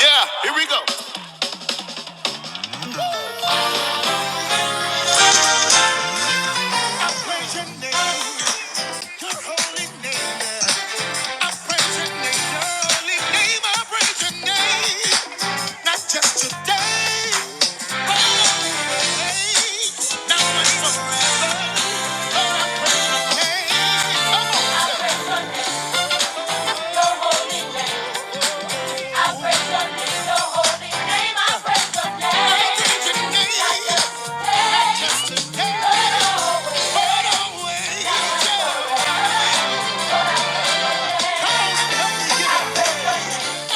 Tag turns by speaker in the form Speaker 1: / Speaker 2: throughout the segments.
Speaker 1: Yeah, here we go. Praise your name, your holy name. I praise your name, your holy name. I praise your name. Not just today, but always, now and forever. Hey, I praise your name, your holy name. I praise your I name. praise your name, always. Yeah. Come on, help me get up. Oh,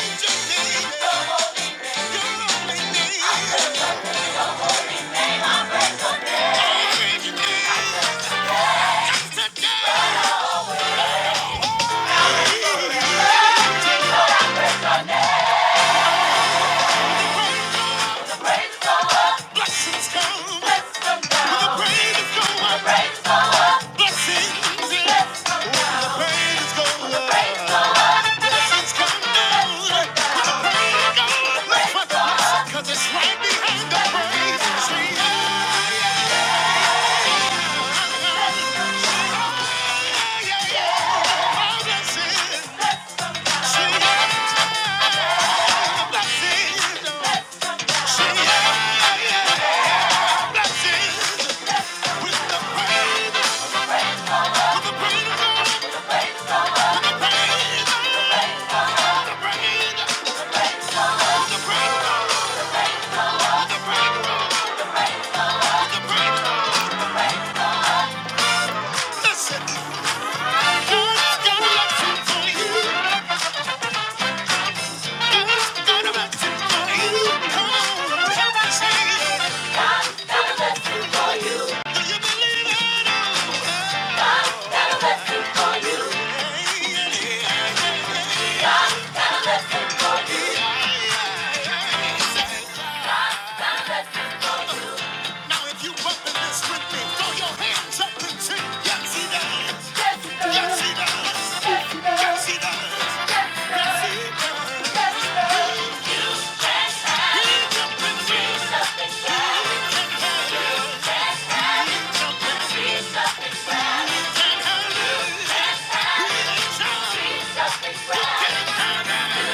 Speaker 1: I praise your name, your holy name. Cause it's right behind the praise. See, yeah, yeah, yeah, yeah. Oh, blessings. See, yeah, blessings. See, yeah, yeah, blessings. With the praise, with the praise of God. Yeah. Now if you bumping this with me, throw your hands up and sing. Yes, he does. Yes, he does. Yes, he does. Yes, he does. Yes, he does. Yes, he does. You can have it. Yes, You can have it.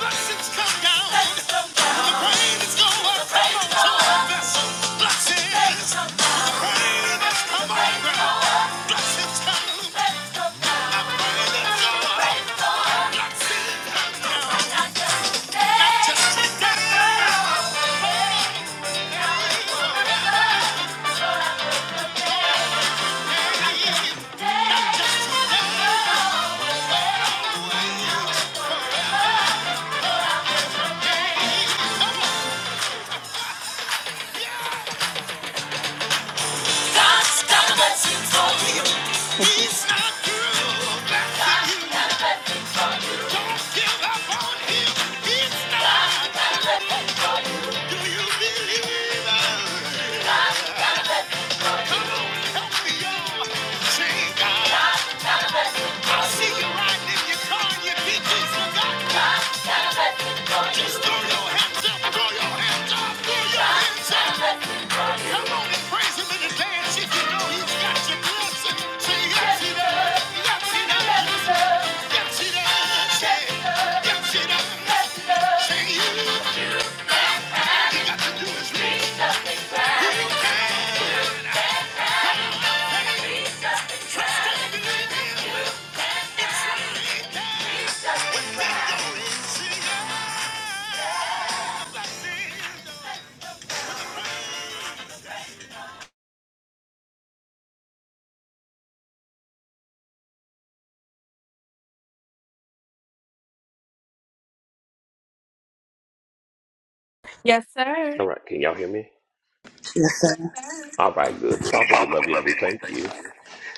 Speaker 1: Blessings come down. The rain is going up. Come on, vessel. Blessings. The rain has come on ground. Blessings come. The rain is going up. Not just today. Can't not Can't Do Don't you you believe us? Come on, help me on. Say God. I see you riding your your car, and you're Just throw your hands up, throw your hands up, throw your hands up. yes, Yes, Yes, yes, Yes, sir.
Speaker 2: All right, can y'all hear me?
Speaker 3: Yes.
Speaker 2: All right, good. Father, we
Speaker 3: Father,
Speaker 2: love you
Speaker 3: we
Speaker 2: and
Speaker 3: love
Speaker 2: we
Speaker 3: you and we
Speaker 2: thank you.
Speaker 3: thank you.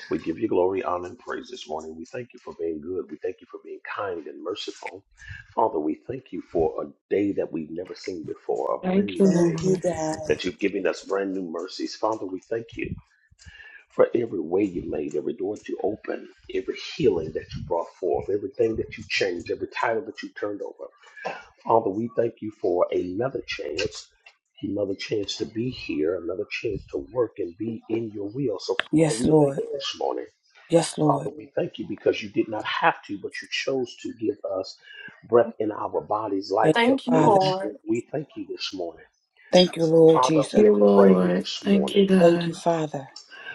Speaker 2: We give you glory, honor, and praise this morning. We thank you for being good. We thank you for being kind and merciful. Father, we thank you for a day that we've never seen before, a brand
Speaker 4: Thank you,
Speaker 2: new
Speaker 3: Thank
Speaker 2: day
Speaker 3: you,
Speaker 4: Lord.
Speaker 3: God.
Speaker 2: that you've given us brand new mercies. Father, we thank you for every way you made, every door that you opened, every healing that you brought forth, everything that you changed, every title that you turned over. Father, we thank you for another chance, another chance to be here, another chance to work and be in your will. So, Father,
Speaker 5: Yes,
Speaker 2: we thank
Speaker 5: Lord.
Speaker 2: you this morning.
Speaker 5: Yes, Lord.
Speaker 2: Father, we thank you because you did not have to, but you chose to give us breath in our bodies, life,
Speaker 5: Thank
Speaker 2: health,
Speaker 1: Thank you,
Speaker 5: you,
Speaker 2: and
Speaker 5: Father.
Speaker 1: Lord.
Speaker 2: strength. We thank you this morning.
Speaker 5: Thank you,
Speaker 2: So,
Speaker 5: Lord
Speaker 2: Father,
Speaker 5: Jesus.
Speaker 2: we
Speaker 4: Thank you,
Speaker 2: are praying
Speaker 4: Lord.
Speaker 2: this
Speaker 4: Thank you,
Speaker 2: morning.
Speaker 5: Thank you,
Speaker 4: God.
Speaker 5: Father.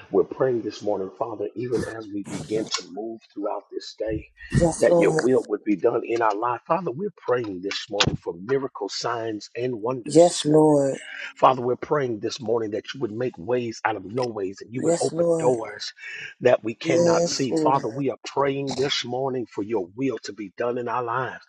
Speaker 2: We're praying this morning, Father, even as we begin to move throughout this day,
Speaker 5: Yes,
Speaker 2: that your
Speaker 5: Lord.
Speaker 2: will would be done in our life. Father, we're praying this morning for miracle signs and wonders
Speaker 5: Yes,
Speaker 2: this morning.
Speaker 5: Lord.
Speaker 2: Father, we're praying this morning that you would make ways out of no ways and you would
Speaker 5: Yes,
Speaker 2: open
Speaker 5: Lord.
Speaker 2: doors that we cannot
Speaker 3: Yes,
Speaker 2: see.
Speaker 3: Lord.
Speaker 2: Father, we are praying this morning for your will to be done in our lives.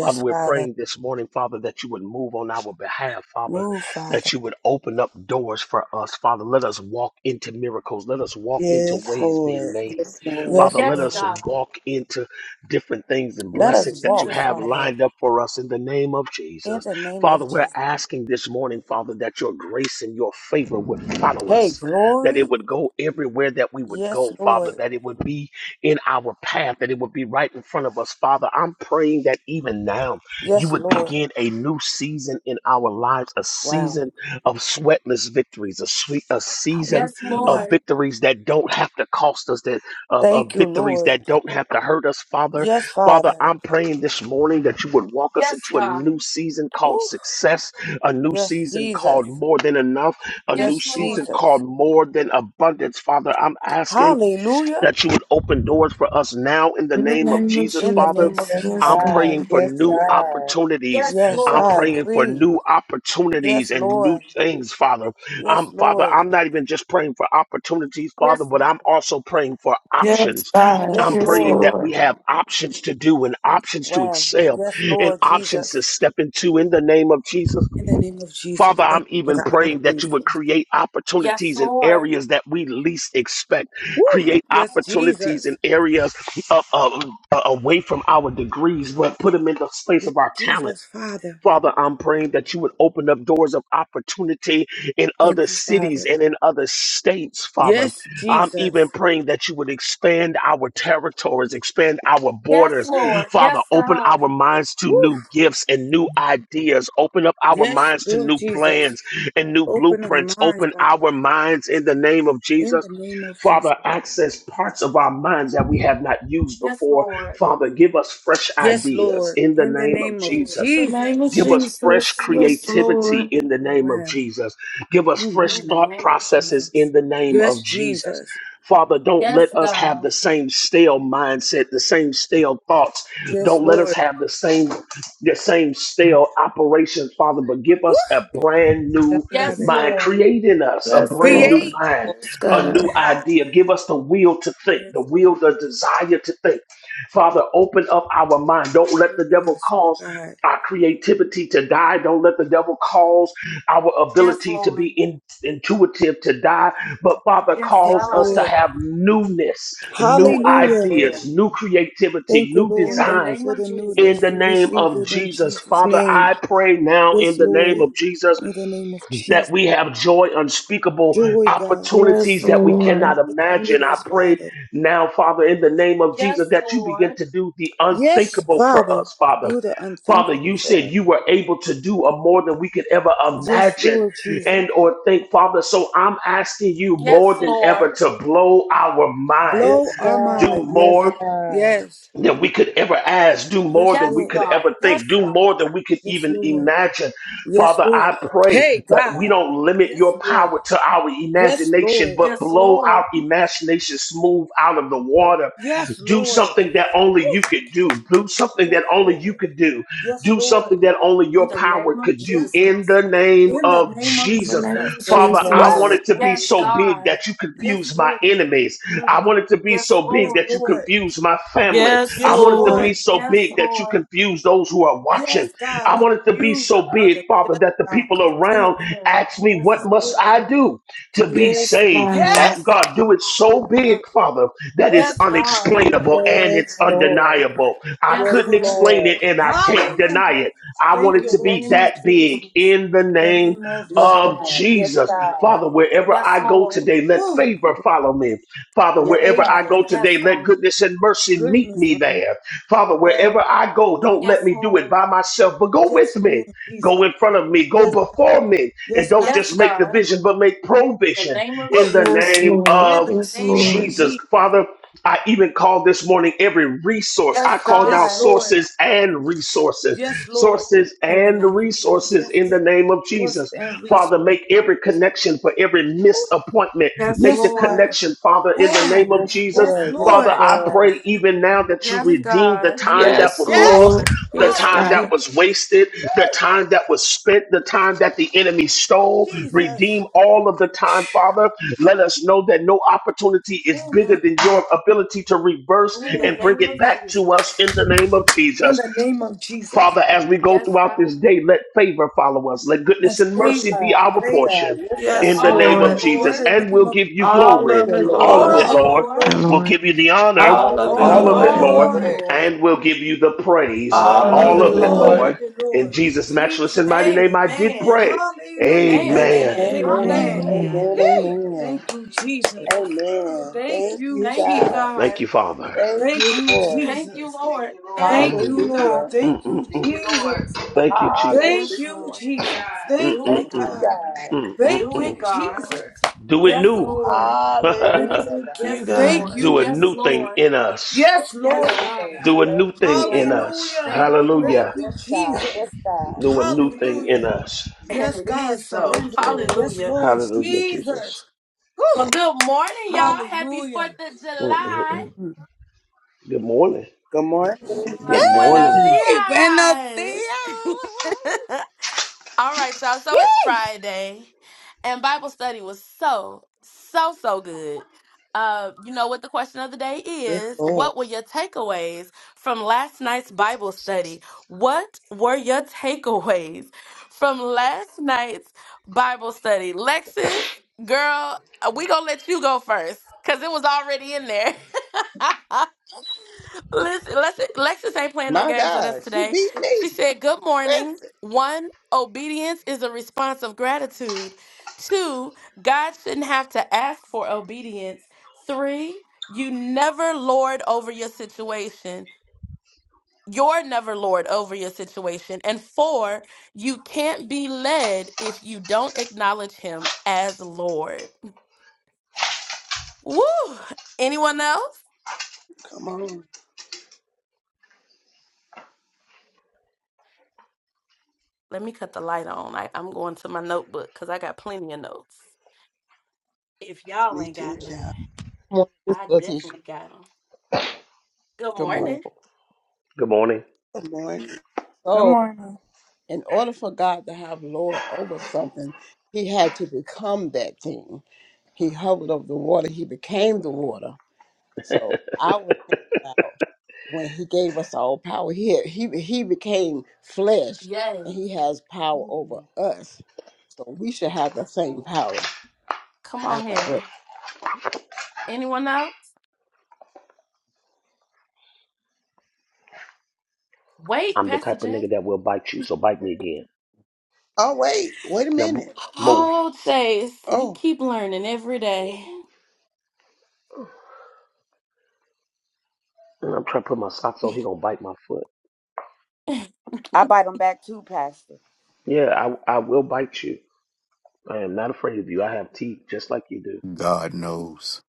Speaker 2: Father, we're
Speaker 5: Father.
Speaker 2: praying this morning, Father, that you would move on our behalf, Father,
Speaker 5: Move,
Speaker 2: that
Speaker 5: Father.
Speaker 2: you would open up doors for us. Father, let us walk into miracles. Let us walk into
Speaker 3: Yes,
Speaker 2: ways being
Speaker 3: Lord.
Speaker 2: made.
Speaker 3: Yes,
Speaker 2: Father,
Speaker 3: Lord.
Speaker 5: Yes,
Speaker 2: let
Speaker 1: Yes,
Speaker 2: us
Speaker 5: Lord.
Speaker 1: God.
Speaker 2: walk into different things and
Speaker 5: Let
Speaker 1: In
Speaker 5: us
Speaker 2: blessings that you
Speaker 5: walk,
Speaker 1: Jesus'
Speaker 2: have
Speaker 1: name.
Speaker 5: Father,
Speaker 2: lined up for us in the name of
Speaker 5: in
Speaker 2: Jesus.
Speaker 5: the name of
Speaker 2: Father, we're
Speaker 5: Jesus.
Speaker 2: asking this morning, Father, that your grace and your favor would follow
Speaker 5: Hey,
Speaker 2: us, that it
Speaker 5: glory.
Speaker 2: would go everywhere that we would
Speaker 5: Yes,
Speaker 2: go, Father,
Speaker 5: Lord.
Speaker 2: that it would be in our path, that it would be right in front of us, Father. I'm praying that even now you
Speaker 5: Yes,
Speaker 2: would
Speaker 5: Lord.
Speaker 2: begin a new season in our lives, a
Speaker 5: Wow.
Speaker 2: season of sweatless victories, a sweet, a season
Speaker 1: Yes,
Speaker 2: of
Speaker 5: Hallelujah.
Speaker 1: Lord.
Speaker 2: victories that don't have to cost us, that of, of
Speaker 5: Thank you,
Speaker 2: victories
Speaker 5: Lord.
Speaker 2: that don't have to hurt us, Father
Speaker 5: Yes,
Speaker 2: Father,
Speaker 5: Father.
Speaker 2: I'm praying this morning that you would walk us
Speaker 1: Yes,
Speaker 2: into a
Speaker 1: God.
Speaker 2: new season called
Speaker 5: Oof.
Speaker 2: success, a new
Speaker 5: Yes,
Speaker 2: season
Speaker 5: Jesus.
Speaker 2: called more than enough, a new
Speaker 1: Yes,
Speaker 5: Yes,
Speaker 1: Lord.
Speaker 2: season
Speaker 5: Jesus.
Speaker 2: called more than abundance. Father, I'm asking
Speaker 5: Hallelujah.
Speaker 2: that you would open doors for us now in the
Speaker 4: In the
Speaker 2: name of
Speaker 4: name of
Speaker 2: Jesus,
Speaker 5: In the
Speaker 2: Father.
Speaker 5: name of
Speaker 4: Jesus.
Speaker 3: Yes,
Speaker 4: Yes,
Speaker 5: Jesus.
Speaker 2: I'm
Speaker 3: God.
Speaker 2: praying
Speaker 4: God.
Speaker 2: for
Speaker 3: Yes,
Speaker 2: new
Speaker 3: God.
Speaker 2: opportunities.
Speaker 1: Yes,
Speaker 5: Yes,
Speaker 2: I'm
Speaker 5: I
Speaker 1: Lord.
Speaker 2: praying for
Speaker 5: agree.
Speaker 2: new opportunities
Speaker 5: Yes,
Speaker 2: and new
Speaker 5: Lord.
Speaker 2: things, Father.
Speaker 5: Yes,
Speaker 2: I'm Father,
Speaker 5: Lord.
Speaker 2: I'm not even just praying for opportunities, Father,
Speaker 1: Yes,
Speaker 2: but I'm
Speaker 1: God.
Speaker 2: also praying for
Speaker 4: Yes,
Speaker 2: options.
Speaker 4: God.
Speaker 2: I'm
Speaker 5: Yes,
Speaker 4: Yes,
Speaker 2: praying
Speaker 5: Lord.
Speaker 2: that
Speaker 4: Lord.
Speaker 2: we have options to do and options to
Speaker 5: Wow.
Speaker 2: excel
Speaker 5: Yes,
Speaker 2: and
Speaker 5: Lord Jesus.
Speaker 2: options to step into in the name of Jesus.
Speaker 5: In the name of Jesus,
Speaker 2: Father,
Speaker 5: thank
Speaker 2: I'm
Speaker 5: you for
Speaker 2: even
Speaker 5: the
Speaker 2: praying that
Speaker 5: options.
Speaker 2: you would create
Speaker 1: Yes,
Speaker 2: opportunities in
Speaker 1: Lord.
Speaker 2: areas that we least expect.
Speaker 5: Woo.
Speaker 2: Create
Speaker 5: Yes,
Speaker 2: opportunities in
Speaker 5: Jesus.
Speaker 2: areas of, of- away from our degrees, but put them in the space
Speaker 5: Yes,
Speaker 2: of our talent
Speaker 5: Jesus, Father.
Speaker 2: Father, I'm praying that you would open up doors of opportunity in
Speaker 5: Thank
Speaker 2: other
Speaker 5: you,
Speaker 2: cities
Speaker 5: Father.
Speaker 2: and in other states, Father.
Speaker 5: Yes,
Speaker 2: I'm even
Speaker 5: Jesus.
Speaker 2: praying that you would expand our territories, expand our
Speaker 1: Yes,
Speaker 2: borders.
Speaker 5: Woo.
Speaker 1: Lord.
Speaker 2: Father,
Speaker 1: Yes,
Speaker 2: open
Speaker 1: God.
Speaker 2: our minds to
Speaker 5: Woo.
Speaker 2: new gifts and new ideas. Open up our
Speaker 5: Yes,
Speaker 2: minds to
Speaker 5: Lord
Speaker 2: new
Speaker 5: Jesus.
Speaker 2: plans and new
Speaker 5: Open our
Speaker 2: blueprints.
Speaker 5: minds,
Speaker 2: Open
Speaker 5: Father.
Speaker 2: our minds in the name of
Speaker 5: In
Speaker 2: Jesus.
Speaker 5: the name of Jesus.
Speaker 2: Father, access parts of our minds that we have not used
Speaker 1: Yes,
Speaker 2: before.
Speaker 1: Lord.
Speaker 2: Father, give us fresh
Speaker 5: Yes,
Speaker 2: ideas
Speaker 5: Lord.
Speaker 2: in the
Speaker 5: In the
Speaker 2: name of
Speaker 5: name of
Speaker 2: Jesus.
Speaker 4: In the name
Speaker 5: Jesus.
Speaker 4: of
Speaker 2: Give us fresh
Speaker 4: Jesus. Yes,
Speaker 2: creativity
Speaker 4: Lord.
Speaker 2: in the
Speaker 5: Oh,
Speaker 2: name of
Speaker 5: wow.
Speaker 2: Jesus. Give us fresh
Speaker 1: In the
Speaker 5: Mhm.
Speaker 2: thought
Speaker 1: name of
Speaker 2: processes
Speaker 1: Jesus.
Speaker 2: in the name of
Speaker 5: Yes,
Speaker 2: Jesus.
Speaker 5: Jesus.
Speaker 2: Father, don't
Speaker 1: Yes,
Speaker 2: let us have
Speaker 1: God.
Speaker 2: the same stale mindset, the same stale thoughts.
Speaker 5: Yes,
Speaker 2: Don't let us
Speaker 5: Lord.
Speaker 2: have the same the same stale operations, Father, but give us a brand new
Speaker 1: Yes,
Speaker 5: Shandaba.
Speaker 2: mind.
Speaker 1: Lord.
Speaker 2: Create in us a
Speaker 4: Yes,
Speaker 2: brand new
Speaker 5: Create.
Speaker 4: Lord.
Speaker 2: mind,
Speaker 6: Oh,
Speaker 4: Yes,
Speaker 2: a
Speaker 6: my
Speaker 2: new
Speaker 4: God.
Speaker 5: Ha.
Speaker 2: idea. Give us the will to think, the
Speaker 5: Yes,
Speaker 2: will,
Speaker 5: Lord.
Speaker 2: the desire to think. Father, open up our mind. Don't let the
Speaker 5: Open
Speaker 2: devil
Speaker 5: us, oh
Speaker 2: cause
Speaker 5: God.
Speaker 2: our creativity to die. Don't let the devil cause our
Speaker 1: Yes,
Speaker 2: ability to be
Speaker 1: Lord.
Speaker 2: in, intuitive to die. But Father
Speaker 1: Yes,
Speaker 5: Yes,
Speaker 2: calls us
Speaker 1: God.
Speaker 2: to
Speaker 5: Lord.
Speaker 2: have newness, new
Speaker 3: Lord. Yes,
Speaker 5: Hallelujah.
Speaker 3: Lord.
Speaker 2: ideas, new creativity,
Speaker 5: Thank you,
Speaker 2: new
Speaker 5: Lord.
Speaker 1: In the
Speaker 5: Thank you
Speaker 2: designs
Speaker 1: name
Speaker 5: for
Speaker 1: of
Speaker 5: the
Speaker 2: in
Speaker 5: newness.
Speaker 2: the
Speaker 1: Jesus.
Speaker 5: We
Speaker 2: name
Speaker 5: receive
Speaker 2: of
Speaker 5: it in
Speaker 2: Jesus.
Speaker 5: Jesus'
Speaker 2: Father,
Speaker 5: name.
Speaker 2: I pray now in
Speaker 5: Yes,
Speaker 2: the name
Speaker 5: Lord.
Speaker 2: of Jesus
Speaker 5: In the name of
Speaker 2: that
Speaker 5: Jesus.
Speaker 2: we have joy unspeakable,
Speaker 5: Joy, God.
Speaker 4: Yes,
Speaker 2: opportunities that we cannot
Speaker 4: Lord.
Speaker 2: imagine. I
Speaker 5: Opportunities,
Speaker 2: pray
Speaker 5: Father.
Speaker 2: now, Father, in the name of Jesus,
Speaker 1: Yes,
Speaker 2: that you begin
Speaker 1: Lord.
Speaker 2: to do the
Speaker 5: Yes,
Speaker 2: unthinkable for
Speaker 5: Father.
Speaker 2: us, Father.
Speaker 5: Do the
Speaker 2: Father,
Speaker 5: unthinkable
Speaker 2: you
Speaker 5: for
Speaker 2: said
Speaker 5: us.
Speaker 2: you were able to do a more than we could ever
Speaker 5: Yes,
Speaker 2: imagine
Speaker 5: Lord Jesus.
Speaker 2: and or think, Father. So I'm asking you
Speaker 5: Whew.
Speaker 1: Yes,
Speaker 2: more than ever
Speaker 1: Lord.
Speaker 2: to blow our mind.
Speaker 5: Blow
Speaker 3: Yes,
Speaker 5: our
Speaker 2: Do
Speaker 5: mind.
Speaker 3: God. Yes,
Speaker 2: more
Speaker 3: God.
Speaker 5: Yes.
Speaker 2: that we could ever ask, do more
Speaker 5: Yes,
Speaker 2: than we
Speaker 1: Yes,
Speaker 5: Lord.
Speaker 2: could
Speaker 1: God.
Speaker 2: ever think,
Speaker 1: Yes,
Speaker 2: do
Speaker 1: God.
Speaker 2: more than we could
Speaker 5: Yes,
Speaker 2: even
Speaker 5: Lord.
Speaker 2: imagine.
Speaker 5: Yes,
Speaker 2: Father,
Speaker 5: Lord.
Speaker 2: I pray
Speaker 5: Hey,
Speaker 2: that
Speaker 5: God.
Speaker 2: we don't limit
Speaker 5: Yes,
Speaker 2: your
Speaker 5: Lord.
Speaker 2: power to our
Speaker 5: Yes,
Speaker 2: imagination,
Speaker 5: Lord.
Speaker 2: but
Speaker 1: Yes,
Speaker 2: blow our
Speaker 1: Lord.
Speaker 2: imagination smooth out of the water.
Speaker 5: Yes,
Speaker 2: Do
Speaker 5: Lord.
Speaker 2: something that only
Speaker 5: Woo.
Speaker 2: you could do. Do something
Speaker 5: Yes,
Speaker 2: that only you
Speaker 5: Lord.
Speaker 2: could do.
Speaker 5: Yes,
Speaker 2: Do
Speaker 5: Lord.
Speaker 2: something that only
Speaker 1: In
Speaker 2: your
Speaker 1: the
Speaker 2: power
Speaker 1: name of
Speaker 2: could do.
Speaker 5: Yes, God.
Speaker 2: In
Speaker 1: Jesus.
Speaker 2: the name
Speaker 5: In the
Speaker 2: of
Speaker 5: name of
Speaker 4: In the
Speaker 2: Jesus.
Speaker 4: name
Speaker 5: Jesus.
Speaker 4: of
Speaker 3: Yes,
Speaker 2: Father,
Speaker 5: Woo!
Speaker 2: I want
Speaker 3: Lord.
Speaker 4: Jesus.
Speaker 2: it to
Speaker 5: My,
Speaker 2: be
Speaker 5: my.
Speaker 1: Yes,
Speaker 2: so big
Speaker 1: God.
Speaker 2: that you
Speaker 5: Yes,
Speaker 2: confuse my
Speaker 5: Lord.
Speaker 2: enemies.
Speaker 5: Mm.
Speaker 2: I want it to be
Speaker 1: Yes,
Speaker 2: so big
Speaker 5: Yes,
Speaker 1: Lord.
Speaker 2: that you
Speaker 5: Lord.
Speaker 2: confuse my family.
Speaker 4: Yes,
Speaker 2: I
Speaker 5: Yes,
Speaker 2: want it to be
Speaker 5: Lord.
Speaker 4: Lord.
Speaker 2: so
Speaker 1: Yes,
Speaker 2: big that you
Speaker 1: Lord.
Speaker 2: confuse those who are watching.
Speaker 5: Yes, God.
Speaker 2: I want it to be
Speaker 5: Confuse the
Speaker 2: so big,
Speaker 5: others.
Speaker 2: Father,
Speaker 5: Yes,
Speaker 2: that the
Speaker 5: God.
Speaker 2: people
Speaker 1: To
Speaker 5: Confuse.
Speaker 1: be
Speaker 2: around
Speaker 1: praised.
Speaker 2: ask me,
Speaker 1: Yes,
Speaker 2: What
Speaker 5: Yes,
Speaker 2: must
Speaker 1: Lord.
Speaker 5: Lord.
Speaker 2: I do
Speaker 5: To
Speaker 2: to
Speaker 5: be.
Speaker 2: be
Speaker 4: Yes,
Speaker 2: saved?
Speaker 4: God.
Speaker 2: And
Speaker 5: Yes.
Speaker 2: God, do it
Speaker 5: My
Speaker 2: so big,
Speaker 5: God.
Speaker 2: Father, that
Speaker 5: Woo!
Speaker 2: is
Speaker 1: Yes, God.
Speaker 3: Yes,
Speaker 2: unexplainable and it's
Speaker 5: Oh my
Speaker 3: Lord.
Speaker 5: God.
Speaker 2: undeniable. I
Speaker 3: Yes,
Speaker 1: Yes,
Speaker 2: couldn't
Speaker 1: Lord.
Speaker 2: explain it
Speaker 3: Lord.
Speaker 2: and I can't deny
Speaker 5: Hallelujah.
Speaker 2: it. I want
Speaker 5: Thank
Speaker 1: In
Speaker 2: it
Speaker 1: the
Speaker 5: you,
Speaker 2: to
Speaker 5: Lord
Speaker 2: be
Speaker 1: name
Speaker 5: Jesus.
Speaker 1: of
Speaker 2: that big
Speaker 1: Jesus.
Speaker 2: in the
Speaker 5: In The
Speaker 2: name
Speaker 5: name of
Speaker 3: Yes,
Speaker 5: Jesus.
Speaker 2: of
Speaker 3: God. Yes,
Speaker 2: Jesus.
Speaker 3: God.
Speaker 2: Father, wherever
Speaker 1: Yes,
Speaker 2: I go
Speaker 1: Lord.
Speaker 2: today, let
Speaker 5: Woo!
Speaker 2: favor
Speaker 5: With
Speaker 2: follow me. Father,
Speaker 3: Yes,
Speaker 2: wherever
Speaker 3: God.
Speaker 2: I
Speaker 5: favor,
Speaker 2: go
Speaker 1: Yes,
Speaker 2: today, let
Speaker 1: God.
Speaker 2: goodness and mercy meet
Speaker 5: goodness,
Speaker 2: me
Speaker 5: and
Speaker 2: there. Father,
Speaker 5: that
Speaker 2: wherever I go, don't let
Speaker 1: Yes,
Speaker 2: me do it
Speaker 1: Lord.
Speaker 2: by myself, but go with
Speaker 5: just
Speaker 2: me.
Speaker 5: Lord
Speaker 2: Go
Speaker 5: Jesus.
Speaker 2: in front of me. Go
Speaker 5: Yes,
Speaker 2: before me. And
Speaker 5: yes,
Speaker 2: don't
Speaker 5: God.
Speaker 1: Yes,
Speaker 2: just make the
Speaker 1: God.
Speaker 2: vision, but make
Speaker 1: In the
Speaker 2: provision
Speaker 1: name of
Speaker 2: in the
Speaker 4: Yes,
Speaker 1: Jesus.
Speaker 2: name
Speaker 4: Lord.
Speaker 5: In
Speaker 2: of
Speaker 5: the
Speaker 4: Yes,
Speaker 5: name of
Speaker 4: Lord.
Speaker 2: Jesus.
Speaker 5: Jesus.
Speaker 2: Father, I even call this morning every resource.
Speaker 1: Yes,
Speaker 2: I call now
Speaker 5: Yes,
Speaker 1: God.
Speaker 5: Lord.
Speaker 2: sources and resources,
Speaker 5: Yes, Lord.
Speaker 2: sources
Speaker 1: In the
Speaker 2: and
Speaker 1: name of
Speaker 2: resources
Speaker 5: Yes,
Speaker 2: in the
Speaker 5: Lord.
Speaker 1: Jesus.
Speaker 2: name of
Speaker 5: Force
Speaker 2: Jesus.
Speaker 5: and resource.
Speaker 2: Father, make every connection for every
Speaker 5: Ooh,
Speaker 2: missed appointment.
Speaker 1: Yes,
Speaker 2: Make
Speaker 5: Yes,
Speaker 2: the
Speaker 5: Father.
Speaker 1: Lord.
Speaker 2: connection, Father, in the name
Speaker 5: Wow.
Speaker 2: of
Speaker 3: Yes,
Speaker 2: Jesus.
Speaker 5: Yes,
Speaker 3: Lord. Yes,
Speaker 2: Father,
Speaker 5: Lord.
Speaker 2: I
Speaker 3: Lord.
Speaker 2: pray even now that you
Speaker 1: Yes,
Speaker 5: In-
Speaker 2: redeemed the
Speaker 1: God.
Speaker 2: time that
Speaker 4: Yes,
Speaker 2: was
Speaker 5: yes.
Speaker 2: lost,
Speaker 4: Lord.
Speaker 2: the
Speaker 4: Yes,
Speaker 2: time that
Speaker 4: God.
Speaker 5: Hallelujah.
Speaker 2: was wasted, the
Speaker 5: Woo!
Speaker 2: time that was spent, the time that the enemy stole.
Speaker 5: Jesus.
Speaker 2: Redeem all of the time, Father. Let us know that no opportunity is
Speaker 5: Oh
Speaker 2: bigger
Speaker 5: my
Speaker 2: than
Speaker 5: God.
Speaker 2: your ability to reverse
Speaker 1: In the
Speaker 2: and
Speaker 5: Ooh.
Speaker 2: bring
Speaker 1: name
Speaker 2: it
Speaker 1: of
Speaker 2: back to us
Speaker 1: Jesus.
Speaker 2: in the name of
Speaker 5: In
Speaker 2: Jesus.
Speaker 5: the name of Jesus.
Speaker 2: Father, as we go
Speaker 1: Yes,
Speaker 2: throughout
Speaker 1: God.
Speaker 2: this day, let favor follow us. Let goodness
Speaker 5: That's
Speaker 2: and
Speaker 3: Yes,
Speaker 2: mercy
Speaker 5: favor.
Speaker 2: be
Speaker 3: God.
Speaker 2: our
Speaker 3: Yes,
Speaker 5: Favor.
Speaker 3: God.
Speaker 2: portion
Speaker 3: Yes,
Speaker 2: in
Speaker 4: Yes,
Speaker 2: the
Speaker 3: God.
Speaker 1: All
Speaker 2: name
Speaker 1: of
Speaker 2: of
Speaker 1: it,
Speaker 4: Lord.
Speaker 5: In
Speaker 2: Jesus.
Speaker 1: Lord.
Speaker 5: the
Speaker 2: And
Speaker 5: name
Speaker 2: we'll
Speaker 5: of
Speaker 2: give you
Speaker 4: All
Speaker 3: All of
Speaker 2: glory.
Speaker 4: of
Speaker 3: the
Speaker 4: it,
Speaker 2: All of
Speaker 1: All of
Speaker 3: Lord.
Speaker 2: it,
Speaker 4: Lord.
Speaker 1: it,
Speaker 5: all
Speaker 2: Lord.
Speaker 5: over
Speaker 1: Lord.
Speaker 7: the
Speaker 5: Lord.
Speaker 2: We'll
Speaker 7: Lord,
Speaker 2: give you the honor.
Speaker 4: All
Speaker 3: All of
Speaker 4: of it,
Speaker 3: the
Speaker 5: All
Speaker 2: All of
Speaker 7: all
Speaker 5: of it,
Speaker 7: of
Speaker 2: it,
Speaker 4: Lord.
Speaker 7: it,
Speaker 1: All
Speaker 3: Lord.
Speaker 2: Lord.
Speaker 1: of it,
Speaker 6: Lord,
Speaker 7: Lord,
Speaker 5: Lord.
Speaker 1: Lord.
Speaker 2: And we'll give you the praise.
Speaker 3: All
Speaker 4: All
Speaker 3: of
Speaker 6: all
Speaker 7: all
Speaker 4: of
Speaker 2: All
Speaker 5: Hallelujah.
Speaker 6: of
Speaker 3: the
Speaker 7: of
Speaker 4: it,
Speaker 2: of
Speaker 6: the
Speaker 7: it,
Speaker 2: it,
Speaker 5: All
Speaker 3: Lord.
Speaker 5: of
Speaker 7: Lord.
Speaker 2: Lord.
Speaker 4: Lord.
Speaker 5: it,
Speaker 2: In
Speaker 5: Lord.
Speaker 2: Jesus' matchless and
Speaker 5: Jesus'
Speaker 2: mighty
Speaker 5: name.
Speaker 2: name, I did
Speaker 1: Amen.
Speaker 2: pray.
Speaker 5: Hallelujah.
Speaker 2: Amen.
Speaker 1: Amen.
Speaker 4: Amen.
Speaker 6: earth
Speaker 3: Amen.
Speaker 5: Amen.
Speaker 7: Amen.
Speaker 1: Hallelujah.
Speaker 3: Amen.
Speaker 5: Yay.
Speaker 3: Amen.
Speaker 5: Thank you, Jesus.
Speaker 1: Yes.
Speaker 3: Amen.
Speaker 5: Thank
Speaker 3: Thank
Speaker 5: you,
Speaker 3: you,
Speaker 1: Thank you,
Speaker 3: God.
Speaker 5: Jesus.
Speaker 2: Thank
Speaker 1: God.
Speaker 2: you, Father.
Speaker 3: Thank
Speaker 5: Thank
Speaker 3: you,
Speaker 5: you,
Speaker 3: Lord.
Speaker 1: Thank you,
Speaker 5: Jesus.
Speaker 2: Thank
Speaker 1: Lord.
Speaker 2: you, Lord.
Speaker 5: Thank
Speaker 1: Thank
Speaker 2: Mm,
Speaker 5: you,
Speaker 1: you,
Speaker 3: Hallelujah.
Speaker 5: Lord.
Speaker 1: God.
Speaker 2: mm,
Speaker 5: Thank
Speaker 2: mm.
Speaker 5: you, Jesus.
Speaker 2: Thank you,
Speaker 1: Yes,
Speaker 5: Thank
Speaker 2: Jesus.
Speaker 5: you,
Speaker 3: Hallelujah.
Speaker 1: Lord.
Speaker 5: Jesus.
Speaker 2: Mm,
Speaker 5: Thank
Speaker 1: Do
Speaker 2: mm,
Speaker 3: Thank
Speaker 1: it,
Speaker 5: you,
Speaker 3: you,
Speaker 2: mm.
Speaker 1: God.
Speaker 5: God.
Speaker 3: God.
Speaker 2: Mm, mm,
Speaker 5: Thank
Speaker 1: Do
Speaker 2: mm.
Speaker 1: it,
Speaker 5: you,
Speaker 1: God.
Speaker 5: Jesus.
Speaker 2: Do it
Speaker 1: Yes,
Speaker 5: Thank
Speaker 2: new.
Speaker 5: you, Lord.
Speaker 1: Lord.
Speaker 3: Hallelujah,
Speaker 4: Thank
Speaker 3: God.
Speaker 4: you,
Speaker 1: Yes,
Speaker 5: Thank
Speaker 4: God.
Speaker 1: Lord.
Speaker 2: Do
Speaker 5: you,
Speaker 2: a
Speaker 1: Yes,
Speaker 2: new
Speaker 5: Jesus.
Speaker 2: thing
Speaker 1: Lord.
Speaker 2: in us.
Speaker 3: Thank
Speaker 5: Yes,
Speaker 3: you,
Speaker 5: Lord,
Speaker 1: Yes,
Speaker 3: Lord.
Speaker 1: God.
Speaker 5: please.
Speaker 2: Do a
Speaker 3: Thank
Speaker 2: new
Speaker 3: you,
Speaker 2: thing in
Speaker 3: Lord.
Speaker 2: us.
Speaker 5: Hallelujah.
Speaker 1: Thank you,
Speaker 5: Thank
Speaker 1: Lord.
Speaker 2: Hallelujah.
Speaker 5: you,
Speaker 3: Yes, God. Yes,
Speaker 5: Jesus.
Speaker 3: God.
Speaker 2: Do a new thing in
Speaker 5: Hallelujah.
Speaker 2: us.
Speaker 1: And
Speaker 5: Yes,
Speaker 1: it
Speaker 5: God,
Speaker 1: is so.
Speaker 5: surrender.
Speaker 3: Yes, Lord.
Speaker 5: Yes,
Speaker 1: Hallelujah.
Speaker 5: Lord
Speaker 2: Hallelujah,
Speaker 5: Jesus.
Speaker 2: Jesus.
Speaker 1: Well,
Speaker 5: Whew.
Speaker 1: good morning, y'all. Happy
Speaker 5: Hallelujah.
Speaker 1: 4th of
Speaker 5: Mm,
Speaker 1: July.
Speaker 5: mm,
Speaker 2: Mm-mm-mm.
Speaker 5: mm.
Speaker 2: Good morning.
Speaker 3: Good
Speaker 2: Good
Speaker 3: morning.
Speaker 1: Buenos
Speaker 4: morning.
Speaker 2: morning.
Speaker 3: Hmm.
Speaker 5: Yay! Buenos dias.
Speaker 1: dias. All right, y'all. So it's
Speaker 5: Yay!
Speaker 1: Friday, and Bible study was so, so, so good. Uh, you know what the question of the day
Speaker 3: Yes,
Speaker 1: is?
Speaker 3: Lord.
Speaker 1: What were your takeaways from last night's Bible study? What were your takeaways from last night's Bible study? Lexis, girl, uh, we gonna let you go first because it was already in there. Listen, Lexi- Lexus ain't playing no
Speaker 3: My
Speaker 1: games with us
Speaker 3: God, she
Speaker 1: today.
Speaker 3: beat me.
Speaker 1: She said, Good morning.
Speaker 3: Listen.
Speaker 1: One, obedience is a response of gratitude. Two, God shouldn't have to ask for obedience. Three, you never lord over your situation. You're never lord over your situation. And four, you can't be led if you don't acknowledge him as Lord. Woo! Anyone else?
Speaker 3: Come on.
Speaker 1: Let me cut the light on. I, I'm going to my notebook because I got plenty of notes. If y'all
Speaker 3: Me
Speaker 1: ain't
Speaker 3: too,
Speaker 1: got none,
Speaker 3: child.
Speaker 6: Good morning, Miss
Speaker 1: I
Speaker 6: Letitia.
Speaker 1: definitely got them. Good
Speaker 6: Good
Speaker 2: Mm.
Speaker 6: morning.
Speaker 1: morning.
Speaker 2: Good morning.
Speaker 3: Good morning.
Speaker 5: Good
Speaker 6: So,
Speaker 5: morning.
Speaker 6: in order for God to have Lord over something, He had to become that thing. He hovered over the water. He became the water. So I was thinking about when He gave us all power. He He He became flesh,
Speaker 1: Yes.
Speaker 6: and He has power over us. So we should have the same power.
Speaker 1: Come
Speaker 6: I
Speaker 1: on here.
Speaker 6: digress.
Speaker 1: Anyone else? Wait,
Speaker 2: I'm the
Speaker 1: Pastor
Speaker 2: type of
Speaker 1: Jay.
Speaker 2: nigga that will bite you, so bite me again.
Speaker 3: Oh, wait. Wait a
Speaker 2: Now m-
Speaker 3: minute.
Speaker 2: move.
Speaker 1: Oh, Chase, you
Speaker 3: Oh.
Speaker 1: keep learning every day.
Speaker 2: And I'm trying to put my socks on. He gonna bite my foot.
Speaker 5: I bite them back too, Pastor.
Speaker 2: Yeah, I I will bite you. I am not afraid of you. I have teeth just like you
Speaker 8: God knows.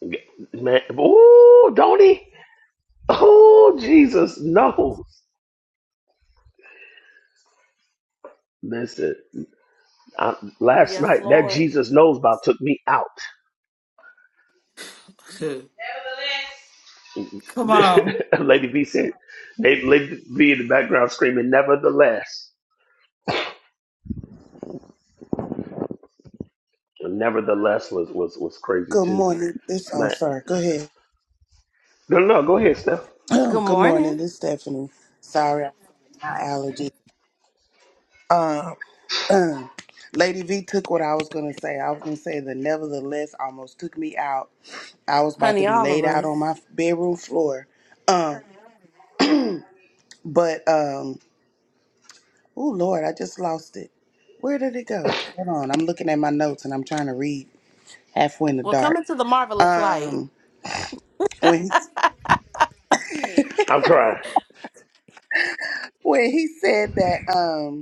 Speaker 2: do. Man, ooh, don't he? Oh, Jesus, no. Listen. I, last
Speaker 1: Yes,
Speaker 2: night, that
Speaker 1: Lord.
Speaker 2: Jesus knows about took me out.
Speaker 4: Come on.
Speaker 2: Lady B said, they, Lady B in the background screaming, nevertheless. And nevertheless was, was, was crazy
Speaker 3: Good
Speaker 2: too.
Speaker 3: morning. It's oh
Speaker 2: Man,
Speaker 3: sorry. Go ahead.
Speaker 2: no, no, no, go ahead, Steph.
Speaker 1: Good
Speaker 3: Good
Speaker 1: morning,
Speaker 3: morning. This is Stephanie. Sorry, my allergies. Um, uh, Lady V took what I was gonna say. I was gonna say the nevertheless almost took me out. I was about to
Speaker 1: honey,
Speaker 3: be
Speaker 1: all of
Speaker 3: laid out on
Speaker 1: us.
Speaker 3: my bedroom floor. Um, but um, oh Lord, I just lost it. Where did it go? Hold on. I'm looking at my notes and I'm trying to read halfway in the
Speaker 1: We're
Speaker 3: dark.
Speaker 1: coming to the marvelous light.
Speaker 3: Um, when he,
Speaker 2: I'm crying.
Speaker 3: when he said that. Um.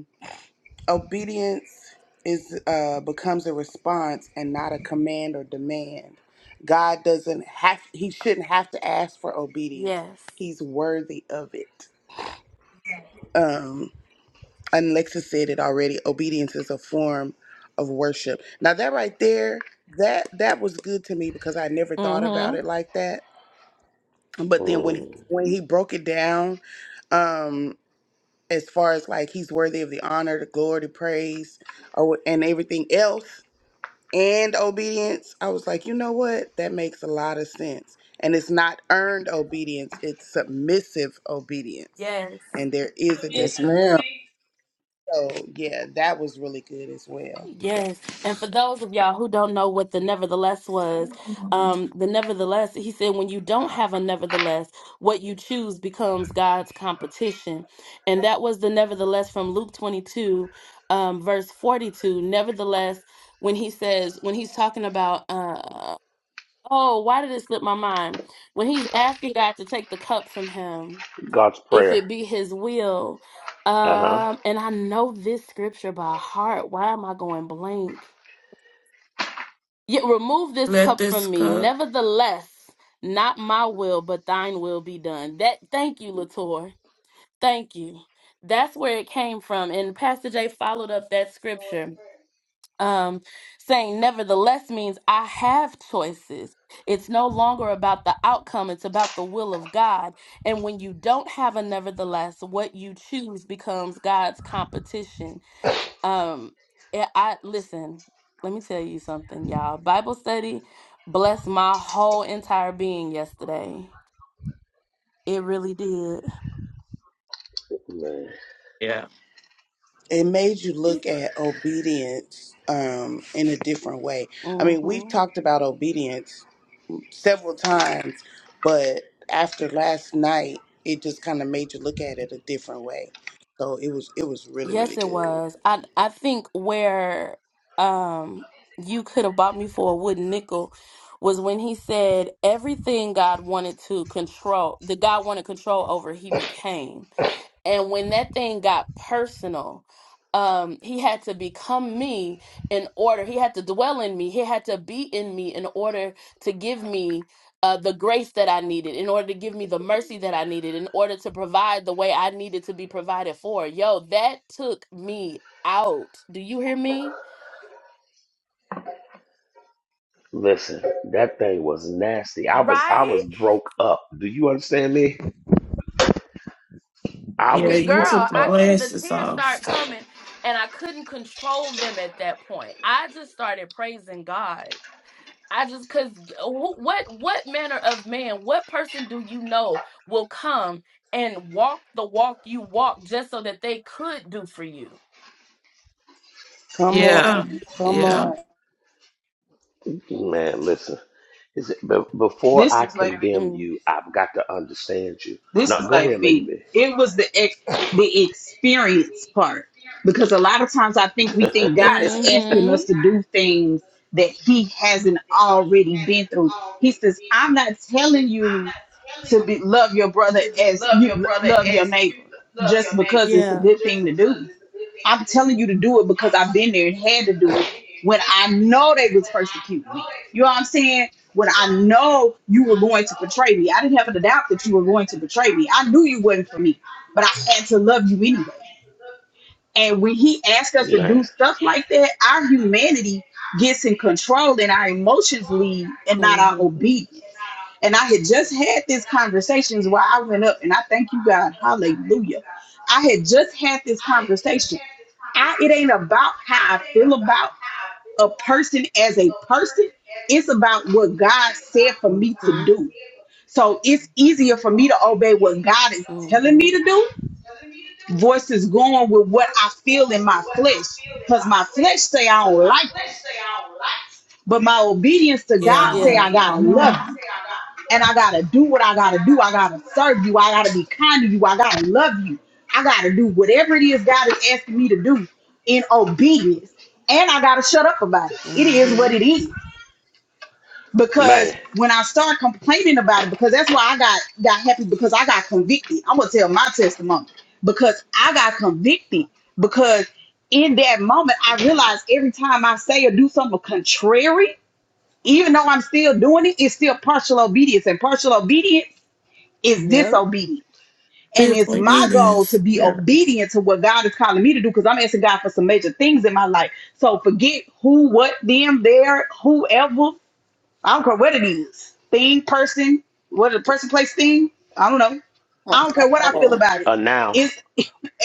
Speaker 3: obedience is uh, becomes a response and not a command or demand. God doesn't have he shouldn't have to ask for obedience.
Speaker 1: Yes.
Speaker 3: He's worthy of it. Um and Lexa said it already, obedience is a form of worship. Now that right there, that that was good to me because I never thought about
Speaker 1: Mm-hmm.
Speaker 3: it like that. But then when
Speaker 2: Mm,
Speaker 3: when he broke it down, um, as far as like he's worthy of the honor, the glory, the praise, or and everything else, and obedience, I was like, you know what? That makes a lot of sense. And it's not earned obedience, it's submissive obedience.
Speaker 1: Yes.
Speaker 3: And there is a
Speaker 6: Yes, ma'am.
Speaker 3: difference. So, yeah, that was really good as well.
Speaker 1: Yes. And for those of y'all who don't know what the nevertheless was, um, the nevertheless, he said, when you don't have a nevertheless, what you choose becomes God's competition. And that was the nevertheless from Luke 22, um, verse 42. Nevertheless, when he says, when he's talking about, uh, oh, why did it slip my mind? When he's asking God to take the cup from him,
Speaker 2: God's
Speaker 1: if
Speaker 2: prayer.
Speaker 1: it be his will.
Speaker 2: Uh huh.
Speaker 1: Um, and I know this scripture by heart. Why am I going blank? Yet remove this
Speaker 4: Let
Speaker 1: cup
Speaker 4: this
Speaker 1: from me.
Speaker 4: cup.
Speaker 1: Nevertheless, not my will, but thine will be done. That thank you, Latour. Thank you. That's where it came from. And Pastor Jay followed up that scripture. Um, saying nevertheless means I have choices. It's no longer about the outcome, it's about the will of God. And when you don't have a nevertheless, what you choose becomes God's competition. Um, yeah, I listen. Let me tell you something, y'all. Bible study blessed my whole entire being yesterday. It really did.
Speaker 2: Man,
Speaker 4: Yeah.
Speaker 3: It made you look at obedience um, in a different way. I mean, we've
Speaker 1: hmm
Speaker 3: talked about obedience several times, but after last night, it just kind of made you look at it a different way. So it was it was really really
Speaker 1: Yes, it
Speaker 3: good.
Speaker 1: was. I I think where um you could have bought me for a wooden nickel was when he said everything God wanted to control, that God wanted control over, he became. And when that thing got personal, um, he had to become me in order. He had to dwell in me. He had to be in me in order to give me uh, the grace that I needed, in order to give me the mercy that I needed, in order to provide the way I needed to be provided for. Yo, that took me out. Do you hear me?
Speaker 2: listen, that thing was nasty. I was I
Speaker 1: Right?
Speaker 2: was broke up. Do you understand me? I
Speaker 4: Yeah,
Speaker 1: Yeah,
Speaker 2: was
Speaker 1: girl,
Speaker 4: you
Speaker 2: broke
Speaker 4: took the
Speaker 1: I
Speaker 2: up.
Speaker 1: couldn't, the
Speaker 4: glasses
Speaker 1: tears
Speaker 4: off.
Speaker 1: start coming and I couldn't control them at that point. I just started praising God I just cause who- what what manner of man, what person do you know will come and walk the walk you walk just so that they could do for you?
Speaker 3: Come on,
Speaker 4: Yeah.
Speaker 3: come
Speaker 4: Yeah.
Speaker 3: on.
Speaker 2: Man, listen. Is it, be- before
Speaker 9: This
Speaker 2: I
Speaker 9: is Lady. B-
Speaker 2: condemn
Speaker 1: Mm.
Speaker 2: you, I've got to understand you.
Speaker 9: This
Speaker 2: No,
Speaker 9: is
Speaker 2: go
Speaker 9: Lady
Speaker 2: ahead, Lady
Speaker 9: B.
Speaker 2: B.
Speaker 9: It was the ex- the experience part because a lot of times I think we think God is asking us
Speaker 1: Mm-hmm.
Speaker 9: to do things that He hasn't already been through. He says, "I'm not telling you to be love your brother as you l- love your neighbor just because it's a
Speaker 1: Yeah.
Speaker 9: good thing to do. I'm telling you to do it because I've been there and had to do it when I know they was persecuting me. You know what I'm saying? When I know you were going to betray me, I didn't have a doubt that you were going to betray me. I knew you wasn't for me, but I had to love you anyway. And when he asked us to
Speaker 2: Man,
Speaker 9: do stuff like that, our humanity gets in control and our emotions lead and not our
Speaker 1: Mm-hmm.
Speaker 9: obedience. And I had just had these conversations while I went up, and I thank you, God. Hallelujah. I had just had this conversation I, it ain't about how I feel about a person as a person. It's about what God said for me to
Speaker 1: Mm-hmm.
Speaker 9: do. So it's easier for me to obey what God is telling
Speaker 1: Mm-hmm.
Speaker 9: me to do versus going with what I feel in my flesh. Cause my flesh say I don't like, you, but my obedience to
Speaker 4: Yeah,
Speaker 9: God say
Speaker 4: Mom.
Speaker 1: Yeah.
Speaker 9: I gotta
Speaker 4: Come on.
Speaker 9: love you. and I gotta do what I gotta do. I gotta serve you. I gotta be kind to you. I gotta love you. I gotta do whatever it is God is asking me to do in obedience. And I gotta shut up about it. It is what
Speaker 1: Mm-hmm.
Speaker 9: it is. Because
Speaker 2: man,
Speaker 9: when I start complaining about it, because that's why I got got happy because I got convicted. I'm gonna tell my testimony because I got convicted because in that moment I realized every time I say or do something contrary, even though I'm still doing it, it's still partial obedience and partial obedience is
Speaker 1: Yep.
Speaker 9: disobedient. And
Speaker 4: This
Speaker 9: it's
Speaker 4: with me
Speaker 9: my goal to be
Speaker 4: Yeah.
Speaker 9: obedient to what God is calling me to do because I'm asking God for some major things in my life. So forget who, what, them, there, whoever. I don't care what it is. Thing, person, what a person, place, thing. I don't know.
Speaker 6: Come
Speaker 9: I don't care what I feel
Speaker 6: on.
Speaker 9: about it.
Speaker 2: a now,
Speaker 9: It's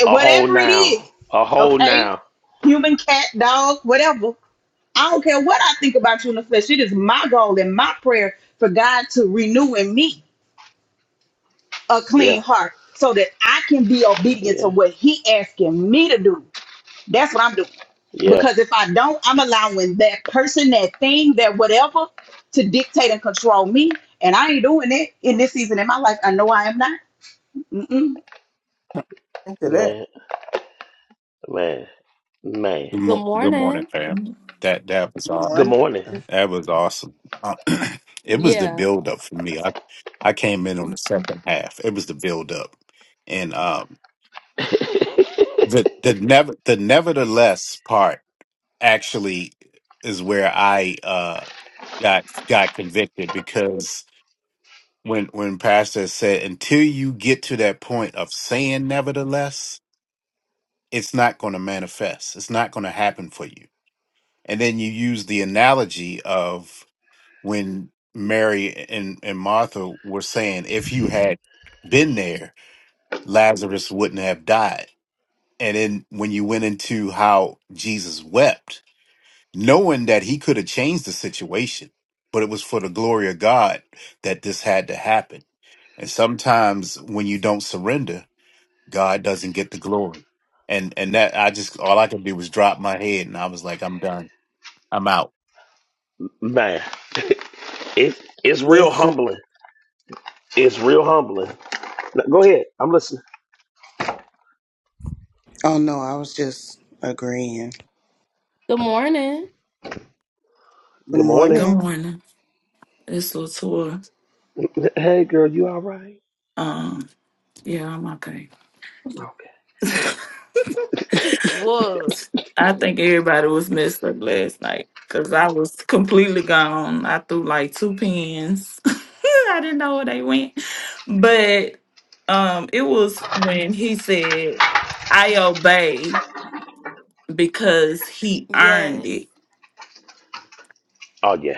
Speaker 9: eh,
Speaker 2: a whole
Speaker 9: whatever it
Speaker 2: now,
Speaker 9: is.
Speaker 2: a whole
Speaker 9: Okay?
Speaker 2: now.
Speaker 9: Human, cat, dog, whatever. I don't care what I think about you in the flesh. It is my goal and my prayer for God to renew in me a clean
Speaker 2: Yeah,
Speaker 9: heart so that I can be obedient to
Speaker 2: yeah,
Speaker 9: what he asking me to do. That's what I'm doing.
Speaker 2: yeah.
Speaker 9: Because if I don't, I'm allowing that person, that thing, that whatever to dictate and control me. And I ain't doing it in this season in my life. I know I am not.
Speaker 6: Into that.
Speaker 2: Man, man, man.
Speaker 8: Good,
Speaker 1: Good
Speaker 8: mo- good morning,
Speaker 1: morning.
Speaker 8: fam.
Speaker 4: Good
Speaker 8: That that was
Speaker 3: Good
Speaker 8: aw-
Speaker 2: Good
Speaker 3: morning.
Speaker 2: morning,
Speaker 8: that was awesome. Uh, it was the
Speaker 1: Yeah.
Speaker 8: build up for me. I I came in on the second half. It was the build up, and um the the never the nevertheless part actually is where I uh got got convicted because when when Pastor said until you get to that point of saying nevertheless, it's not going to manifest. It's not going to happen for you and then you use the analogy of when Mary and, and Martha were saying, if you had been there, Lazarus wouldn't have died. And then when you went into how Jesus wept, knowing that he could have changed the situation, but it was for the glory of God that this had to happen. And sometimes when you don't surrender, God doesn't get the glory. And and that I just all I could do was drop my head and I was like, I'm done. I'm out.
Speaker 2: man. It's it's real
Speaker 3: Listen.
Speaker 2: humbling. It's real humbling. No, go ahead. I'm listening.
Speaker 3: Oh no, I was just agreeing.
Speaker 1: Good morning.
Speaker 3: Good
Speaker 2: Good morning.
Speaker 3: morning.
Speaker 4: morning. It's tour.
Speaker 2: Hey, girl, you all right?
Speaker 4: Um, yeah, I'm okay.
Speaker 2: Okay.
Speaker 1: Was.
Speaker 4: I think everybody was messed up last night because I was completely gone. I threw like two pins. I didn't know where they went. But um it was when he said, I obey because he earned
Speaker 1: Yes.
Speaker 4: it.
Speaker 2: Oh yeah.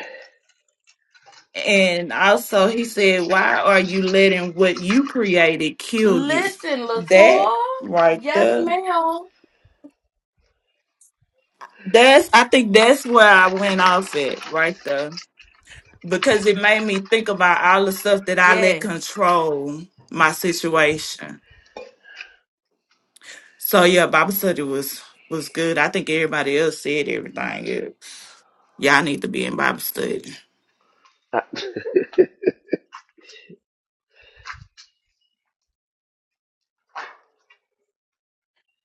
Speaker 4: And also he said, Why are you letting what you created kill you?
Speaker 1: Listen, Latour.
Speaker 4: That right
Speaker 1: Yes,
Speaker 4: there.
Speaker 1: ma'am.
Speaker 4: That's I think that's where I went off at right there. because it made me think about all the stuff that I let
Speaker 1: Yes.
Speaker 4: control my situation. So yeah, Bible study was was good. I think everybody else said everything. Yeah. Y'all need to be in Bible study,
Speaker 2: Uh,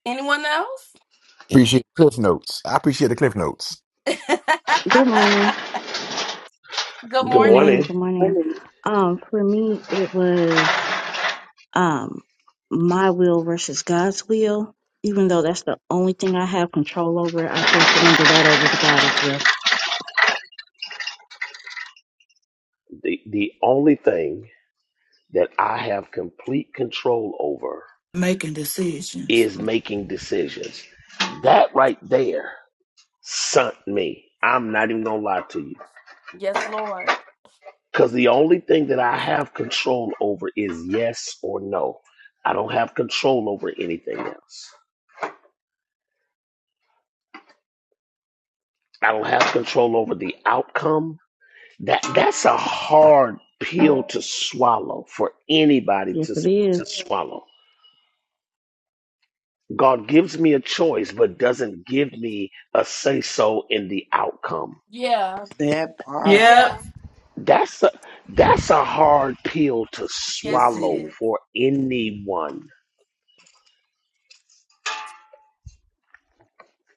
Speaker 1: Anyone else?
Speaker 10: Appreciate the cliff notes. I appreciate the cliff notes.
Speaker 11: Good morning.
Speaker 1: Good
Speaker 2: Good
Speaker 11: Good morning.
Speaker 1: morning.
Speaker 2: morning.
Speaker 11: Good morning. Um, for me, it was um my will versus God's will. Even though that's the only thing I have control over, I should surrender that over to God as well.
Speaker 2: The the only thing that I have complete control over
Speaker 4: making decisions.
Speaker 2: is making decisions. That right there sunk me. I'm not even gonna lie to you.
Speaker 1: Yes, Lord.
Speaker 2: Cause the only thing that I have control over is yes or no. I don't have control over anything else. I don't have control over the outcome. That that's a hard pill to swallow for anybody
Speaker 11: Yes,
Speaker 2: to
Speaker 11: it
Speaker 2: to
Speaker 11: is.
Speaker 2: swallow God gives me a choice, but doesn't give me a say so in the outcome.
Speaker 1: Yeah.
Speaker 3: That bar.
Speaker 1: Yeah.
Speaker 4: Yep.
Speaker 2: That's a, that's a hard pill to
Speaker 1: Yes,
Speaker 3: Yes,
Speaker 1: it
Speaker 3: it
Speaker 2: swallow
Speaker 3: is.
Speaker 1: is.
Speaker 2: for anyone.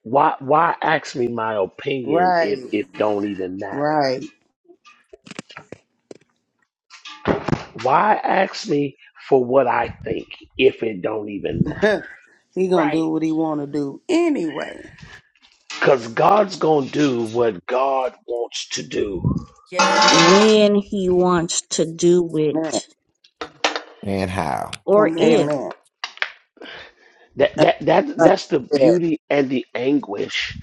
Speaker 2: Why why ask me my opinion if
Speaker 3: Right.
Speaker 2: it don't even matter?
Speaker 3: Right.
Speaker 2: Why ask me for what I think if it don't even matter?
Speaker 3: he gonna do
Speaker 1: Right.
Speaker 3: what he wanna do anyway.
Speaker 2: Cause God's gonna do what God wants to do.
Speaker 1: Yes, he is.
Speaker 11: When He wants to do
Speaker 6: Amen.
Speaker 11: it,
Speaker 10: And how?
Speaker 11: or
Speaker 3: Come on.
Speaker 11: if
Speaker 6: Amen.
Speaker 2: That that that
Speaker 6: Uh,
Speaker 2: that's the
Speaker 6: yeah.
Speaker 2: beauty and the anguish.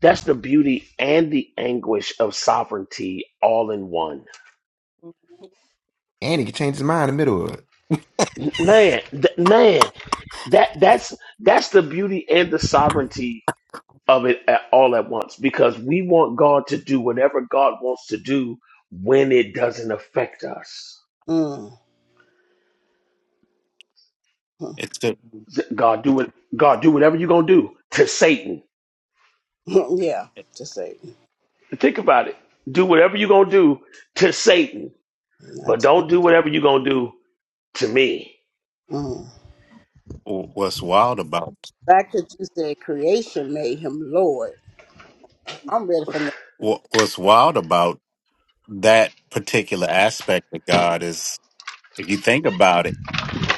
Speaker 2: That's the beauty and the anguish of sovereignty all in one.
Speaker 1: Mhm.
Speaker 10: And he can change his mind in the middle of it.
Speaker 2: Man, th- man, that that's that's the beauty and the sovereignty of it at, all at once because we want God to do whatever God wants to do when it doesn't affect us.
Speaker 6: Mm.
Speaker 8: It's good.
Speaker 2: God do it God do whatever you're going to do to Satan.
Speaker 6: yeah, to say
Speaker 2: Think about it. Do whatever you're going to do to Satan, but
Speaker 6: that's
Speaker 2: don't do whatever you're going to do to me,
Speaker 6: mm.
Speaker 8: what's wild about
Speaker 6: fact that you said creation made him Lord. I'm ready for next week.
Speaker 8: what, what's wild about that particular aspect of God is if you think about it,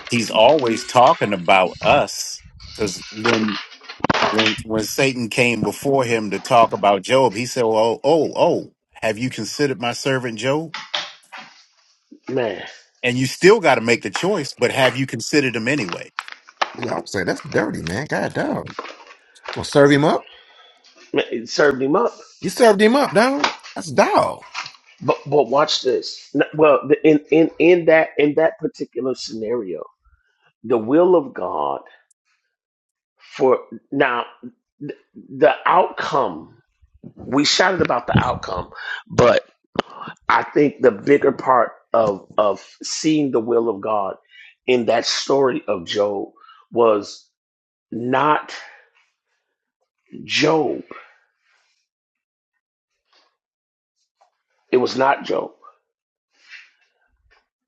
Speaker 8: he's always talking about us because when, when when Satan came before him to talk about Job, he said, "Well, oh, oh, have you considered my servant Job?"
Speaker 2: man,
Speaker 8: And you still got to make the choice, but have you considered him anyway?
Speaker 10: Yeah, I'm saying that's dirty, man. God dog. Gonna serve him up?
Speaker 2: man, it served him up.
Speaker 10: You served him up, dog. That's dog.
Speaker 2: But but watch this. N- Well, the- in in in that in that particular scenario, the will of God for now, th- the outcome. We shouted about the outcome, but I think the bigger part of of seeing the will of God in that story of Job was not Job. It was not Job.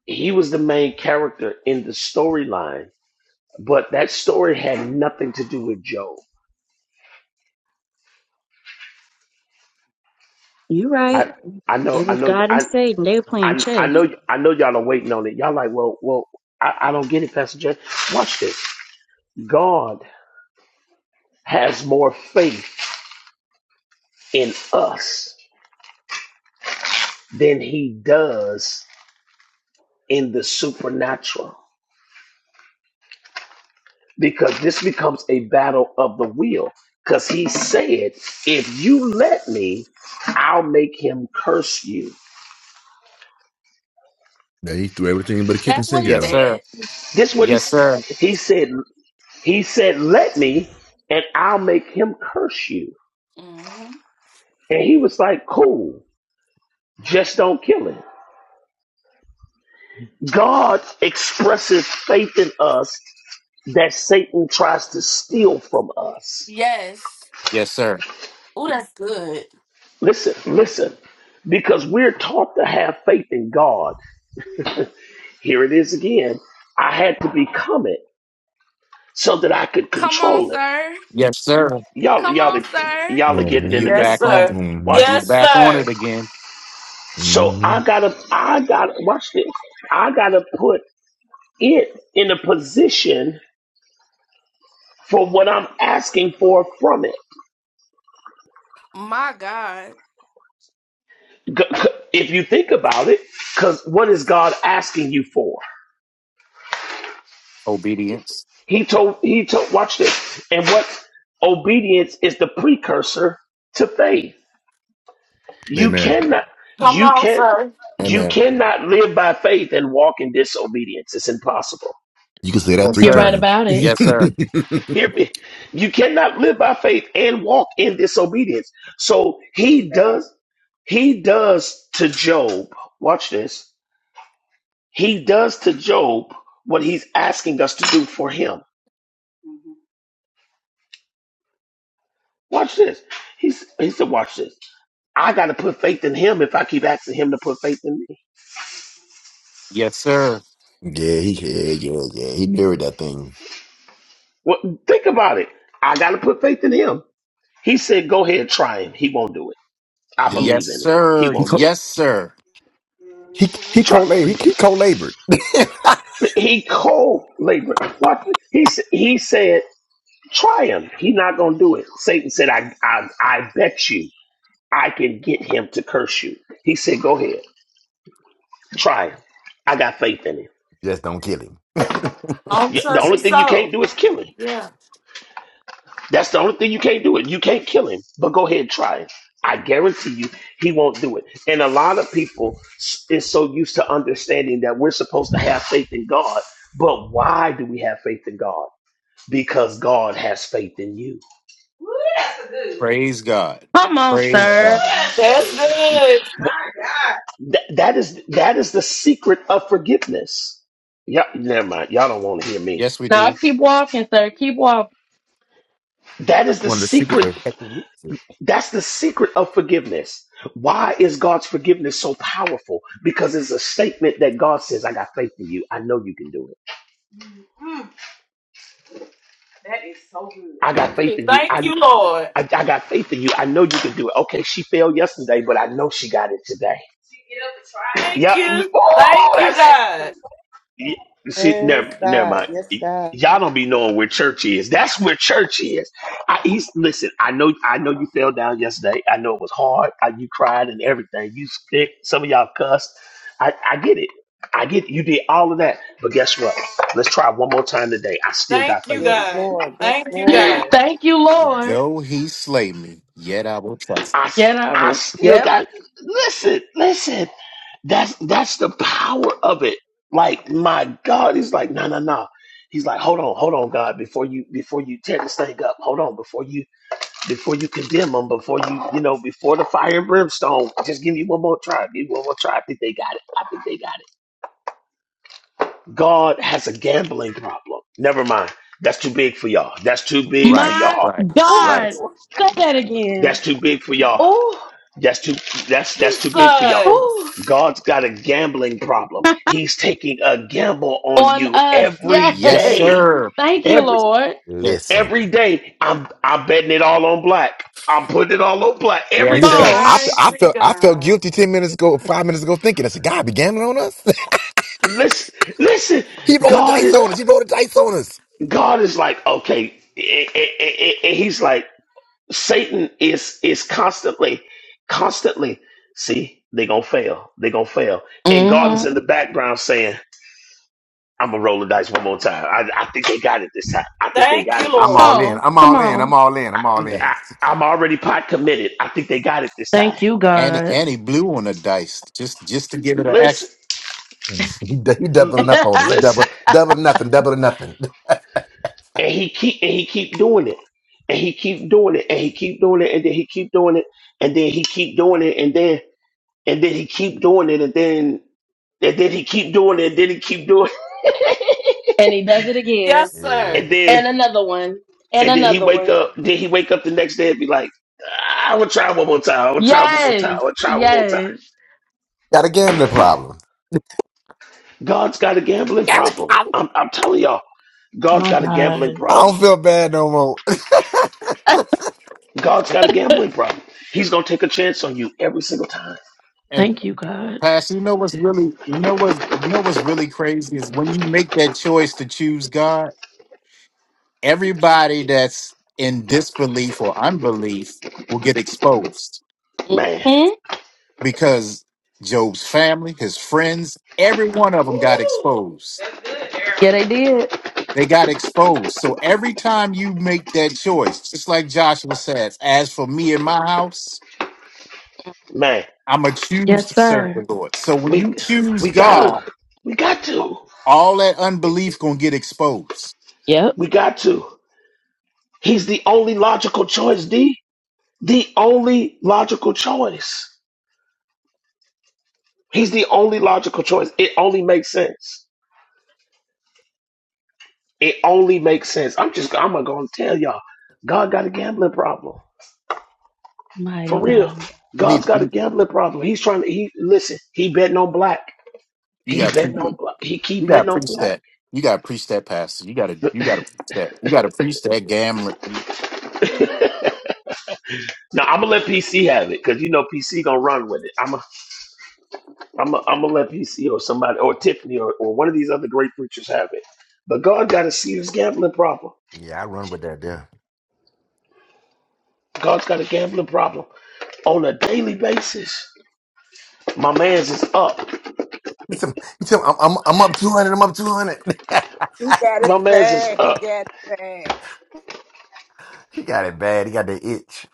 Speaker 2: He was the main character in the storyline but that story had nothing to do with Job.
Speaker 11: you're right,
Speaker 2: I I know
Speaker 11: it
Speaker 2: I
Speaker 11: was
Speaker 2: know
Speaker 11: God and
Speaker 2: I
Speaker 11: Satan. They were playing
Speaker 2: I, I
Speaker 11: chess.
Speaker 2: know I know y'all are waiting on it. Y'all like, well, well, I, I don't get it, Pastor Jay. Watch this. God has more faith in us than He does in the supernatural, because this becomes a battle of the will. Because He said, if you let me, I'll make him curse you.
Speaker 10: Yeah, he threw everything but a kitchen
Speaker 1: That's what
Speaker 10: sink
Speaker 1: he
Speaker 10: at
Speaker 8: Yes,
Speaker 10: him.
Speaker 8: sir.
Speaker 1: said.
Speaker 2: This what he
Speaker 8: Yes, sir.
Speaker 2: s- he said. He said, Let me, and I'll make him curse you.
Speaker 1: hmm
Speaker 2: And he was like, Cool, just don't kill him. God expresses faith in us that Satan tries to steal from us.
Speaker 1: Yes.
Speaker 8: Yes, sir.
Speaker 1: Oh, that's good.
Speaker 2: Listen, listen, because we're taught to have faith in God. Here it is again. I had to become it so that I could
Speaker 1: Come on,
Speaker 2: control it.
Speaker 1: sir.
Speaker 8: Yes, sir.
Speaker 2: Y'all,
Speaker 1: Come
Speaker 2: y'all,
Speaker 1: on, sir.
Speaker 2: y'all will
Speaker 8: You-
Speaker 2: get
Speaker 10: Mm-hmm.
Speaker 2: it in
Speaker 8: You're
Speaker 2: a
Speaker 4: Yes,
Speaker 2: minute.
Speaker 8: back on
Speaker 4: sir.
Speaker 8: it.
Speaker 10: Mm-hmm.
Speaker 2: Watch
Speaker 8: You're
Speaker 4: Yes,
Speaker 2: this.
Speaker 8: back on it
Speaker 4: sir.
Speaker 8: again.
Speaker 2: So
Speaker 10: hmm
Speaker 2: I gotta, I gotta, watch this. I gotta put it in a position for what I'm asking for from it.
Speaker 1: My God.
Speaker 2: G- c- If you think about it, because what is God asking you for?
Speaker 8: Obedience.
Speaker 2: He told, he told, watch this. And what obedience is the precursor to faith. You
Speaker 10: Amen.
Speaker 2: cannot,
Speaker 4: Come
Speaker 2: you
Speaker 4: on,
Speaker 2: can't,
Speaker 4: sir.
Speaker 2: you
Speaker 10: Amen.
Speaker 2: cannot live by faith and walk in disobedience. It's impossible.
Speaker 10: You can say that
Speaker 8: Yes,
Speaker 10: three
Speaker 8: sir.
Speaker 10: times.
Speaker 8: Yes, sir.
Speaker 2: Hear me. You cannot live by faith and walk in disobedience. So he does, he does to Job, watch this. He does to Job what he's asking us to do for him. Watch this. He's, he said, watch this. I got to put faith in him if I keep asking him to put faith in me.
Speaker 8: Yes, sir.
Speaker 10: Yeah, he yeah, yeah, yeah. He married that thing.
Speaker 2: Well, think about it. I got to put faith in him. He said, go ahead, try him. He won't do it. I
Speaker 10: He
Speaker 8: Yes,
Speaker 2: believe in it. He
Speaker 8: sir.
Speaker 10: he
Speaker 2: won't
Speaker 10: co
Speaker 2: do
Speaker 8: Yes,
Speaker 2: it.
Speaker 8: sir.
Speaker 10: he, he
Speaker 2: Try,
Speaker 10: co-labored. He, he co-labored.
Speaker 2: he co-labored. What he s- he said? Try him. He's not going to do it. Satan said, I, I, I bet you I can get him to curse you. He said, go ahead. Try him. I got faith in him.
Speaker 10: Just don't kill him.
Speaker 4: On
Speaker 2: Y- The
Speaker 4: touch
Speaker 2: only
Speaker 4: your
Speaker 2: thing you can't
Speaker 4: soul.
Speaker 2: do is kill him.
Speaker 4: Yeah.
Speaker 2: That's the only thing you can't do. It. You can't kill him, but go ahead and try it. I guarantee you he won't do it. And a lot of people s- is so used to understanding that we're supposed to have faith in God. But why do we have faith in God? Because God has faith in you.
Speaker 8: Praise God.
Speaker 1: Come on,
Speaker 8: Praise God.
Speaker 1: sir.
Speaker 12: Mighty
Speaker 4: That's
Speaker 12: God.
Speaker 4: good.
Speaker 2: That, that is that is the secret of forgiveness. Yeah, never mind. Y'all don't want to hear me.
Speaker 8: Yes, we
Speaker 1: Now
Speaker 8: do.
Speaker 1: keep walking, sir. Keep walking.
Speaker 2: That
Speaker 10: That's
Speaker 2: is the
Speaker 10: one of the secrets
Speaker 2: secret.
Speaker 10: of effective leadership.
Speaker 2: That's the secret of forgiveness. Why is God's forgiveness so powerful? Because it's a statement that God says, "I got faith in you. I know you can do it. I
Speaker 4: Thank
Speaker 2: got faith
Speaker 4: you,
Speaker 2: in you.
Speaker 4: Thank
Speaker 2: I
Speaker 4: you, Lord.
Speaker 2: I, I got faith in you. I know you can do it." Okay, she failed yesterday, but I know she got it today. and try it.
Speaker 4: Thank
Speaker 2: Yeah.
Speaker 4: you.
Speaker 2: Oh, Oh,
Speaker 4: Thank you,
Speaker 2: that's
Speaker 4: God.
Speaker 2: Y- See,
Speaker 3: Yes,
Speaker 2: never, never
Speaker 3: God.
Speaker 2: mind.
Speaker 3: Yes,
Speaker 2: Y-
Speaker 3: God.
Speaker 2: Y'all don't be knowing where church is. That's where church is. I he's, listen. I know. I know you fell down yesterday. I know it was hard. I, you cried and everything. You sick. Some of y'all cussed. I, I get it. I get it. you did all of that. But guess what? Let's try one more time today. I still got
Speaker 4: Thank you,
Speaker 2: faith in you.
Speaker 3: Yes,
Speaker 4: God.
Speaker 3: Lord. Yes,
Speaker 4: Thank you, God.
Speaker 3: Lord.
Speaker 8: Though he slay me, yet I will trust.
Speaker 2: I, s-
Speaker 1: Get out
Speaker 2: I
Speaker 1: with
Speaker 2: still got listen, listen. That's that's the power of it. Like my God, he's like, no, no, no. He's like, hold on, hold on, God, before you before you tear this thing up, hold on, before you before you condemn them, before you you know before the fire and brimstone, just give me one more try, give me one more try. I think they got it. I think they got it. God has a gambling problem. Never mind. That's too big for y'all. That's too
Speaker 8: him.
Speaker 2: big for
Speaker 8: Right,
Speaker 1: my
Speaker 2: y'all.
Speaker 8: right, right.
Speaker 1: God.
Speaker 6: Ooh,
Speaker 1: Say that
Speaker 2: That's
Speaker 1: again.
Speaker 2: too big for y'all.
Speaker 1: Oh,
Speaker 2: That's too that's that's too big for y'all
Speaker 1: oh,
Speaker 4: Jesus.
Speaker 2: God's got a gambling problem. He's taking a gamble on
Speaker 1: on
Speaker 2: you
Speaker 1: us.
Speaker 2: every
Speaker 8: Yes,
Speaker 1: Yes.
Speaker 2: day.
Speaker 8: sir.
Speaker 1: Thank you,
Speaker 2: Every
Speaker 1: Lord.
Speaker 8: Yes,
Speaker 10: Listen,
Speaker 2: every day. I'm I'm betting it all on black. I'm putting it all on black. Every
Speaker 8: yes,
Speaker 2: day.
Speaker 1: Come
Speaker 10: listen.
Speaker 8: sir.
Speaker 1: on.
Speaker 10: I,
Speaker 4: I
Speaker 10: I
Speaker 4: see
Speaker 10: felt I felt
Speaker 4: God.
Speaker 10: guilty ten minutes ago, five minutes ago, thinking I said, "God, be gambling on us.
Speaker 2: listen, listen.
Speaker 10: he rolled a
Speaker 2: God
Speaker 10: dice
Speaker 2: is
Speaker 10: on us. He rolled a dice on us."
Speaker 2: God is like, okay. eh, eh, eh, eh, eh, He's like, Satan is is constantly, constantly, see, they gonna fail. they gonna fail. And God is in
Speaker 1: Mm-hmm.
Speaker 2: the background saying, I'm gonna roll the dice one more time. I, I think they got it this time. I think they
Speaker 4: Thank
Speaker 2: got
Speaker 4: you,
Speaker 2: it this
Speaker 10: I'm
Speaker 2: time.
Speaker 1: Come
Speaker 10: all
Speaker 4: Lord.
Speaker 10: in.
Speaker 1: on,
Speaker 10: I'm
Speaker 1: come
Speaker 10: all in. I'm
Speaker 1: on.
Speaker 10: all in. I'm all
Speaker 8: Yeah.
Speaker 10: in.
Speaker 2: I, I, am already pot committed. I think they got it this time.
Speaker 1: Thank you,
Speaker 8: And he,
Speaker 1: God.
Speaker 8: and he blew on a dice just just to give it an
Speaker 2: Listen,
Speaker 8: action.
Speaker 10: He, he
Speaker 2: l-
Speaker 10: doubling
Speaker 2: l-
Speaker 10: up on us. He
Speaker 2: listen,
Speaker 10: double double nothing. Double nothing.
Speaker 2: and he keep and he keep doing it, and he keep doing it, and he keep doing it, and then he keep doing it, and then he keep doing it, and then and then he keep doing it, and then and then he keep doing it, and then he keep doing it,
Speaker 1: And he does it again.
Speaker 4: Yes, sir.
Speaker 2: and
Speaker 10: Yeah,
Speaker 2: then
Speaker 1: And another one. And
Speaker 2: and then he
Speaker 1: another
Speaker 2: wake
Speaker 1: one.
Speaker 2: up, then he wake up the next day and be like, I will try one more time. I will try one more time.
Speaker 1: Yes,
Speaker 2: I will try one more time.
Speaker 1: yes.
Speaker 10: got a gambling problem.
Speaker 2: God's got a gambling
Speaker 10: I
Speaker 2: problem. I'm I'm telling y'all, God's
Speaker 1: My
Speaker 2: got a gambling
Speaker 1: God.
Speaker 2: problem.
Speaker 10: don't feel bad no more.
Speaker 1: Ah,
Speaker 2: God's got a gambling problem. He's gonna take a chance on you every single time.
Speaker 8: And
Speaker 1: Thank you, God.
Speaker 8: Pass, you know what's really you know what's you know what's really crazy is when you make that choice to choose God everybody that's in disbelief or unbelief will get exposed
Speaker 2: Man,
Speaker 1: hmm
Speaker 8: because Job's family, his friends, every one of them got exposed.
Speaker 1: Yeah, they did.
Speaker 8: They got exposed. So every time you make that choice, just like Joshua says, as for me and my house,
Speaker 2: man,
Speaker 8: I'm going to choose
Speaker 1: Yes,
Speaker 8: to serve the
Speaker 1: sir.
Speaker 8: Lord. So when
Speaker 2: we
Speaker 8: you choose
Speaker 2: we
Speaker 8: God,
Speaker 2: gotta, we got to,
Speaker 8: all that unbelief going to get exposed.
Speaker 1: Yep.
Speaker 2: we got to. He's the only logical choice, D. The only logical choice. He's the only logical choice. It only makes sense. It only makes sense. I'm just, I'm gonna tell y'all, God got a gambling problem. For
Speaker 1: Mighty
Speaker 2: real,
Speaker 1: God.
Speaker 8: You
Speaker 2: God's
Speaker 8: need,
Speaker 2: got a gambling problem. He's trying to. He listen. He betting on black.
Speaker 8: you
Speaker 2: He
Speaker 8: got to
Speaker 2: betting on black. He keep
Speaker 8: You gotta
Speaker 2: betting on
Speaker 8: preach
Speaker 2: black.
Speaker 8: that. You gotta preach that, pastor. You gotta you gotta preach that. You gotta preach that gambler.
Speaker 2: Now I'm gonna let PC have it because you know PC gonna run with it. I'm i I'm i am I'm gonna let PC or somebody or Tiffany or, or one of these other great preachers have it. But God got a serious gambling problem.
Speaker 10: Yeah, I run with that there.
Speaker 2: God's got a gambling problem on a daily basis. My man's is up.
Speaker 10: He tell, he tell I'm, I'm, I'm up 200, I'm up 200.
Speaker 6: he got it
Speaker 2: My man's is
Speaker 6: bad. He
Speaker 2: up.
Speaker 6: got it bad.
Speaker 10: he got it bad. He got the itch.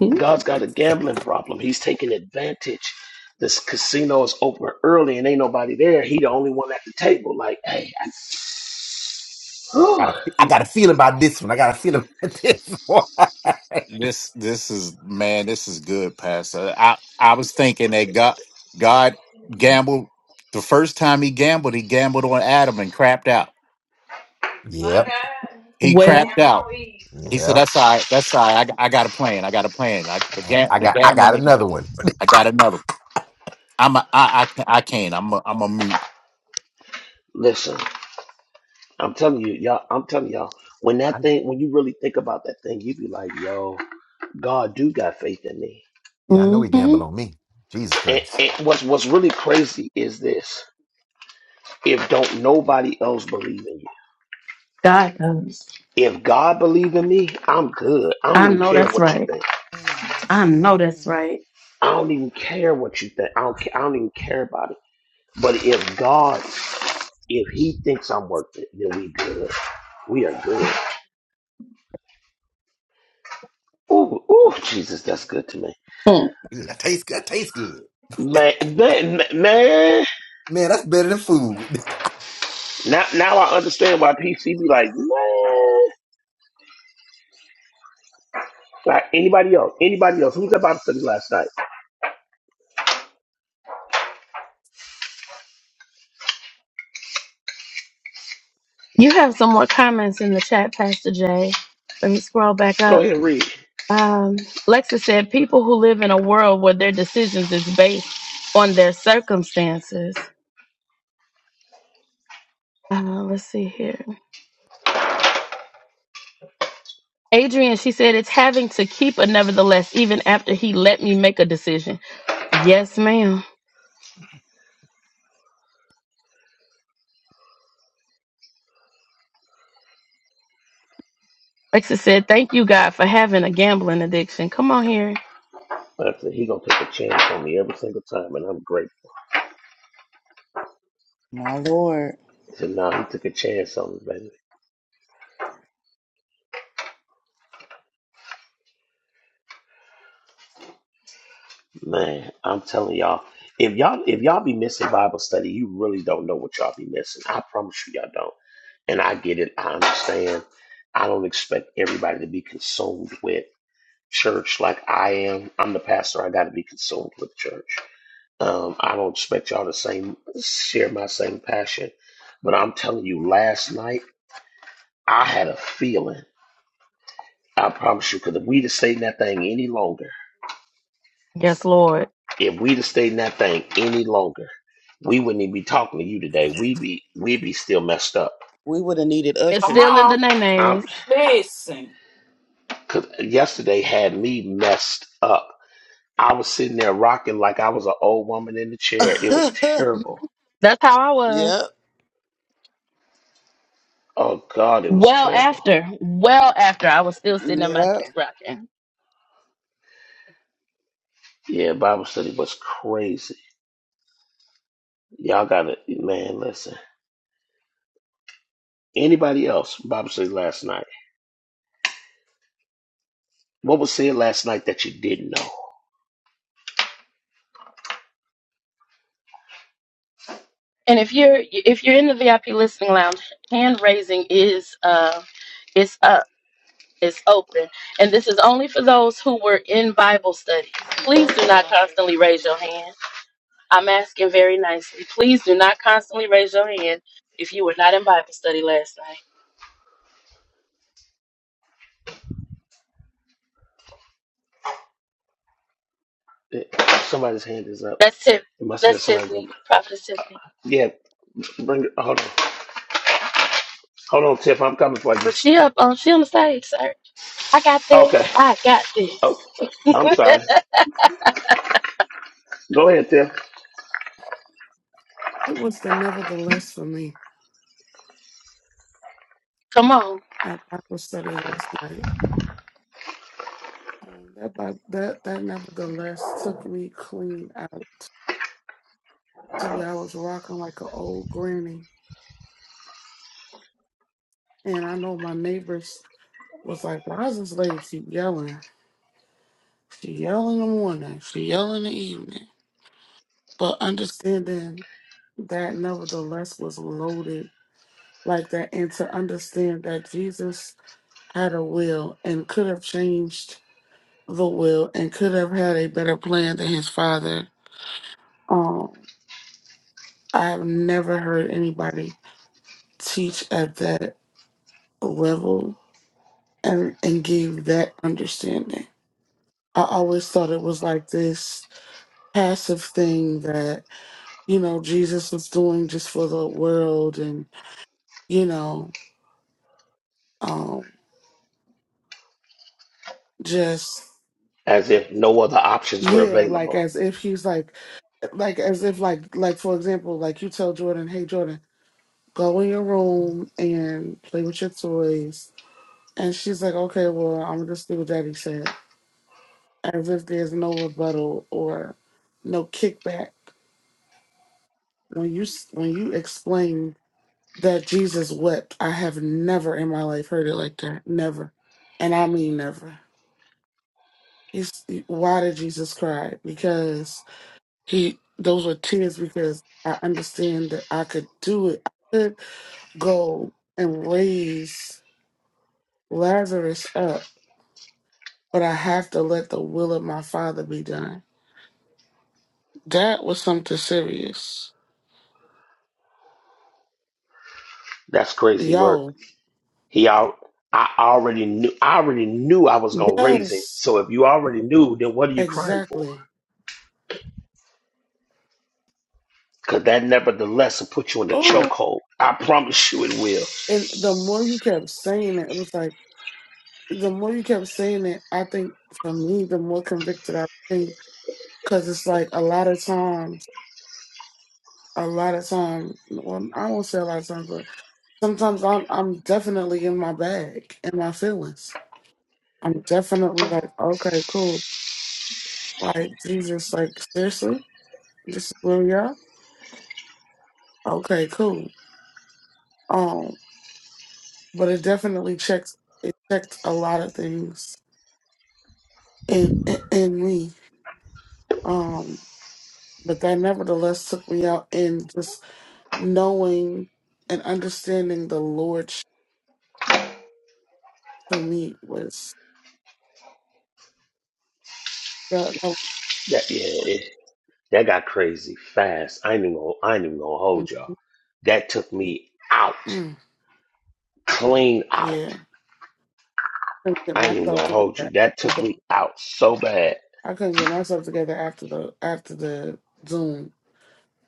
Speaker 1: Mhm.
Speaker 2: God's got a gambling problem. He's taking advantage. This casino is open early and ain't nobody there. He the only one at the table. Like, hey,
Speaker 10: I
Speaker 2: I,
Speaker 10: got, a, I got a feeling about this one. I got a feeling about this one.
Speaker 8: This this is man. This is good, pastor. I I was thinking that God God gambled the first time he gambled. He gambled on Adam and crapped out.
Speaker 10: yep,
Speaker 8: He
Speaker 1: Well,
Speaker 8: crapped out. He said,
Speaker 10: yep.
Speaker 8: "That's all right. That's all right. I, I got a plan. I got a plan. I, the,
Speaker 10: I,
Speaker 8: gam-
Speaker 10: I
Speaker 8: the
Speaker 10: got I got
Speaker 8: gambling. ain't
Speaker 10: another
Speaker 8: gonna-
Speaker 10: one.
Speaker 8: I got another. I'm a, I, I, I can't. I'm a, I'm a mute.
Speaker 2: listen. I'm telling you, y'all. I'm telling y'all. When
Speaker 10: I,
Speaker 2: that thing, when you really think about that thing, you be like, "Yo, God do got faith in me."
Speaker 10: yeah, I know he
Speaker 1: hmm
Speaker 10: gambled on me. Jesus
Speaker 2: And,
Speaker 10: Christ.
Speaker 2: and what's what's really crazy is this: if don't nobody else believe in you,
Speaker 1: God does.
Speaker 2: if God believe in me, I'm good. I don't
Speaker 1: I
Speaker 2: even
Speaker 1: know
Speaker 2: care
Speaker 1: that's
Speaker 2: what you
Speaker 1: right.
Speaker 2: think.
Speaker 12: Amen,
Speaker 1: I know that's
Speaker 12: amen.
Speaker 1: right.
Speaker 2: I don't even care what you think. I don't. ca- I don't even care about it. But if God, if He thinks I'm worth it, then we good. We are good. Ooh, ooh, Jesus, that's good to me.
Speaker 1: Mm.
Speaker 10: That tastes, good. that tastes good.
Speaker 2: Man, man, man.
Speaker 10: Man, that's better than food.
Speaker 2: Now, now I understand why PC be like, man, like anybody else, anybody else. Who's that Bible study last night?
Speaker 1: You have some more comments in the chat, Pastor Jay. Let me scroll back
Speaker 2: Go
Speaker 1: up.
Speaker 2: ahead and read.
Speaker 1: Um, Lexa said, people who live in a world where their decisions is based on their circumstances. Uh, let's see here. Adrian, she said, it's having to keep a nevertheless, even after he let me make a decision. Yes, ma'am. Lexa said, thank you, God, for having a gambling addiction. Come on here.
Speaker 2: But I said he gonna take a chance on me every single time, and I'm grateful.
Speaker 3: My Lord.
Speaker 2: I said, no, he took a chance on me, baby. Man, I'm telling y'all, if y'all if y'all be missing Bible study, you really don't know what y'all be missing. I promise you, y'all don't. And I get it. I understand. I don't expect everybody to be consumed with church like I am. I'm the pastor. I got to be consumed with church. Um, I don't expect y'all to same share my same passion, but I'm telling you, last night I had a feeling. I promise you, because if we'd have stayed in that thing any longer,
Speaker 1: Yes, Lord.
Speaker 2: if we'd have stayed in that thing any longer, we wouldn't even be talking to you today. We'd be we'd be still messed up.
Speaker 3: We would have needed
Speaker 1: It's
Speaker 4: Come
Speaker 3: ushers.
Speaker 1: still in the
Speaker 4: on.
Speaker 2: I'm
Speaker 1: nays.
Speaker 4: Listen.
Speaker 2: because yesterday had me messed up. I was sitting there rocking like I was an old woman in the chair. It was
Speaker 3: yep.
Speaker 2: terrible.
Speaker 1: That's how I was.
Speaker 3: Yep.
Speaker 2: Oh God, it was
Speaker 1: Well
Speaker 2: terrible.
Speaker 1: after, well after, I was still sitting at my desk rocking.
Speaker 2: Yeah, Bible study was crazy. Y'all got to man. Listen. Anybody else? Bible study last night. What was said last night that you didn't know?
Speaker 1: And if you're if you're in the VIP listening lounge, hand raising is uh it's up. is open, and this is only for those who were in Bible study. Please do not constantly raise your hand. I'm asking very nicely. Please do not constantly raise your hand if you were not in Bible study last night.
Speaker 2: Eh, Somebody's hand is up.
Speaker 1: That's Tiff.
Speaker 2: It must have been
Speaker 1: That's
Speaker 2: somebody's.
Speaker 1: Tiffany, Prophetess Tiffany.
Speaker 2: Yeah, bring it. Hold on. Hold on, Tiff. I'm coming for you.
Speaker 1: But she up on she on the stage, sir. I got
Speaker 2: Okay.
Speaker 1: this. I got this.
Speaker 2: Oh, I'm sorry. Go ahead, Tiff.
Speaker 13: It was the nevertheless for me
Speaker 1: Come on.
Speaker 13: at Bible study last night. Um, that Bi- that that nevertheless took me clean out to where I was rocking like an old granny. And I know my neighbors was like, "Why does this lady keep yelling? She yell in the morning, she yell in the evening." But understanding that nevertheless was loaded like that, and to understand that Jesus had a will and could have changed the will and could have had a better plan than his father. Um, I've never heard anybody teach at that level and, and give that understanding. I always thought it was like this passive thing that, you know, Jesus was doing just for the world and, you know, um, just
Speaker 2: As if no other options were
Speaker 13: yeah,
Speaker 2: available.
Speaker 13: like as if he's like like as if like like for example, like you tell Jordan, hey Jordan, Go in your room and play with your toys. And she's like, okay, well, I'm just do what daddy said. As if there's no rebuttal or no kickback. When you s- when you explain that Jesus wept, I have never in my life heard it like that. Never, and I mean never. He's why did Jesus cry? Because he those were tears because I understand that I could do it. I could go and raise Lazarus up but I have to let the will of my father be done. That was something serious.
Speaker 2: That's crazy work.
Speaker 13: Yo,
Speaker 2: He out. I already knew. I already knew I was gonna raise him.
Speaker 13: yes,
Speaker 2: So if you already knew, then what are you crying for?
Speaker 13: exactly.
Speaker 2: Cause that nevertheless will put you in the
Speaker 13: Oh,
Speaker 2: chokehold. I promise you it will.
Speaker 13: and the more you kept saying it, it was like, the more you kept saying it, I think for me, the more convicted I became. Because it's like a lot of times, a lot of times, well, I won't say a lot of times, but sometimes I'm, I'm definitely in my bag, in my feelings. I'm definitely like, okay, cool. Like, Jesus, like, seriously? This is where we are. Okay, cool. Um, but it definitely checked. It checked a lot of things in in, in me. Um, but that nevertheless took me out in just knowing and understanding the Lordship for me was. that- that-
Speaker 2: That yeah. yeah. That got crazy fast. I ain't even gonna, I ain't even gonna
Speaker 13: mm,
Speaker 2: hold y'all. That took me out,
Speaker 13: mm,
Speaker 2: clean out.
Speaker 13: yeah, I couldn't get
Speaker 2: I ain't even
Speaker 13: myself
Speaker 2: gonna
Speaker 13: together
Speaker 2: hold you. That
Speaker 13: after
Speaker 2: took
Speaker 13: the.
Speaker 2: me out so bad.
Speaker 13: I couldn't get myself together after the after the Zoom.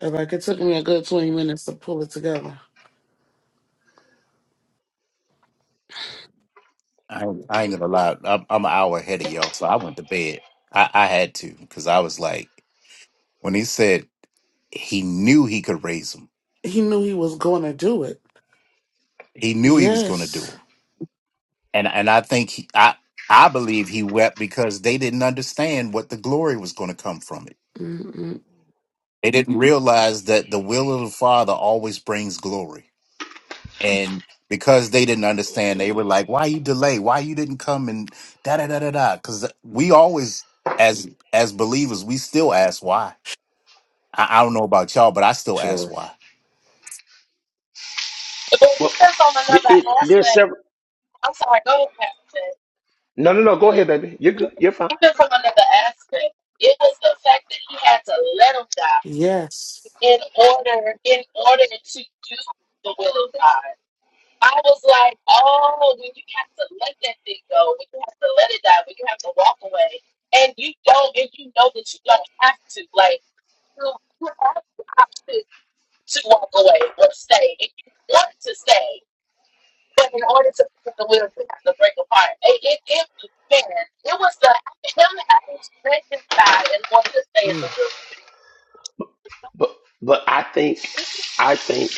Speaker 13: And like it took me a good twenty minutes to pull it together.
Speaker 8: I ain't, I ain't gonna lie. I'm, I'm an hour ahead of y'all, so I went to bed. I, I had to because I was like, when he said he knew he could raise him,
Speaker 13: He knew he was going to do it.
Speaker 8: he knew he was gonna do
Speaker 13: Yes.
Speaker 8: him, and and I think he, I I believe he wept because they didn't understand what the glory was going to come from it.
Speaker 13: Mm-mm.
Speaker 8: They didn't realize that the will of the Father always brings glory, and because they didn't understand, they were like, "Why you delay? Why you didn't come?" And da da da da da. Because we always, as as believers, we still ask why I, I don't know about y'all, but I still ask
Speaker 13: Sure.
Speaker 8: why.
Speaker 1: But
Speaker 2: Well,
Speaker 1: There's on
Speaker 2: it, it,
Speaker 1: another
Speaker 2: there's
Speaker 1: aspect.
Speaker 2: several.
Speaker 1: I'm sorry. Go ahead, Pastor.
Speaker 2: No, no, no. Go ahead, baby. You're
Speaker 1: Ted.
Speaker 2: good. You're fine.
Speaker 1: Even from another aspect, it was the fact that he had to let him die.
Speaker 13: Yes.
Speaker 1: in order in order to do the will of God. I was like, oh, when you have to let that thing go, when you have to let it die, when you have to walk away, and you don't, and you know that you don't have to, like you, you have the option to walk away or stay if you want to stay, but in order to be in the will, you have to break apart. It, it, it man, it was the him having to let him die in order to stay in the
Speaker 13: Mm.
Speaker 1: will.
Speaker 2: But, but I think, I think,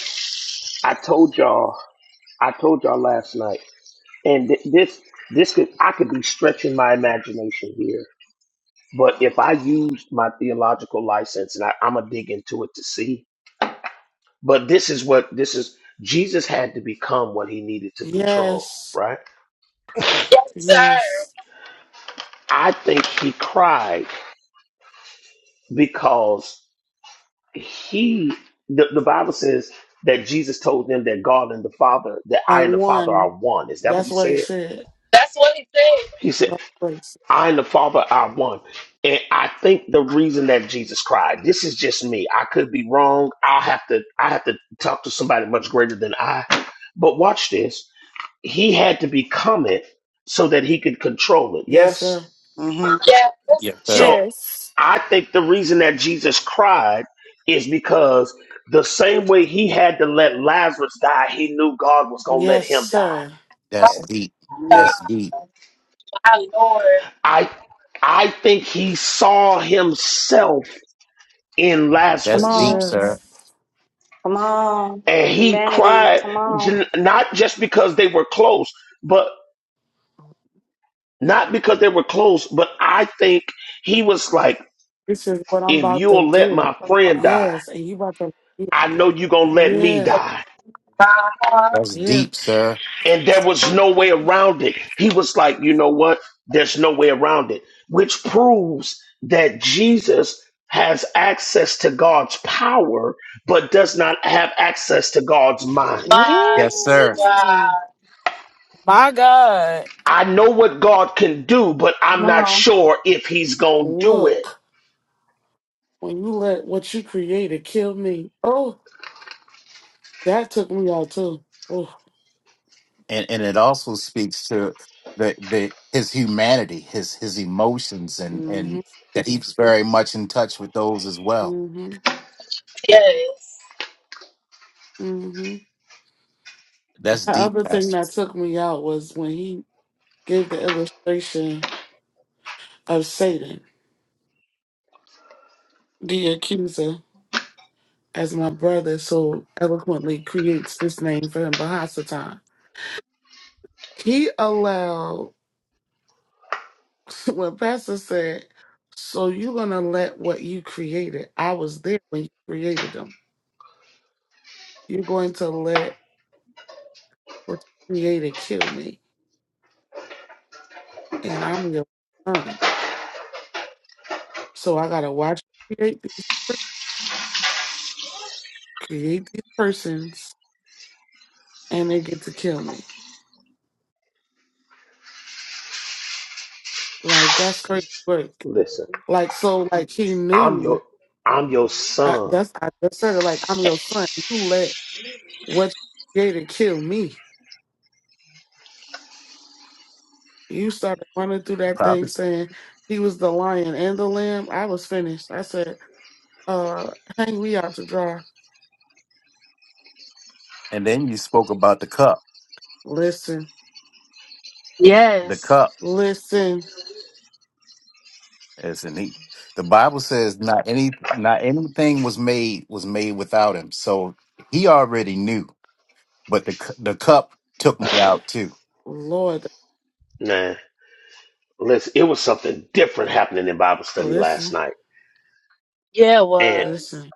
Speaker 2: I told y'all, I told y'all last night, and th- this, this could, I could be stretching my imagination here. But if I used my theological license, and I, I'm gonna dig into it to see, But this is what this is Jesus had to become what he needed to control,
Speaker 13: Yes.
Speaker 2: right?
Speaker 1: Yes, sir.
Speaker 13: Yes.
Speaker 2: I think he cried because he the, the Bible says that Jesus told them that God and the Father, that I
Speaker 13: On
Speaker 2: and the Father are
Speaker 13: one.
Speaker 2: one. Is that what he
Speaker 13: That's what he
Speaker 2: said?
Speaker 13: said.
Speaker 1: That's what he said.
Speaker 2: He said,
Speaker 13: That's what he said.
Speaker 2: I and the Father are one. And I think the reason that Jesus cried, this is just me. I could be wrong. I'll have to I have to talk to somebody much greater than I. But watch this. he had to become it so that he could control it.
Speaker 13: Yes,
Speaker 2: Yes?
Speaker 13: sir.
Speaker 3: hmm
Speaker 1: Yes.
Speaker 8: Yes, sir.
Speaker 2: So
Speaker 4: Yes.
Speaker 2: I think the reason that Jesus cried is because the same way he had to let Lazarus die, he knew God was going to let
Speaker 13: Yes,
Speaker 2: him die.
Speaker 13: sir.
Speaker 1: God,
Speaker 8: That's
Speaker 6: Yes,
Speaker 8: deep.
Speaker 6: yeah.
Speaker 8: That's deep.
Speaker 1: my Lord,
Speaker 2: I I think he saw himself in
Speaker 11: Come
Speaker 8: That's
Speaker 2: Lazarus
Speaker 8: deep,
Speaker 11: on,
Speaker 8: sir.
Speaker 13: Yes.
Speaker 11: come on,
Speaker 2: and he
Speaker 11: humanity.
Speaker 2: cried
Speaker 11: Come on,
Speaker 2: j- not just because they were close, but not because they were close, but I think he was like
Speaker 13: This is what I'm
Speaker 2: if
Speaker 13: about to
Speaker 2: you'll let
Speaker 13: do.
Speaker 2: my friend die.
Speaker 13: Yes. And you about to
Speaker 2: I know you're going to let me
Speaker 13: Yeah.
Speaker 2: die.
Speaker 1: my heart,
Speaker 8: That's
Speaker 13: Yeah.
Speaker 8: deep, sir.
Speaker 2: And there was no way around it. He was like, you know what? There's no way around it, which proves that Jesus has access to God's power, but does not have access to God's mind.
Speaker 8: Yes,
Speaker 1: mighty
Speaker 8: sir.
Speaker 13: Ooh,
Speaker 1: God.
Speaker 4: My God.
Speaker 2: I know what God can do, but
Speaker 11: come
Speaker 2: I'm not
Speaker 11: on,
Speaker 2: sure if he's going to do it.
Speaker 13: Look. When you let what you created kill me. Oh, that took me out too. Oh.
Speaker 8: And and it also speaks to the the his humanity, his his emotions, and
Speaker 13: Mm-hmm.
Speaker 8: and that he's very much in touch with those as well.
Speaker 13: Mm-hmm.
Speaker 1: Yes,
Speaker 13: Mm-hmm.
Speaker 8: That's
Speaker 13: The
Speaker 8: deep,
Speaker 13: other thing
Speaker 8: Pastor
Speaker 13: that took me out was when he gave the illustration of Satan, the accuser, as my brother so eloquently creates this name for him, Bahasatan. He allowed when Pastor said, So you're gonna let what you created. I was there when you created them. You're going to let what you created kill me. And I'm your son. So I gotta watch you create these create these persons and they get to kill me. Like that's crazy work.
Speaker 2: Listen,
Speaker 13: Like so, like he
Speaker 2: I'm your,
Speaker 13: knew.
Speaker 2: I'm your
Speaker 13: I,
Speaker 2: son.
Speaker 13: that's I just said it. Like I'm your son. You let what you created kill me. You started running through that thing
Speaker 8: Prophet.
Speaker 13: saying he was the lion and the lamb. I was finished. I said, uh, hang me out to dry.
Speaker 8: And then you spoke about the cup.
Speaker 13: Listen,
Speaker 8: The
Speaker 1: yes,
Speaker 8: cup
Speaker 13: listen,
Speaker 8: is in he. The Bible says not any not anything was made was made without him. So he already knew. but the cu- the cup took me out too.
Speaker 13: Lord,
Speaker 2: Nah, listen, it was something different happening in Bible study last
Speaker 13: listen,
Speaker 2: night.
Speaker 1: yeah, it
Speaker 2: and.
Speaker 1: was.
Speaker 13: listen.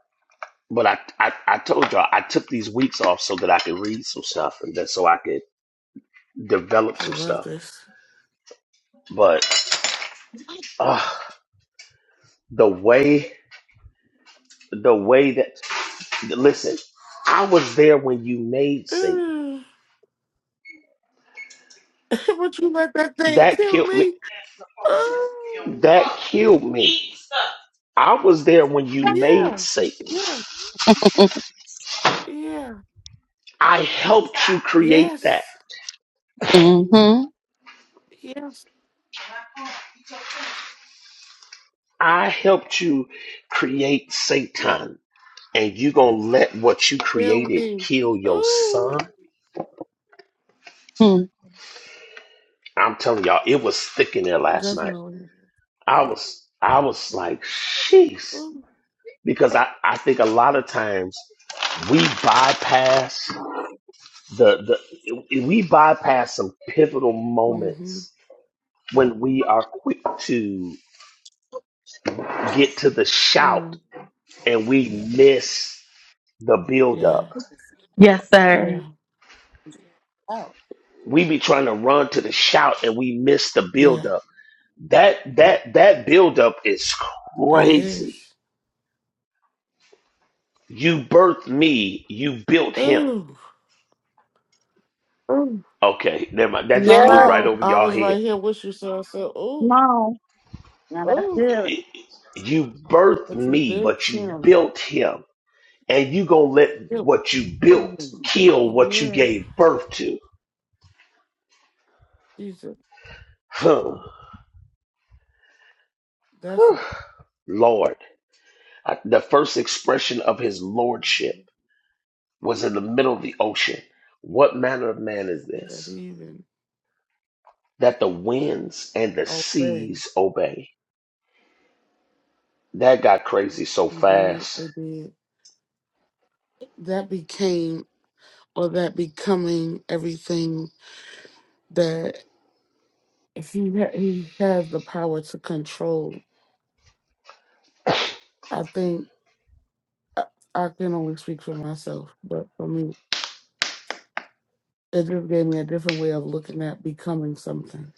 Speaker 2: But I, I, I told y'all I took these weeks off so that I could read some stuff and that so I could develop
Speaker 13: I
Speaker 2: some
Speaker 13: love
Speaker 2: stuff.
Speaker 13: this.
Speaker 2: But uh, the way, the way that listen, I was there when you made Satan.
Speaker 13: Mm. Would you let that thing
Speaker 2: That
Speaker 13: kill
Speaker 2: killed me.
Speaker 13: me? Oh,
Speaker 2: That killed me. I was there when you made
Speaker 13: yeah,
Speaker 2: Satan.
Speaker 13: yeah, yeah.
Speaker 2: I helped you create that.
Speaker 13: Yes,
Speaker 1: Mm-hmm.
Speaker 13: yes,
Speaker 2: I helped you create
Speaker 13: yes.
Speaker 2: Satan. And you gonna let what you
Speaker 13: Feel
Speaker 2: created
Speaker 13: me.
Speaker 2: kill your son?
Speaker 13: Ooh,
Speaker 2: I'm telling y'all, it was thick in there last night.
Speaker 13: definitely.
Speaker 2: I was, I was like, sheesh.
Speaker 13: Ooh.
Speaker 2: Because I, I think a lot of times we bypass the, the, we bypass some pivotal
Speaker 13: Mm-hmm.
Speaker 2: moments when we are quick to get to the shout
Speaker 13: Mm.
Speaker 2: and we miss the build
Speaker 13: Yeah,
Speaker 2: up.
Speaker 1: Yes, sir.
Speaker 13: yeah,
Speaker 2: We be trying to run to the shout and we miss the
Speaker 13: yeah.
Speaker 2: build up. That, that, that build up is
Speaker 13: It
Speaker 2: crazy
Speaker 13: is.
Speaker 2: You birthed me, you built him.
Speaker 13: Ooh, ooh.
Speaker 2: Okay, never mind. That
Speaker 13: No,
Speaker 2: just flew
Speaker 4: Yeah.
Speaker 2: right
Speaker 13: no.
Speaker 2: over
Speaker 13: I
Speaker 2: y'all
Speaker 13: was
Speaker 2: head.
Speaker 13: right here with you, so I said,
Speaker 11: come
Speaker 13: ooh,
Speaker 11: on. Now that's
Speaker 13: ooh.
Speaker 11: good.
Speaker 2: You birthed
Speaker 13: But you
Speaker 2: me,
Speaker 13: built
Speaker 2: but you
Speaker 13: him.
Speaker 2: built him. And you gonna let
Speaker 13: Built,
Speaker 2: what you
Speaker 13: built
Speaker 2: built
Speaker 13: me.
Speaker 2: kill what you
Speaker 13: Yeah.
Speaker 2: gave birth to.
Speaker 13: Jesus,
Speaker 2: Hmm.
Speaker 13: that's a,
Speaker 2: Lord. I- The first expression of his lordship
Speaker 13: mhm.
Speaker 2: was in the middle of the ocean. What manner of man is
Speaker 13: that
Speaker 2: this?
Speaker 13: even
Speaker 2: That the winds and the
Speaker 13: obey.
Speaker 2: seas obey. That got crazy so
Speaker 13: You did,
Speaker 2: fast.
Speaker 13: it did. That became or that becoming everything that he ha- he has the power to control. I think I, I can only speak for myself, but for me, it just gave me a different way of looking at becoming something.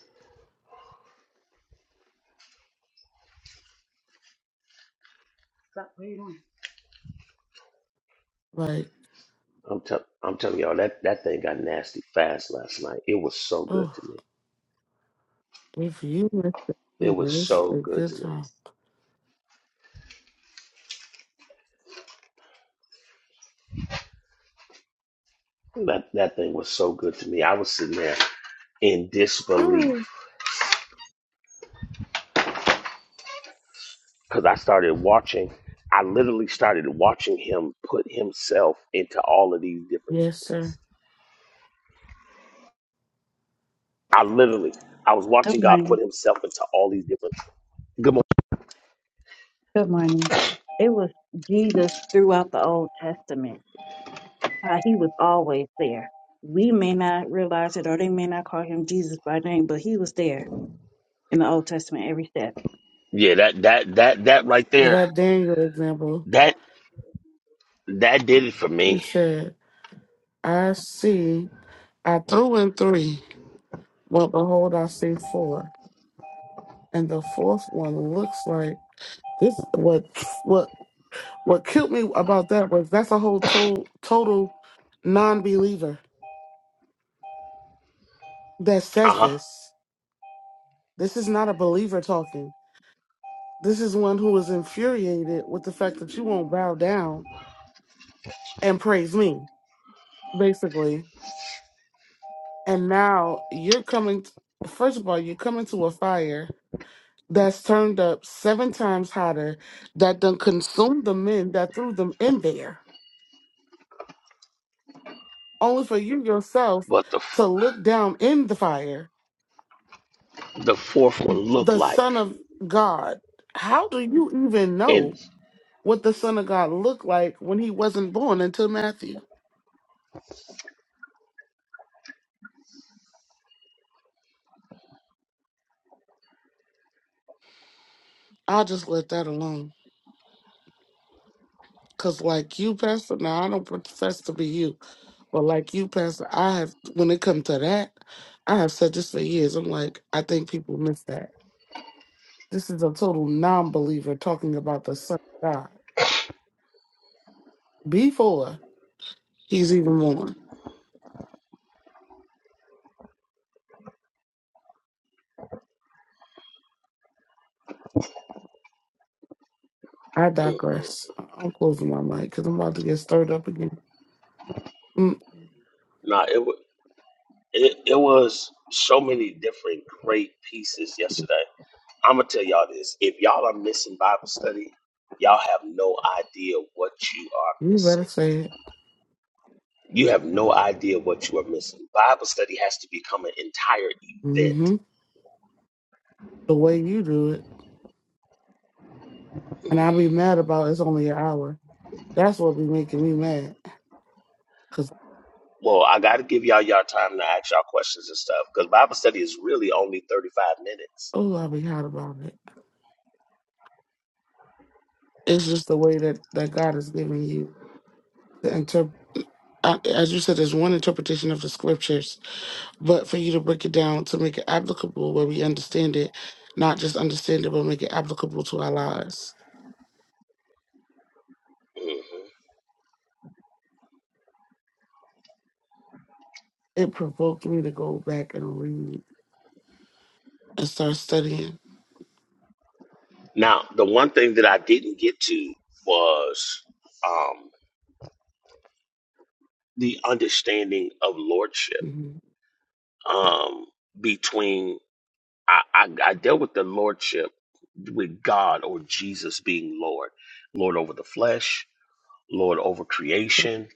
Speaker 13: Like,
Speaker 2: I'm tell I'm telling y'all that that thing got nasty fast last night. It was so good
Speaker 13: oh,
Speaker 2: to me.
Speaker 13: if you missed it,
Speaker 2: It
Speaker 13: you
Speaker 2: was
Speaker 13: missed
Speaker 2: so
Speaker 13: a
Speaker 2: good
Speaker 13: good
Speaker 2: to
Speaker 13: time.
Speaker 2: me. That that thing was so good to me. I was sitting there in disbelief
Speaker 13: Mm.
Speaker 2: because I started watching. I literally started watching him put himself into all of these different
Speaker 13: Yes, sir.
Speaker 2: things. I literally I was
Speaker 11: Good
Speaker 2: watching God
Speaker 11: morning.
Speaker 2: put himself into all these different. Good morning.
Speaker 11: Good morning. It was Jesus throughout the Old Testament. How he was always there. We may not realize it, or they may not call him Jesus by name, but he was there in the Old Testament every step.
Speaker 2: Yeah, that that that that right
Speaker 13: Yeah,
Speaker 2: there.
Speaker 13: that Daniel example.
Speaker 2: That that did it for
Speaker 13: He
Speaker 2: me.
Speaker 13: said, "I see. I threw in three, but behold, I see four, and the fourth one looks like." This what what what killed me about that was that's a whole total total non-believer that
Speaker 2: Uh
Speaker 13: says
Speaker 2: huh.
Speaker 13: this. This is not a believer talking. This is one who is infuriated with the fact that you won't bow down and praise me, basically. And now you're coming. t- first of all, you're coming to a fire that's turned up seven times hotter that done consumed the men that threw them in there, only for you yourself
Speaker 2: But the f-
Speaker 13: to look down in the fire
Speaker 2: the fourth one looked
Speaker 13: the Son
Speaker 2: like.
Speaker 13: of God. How do you even know
Speaker 2: and.
Speaker 13: what the Son of God looked like when he wasn't born until Matthew? I'll just let that alone. Cause like you, Pastor, now I don't profess to be you, but like you, Pastor, I have when it comes to that, I have said this for years. I'm like, I think people miss that. This is a total non-believer talking about the Son of God before he's even born. I digress. I- I'm closing my mic because I'm about to get stirred up again. Mm,
Speaker 2: Nah, it, was it it was so many different great pieces yesterday. I'm gonna tell y'all this: if y'all are missing Bible study, y'all have no idea what you are
Speaker 13: you better
Speaker 2: missing.
Speaker 13: say it.
Speaker 2: You have no idea what you are missing. Bible study has to become an entire event.
Speaker 13: hmm The way you do it. And I be mad about it's only an hour. That's what be making me mad. Cause
Speaker 2: Well, I got to give y'all y'all time to ask y'all questions and stuff because Bible study is really only 35 minutes.
Speaker 13: oh, I be hot about it. It's just the way that that God is giving you to interpret. As you said, there's one interpretation of the scriptures, but for you to break it down to make it applicable where we understand it, not just understand it, but make it applicable to our lives.
Speaker 2: hmm
Speaker 13: It provoked me to go back and read and start studying.
Speaker 2: Now, the one thing that I didn't get to was um, the understanding of lordship
Speaker 13: Mm-hmm.
Speaker 2: um, between I, I, I dealt with the lordship with God or Jesus being Lord, Lord over the flesh, Lord over creation,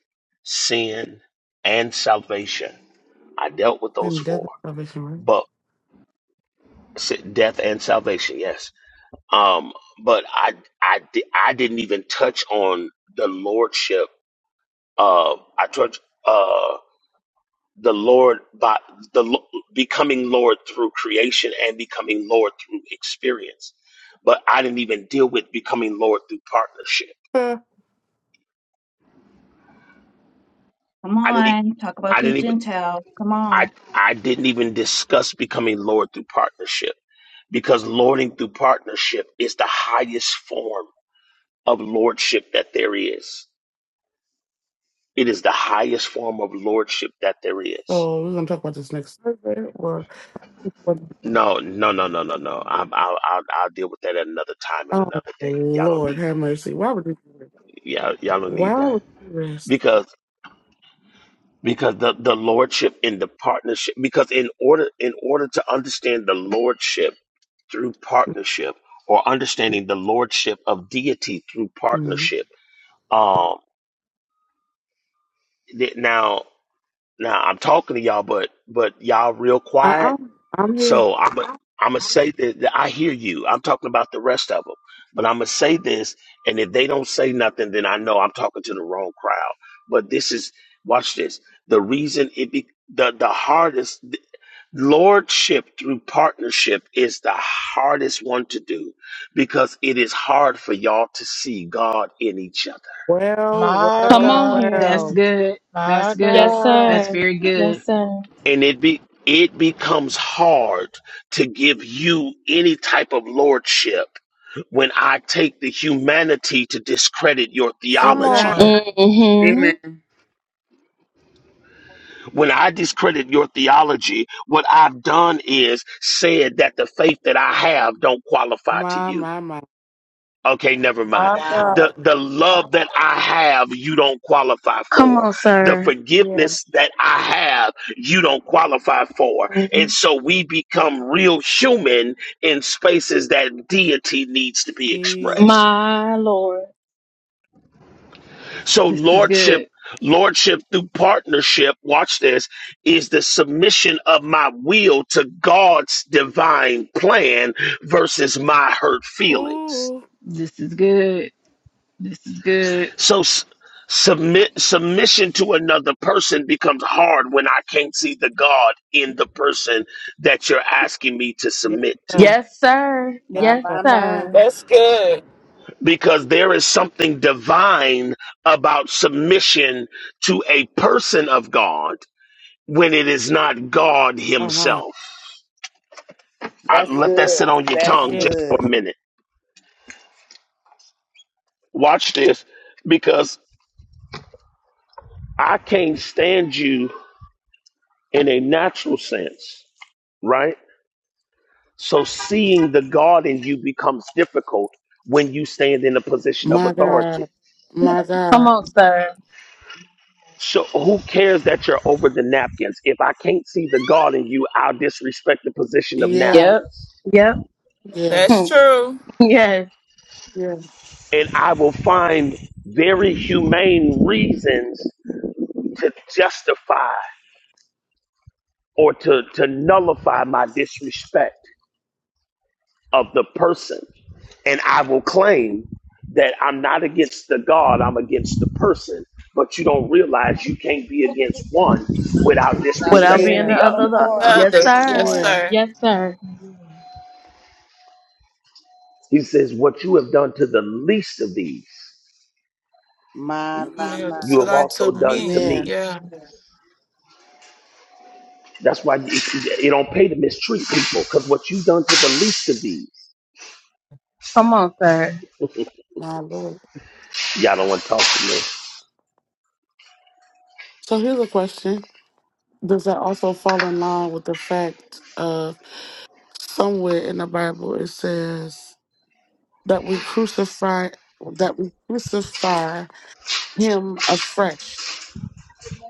Speaker 2: sin, and salvation. I dealt with those
Speaker 13: And death
Speaker 2: four,
Speaker 13: is salvation,
Speaker 2: but s- death and salvation, yes. Um, but I I di- I didn't even touch on the lordship. Uh, I touched. the Lord by the becoming Lord through creation and becoming Lord through experience. But I didn't even deal with becoming Lord through partnership.
Speaker 13: right?
Speaker 11: Come
Speaker 2: I didn't even
Speaker 11: on, talk about
Speaker 2: I
Speaker 11: these
Speaker 2: didn't even
Speaker 11: Gentiles. Come
Speaker 2: I
Speaker 11: on.
Speaker 2: I didn't even discuss becoming Lord through partnership because lording through partnership is the highest form of lordship that there is. It is the highest form of lordship that there
Speaker 13: Yeah.
Speaker 2: is.
Speaker 13: So we're gonna talk about this next Thursday. or Well,
Speaker 2: No, no, no, no, no, no. I'm, I'll, I'll, I'll deal with that at another time and
Speaker 13: Oh
Speaker 2: another day. Y'all don't
Speaker 13: Lord,
Speaker 2: need that.
Speaker 13: have mercy. Why would you? do that?
Speaker 2: y'all, y'all don't need
Speaker 13: Why
Speaker 2: that
Speaker 13: would you rest?
Speaker 2: because because the, the lordship in the partnership because in order in order to understand the lordship through partnership or understanding the lordship of deity through
Speaker 13: Mm.
Speaker 2: partnership um th- now now i'm talking to y'all but but y'all real
Speaker 13: I,
Speaker 2: quiet
Speaker 13: I'm I'm here.
Speaker 2: So I'm i I'm gonna say that, that I hear you. I'm talking about the rest of them, but I'm gonna say this, and if they don't say nothing, then I know I'm talking to the wrong crowd. But this is watch this. The reason it be the the hardest lordship through partnership is the hardest one to do because it is hard for y'all to see God in each other
Speaker 13: Well,
Speaker 4: My
Speaker 1: Come
Speaker 13: well,
Speaker 1: on
Speaker 4: God.
Speaker 9: That's
Speaker 1: here.
Speaker 13: well.
Speaker 9: good. That's
Speaker 4: My
Speaker 9: good.
Speaker 1: Yes,
Speaker 4: God.
Speaker 9: That's
Speaker 1: sir.
Speaker 9: very good.
Speaker 1: Yes, sir.
Speaker 2: and it be it becomes hard to give you any type of lordship when I take the humanity to discredit your
Speaker 4: Come
Speaker 13: Jesus,
Speaker 2: theology.
Speaker 4: on.
Speaker 1: Mm-hmm.
Speaker 2: When I discredit your theology, what I've done is said that the faith that I have don't qualify to
Speaker 13: my
Speaker 2: you.
Speaker 13: my my.
Speaker 2: Okay, never mind.
Speaker 4: My
Speaker 3: wow.
Speaker 4: God.
Speaker 2: The the love that I have, you don't qualify
Speaker 1: Come
Speaker 2: for.
Speaker 1: on,
Speaker 2: The
Speaker 1: sir.
Speaker 13: Yeah,
Speaker 2: forgiveness that I have, you don't qualify for. And so we become real human in spaces that deity needs to be
Speaker 13: she's.
Speaker 2: expressed.
Speaker 1: My Lord.
Speaker 2: So
Speaker 9: This is
Speaker 2: lordship
Speaker 9: good.
Speaker 2: lordship through partnership, watch this, is the submission of my will to God's divine plan versus my hurt feelings.
Speaker 13: Ooh,
Speaker 9: This is good. This is good.
Speaker 2: So s- submit submission to another person becomes hard when I can't see the God in the person that you're asking me to
Speaker 13: yes
Speaker 2: submit to.
Speaker 13: sir,
Speaker 1: Yes, sir.
Speaker 13: yes
Speaker 3: My,
Speaker 1: Yes,
Speaker 13: sir.
Speaker 3: my, my.
Speaker 1: sir.
Speaker 4: That's good.
Speaker 2: Because there is something divine about submission to a person of God when it is not God
Speaker 13: Uh huh.
Speaker 2: Himself. I
Speaker 3: That's
Speaker 2: let that
Speaker 3: good.
Speaker 2: sit on your
Speaker 3: That's
Speaker 2: tongue
Speaker 13: Yeah.
Speaker 2: just for
Speaker 3: good.
Speaker 2: a minute. Watch this because I can't stand you in a natural sense, right? So seeing the God in you becomes difficult when you stand in a position of
Speaker 13: My
Speaker 2: authority.
Speaker 13: God, my
Speaker 1: Come
Speaker 13: God.
Speaker 1: on, sir.
Speaker 2: So who cares that you're over the napkins? If I can't see the God in you, I'll disrespect the position of
Speaker 13: Yeah,
Speaker 1: Yep.
Speaker 2: napkins.
Speaker 1: Yep.
Speaker 13: yeah,
Speaker 4: That's
Speaker 1: Hmm.
Speaker 4: true.
Speaker 1: Yes.
Speaker 13: yeah,
Speaker 2: And I will find very humane reasons to justify or to, to nullify my disrespect. of the person. And I will claim that I'm not against the God, I'm against the person. But you don't realize you can't be against one without
Speaker 3: Stop
Speaker 1: Without
Speaker 2: disrespecting
Speaker 1: being the
Speaker 13: yeah,
Speaker 3: yelling.
Speaker 2: the
Speaker 1: other.
Speaker 3: Come
Speaker 2: other.
Speaker 1: lo-
Speaker 4: Uh,
Speaker 3: on.
Speaker 1: Yes,
Speaker 3: Come
Speaker 1: sir.
Speaker 4: yes,
Speaker 13: yeah,
Speaker 3: on.
Speaker 4: sir.
Speaker 1: Yes, sir.
Speaker 2: He says, What you have done to the least of these,
Speaker 3: My,
Speaker 4: Mm,
Speaker 3: my,
Speaker 4: yeah,
Speaker 3: my.
Speaker 2: you
Speaker 4: So
Speaker 2: have
Speaker 4: that to
Speaker 2: also done to
Speaker 4: me.
Speaker 13: yeah.
Speaker 2: me.
Speaker 4: Yeah.
Speaker 2: That's why it, it don't pay to mistreat people, because what you've done to the least of these,
Speaker 1: Come on, sir.
Speaker 13: My Lord.
Speaker 2: y'all don't want to talk to me.
Speaker 13: So here's a question: Does that also fall in line with the fact of? Somewhere in the Bible it says that we crucify that we crucify him afresh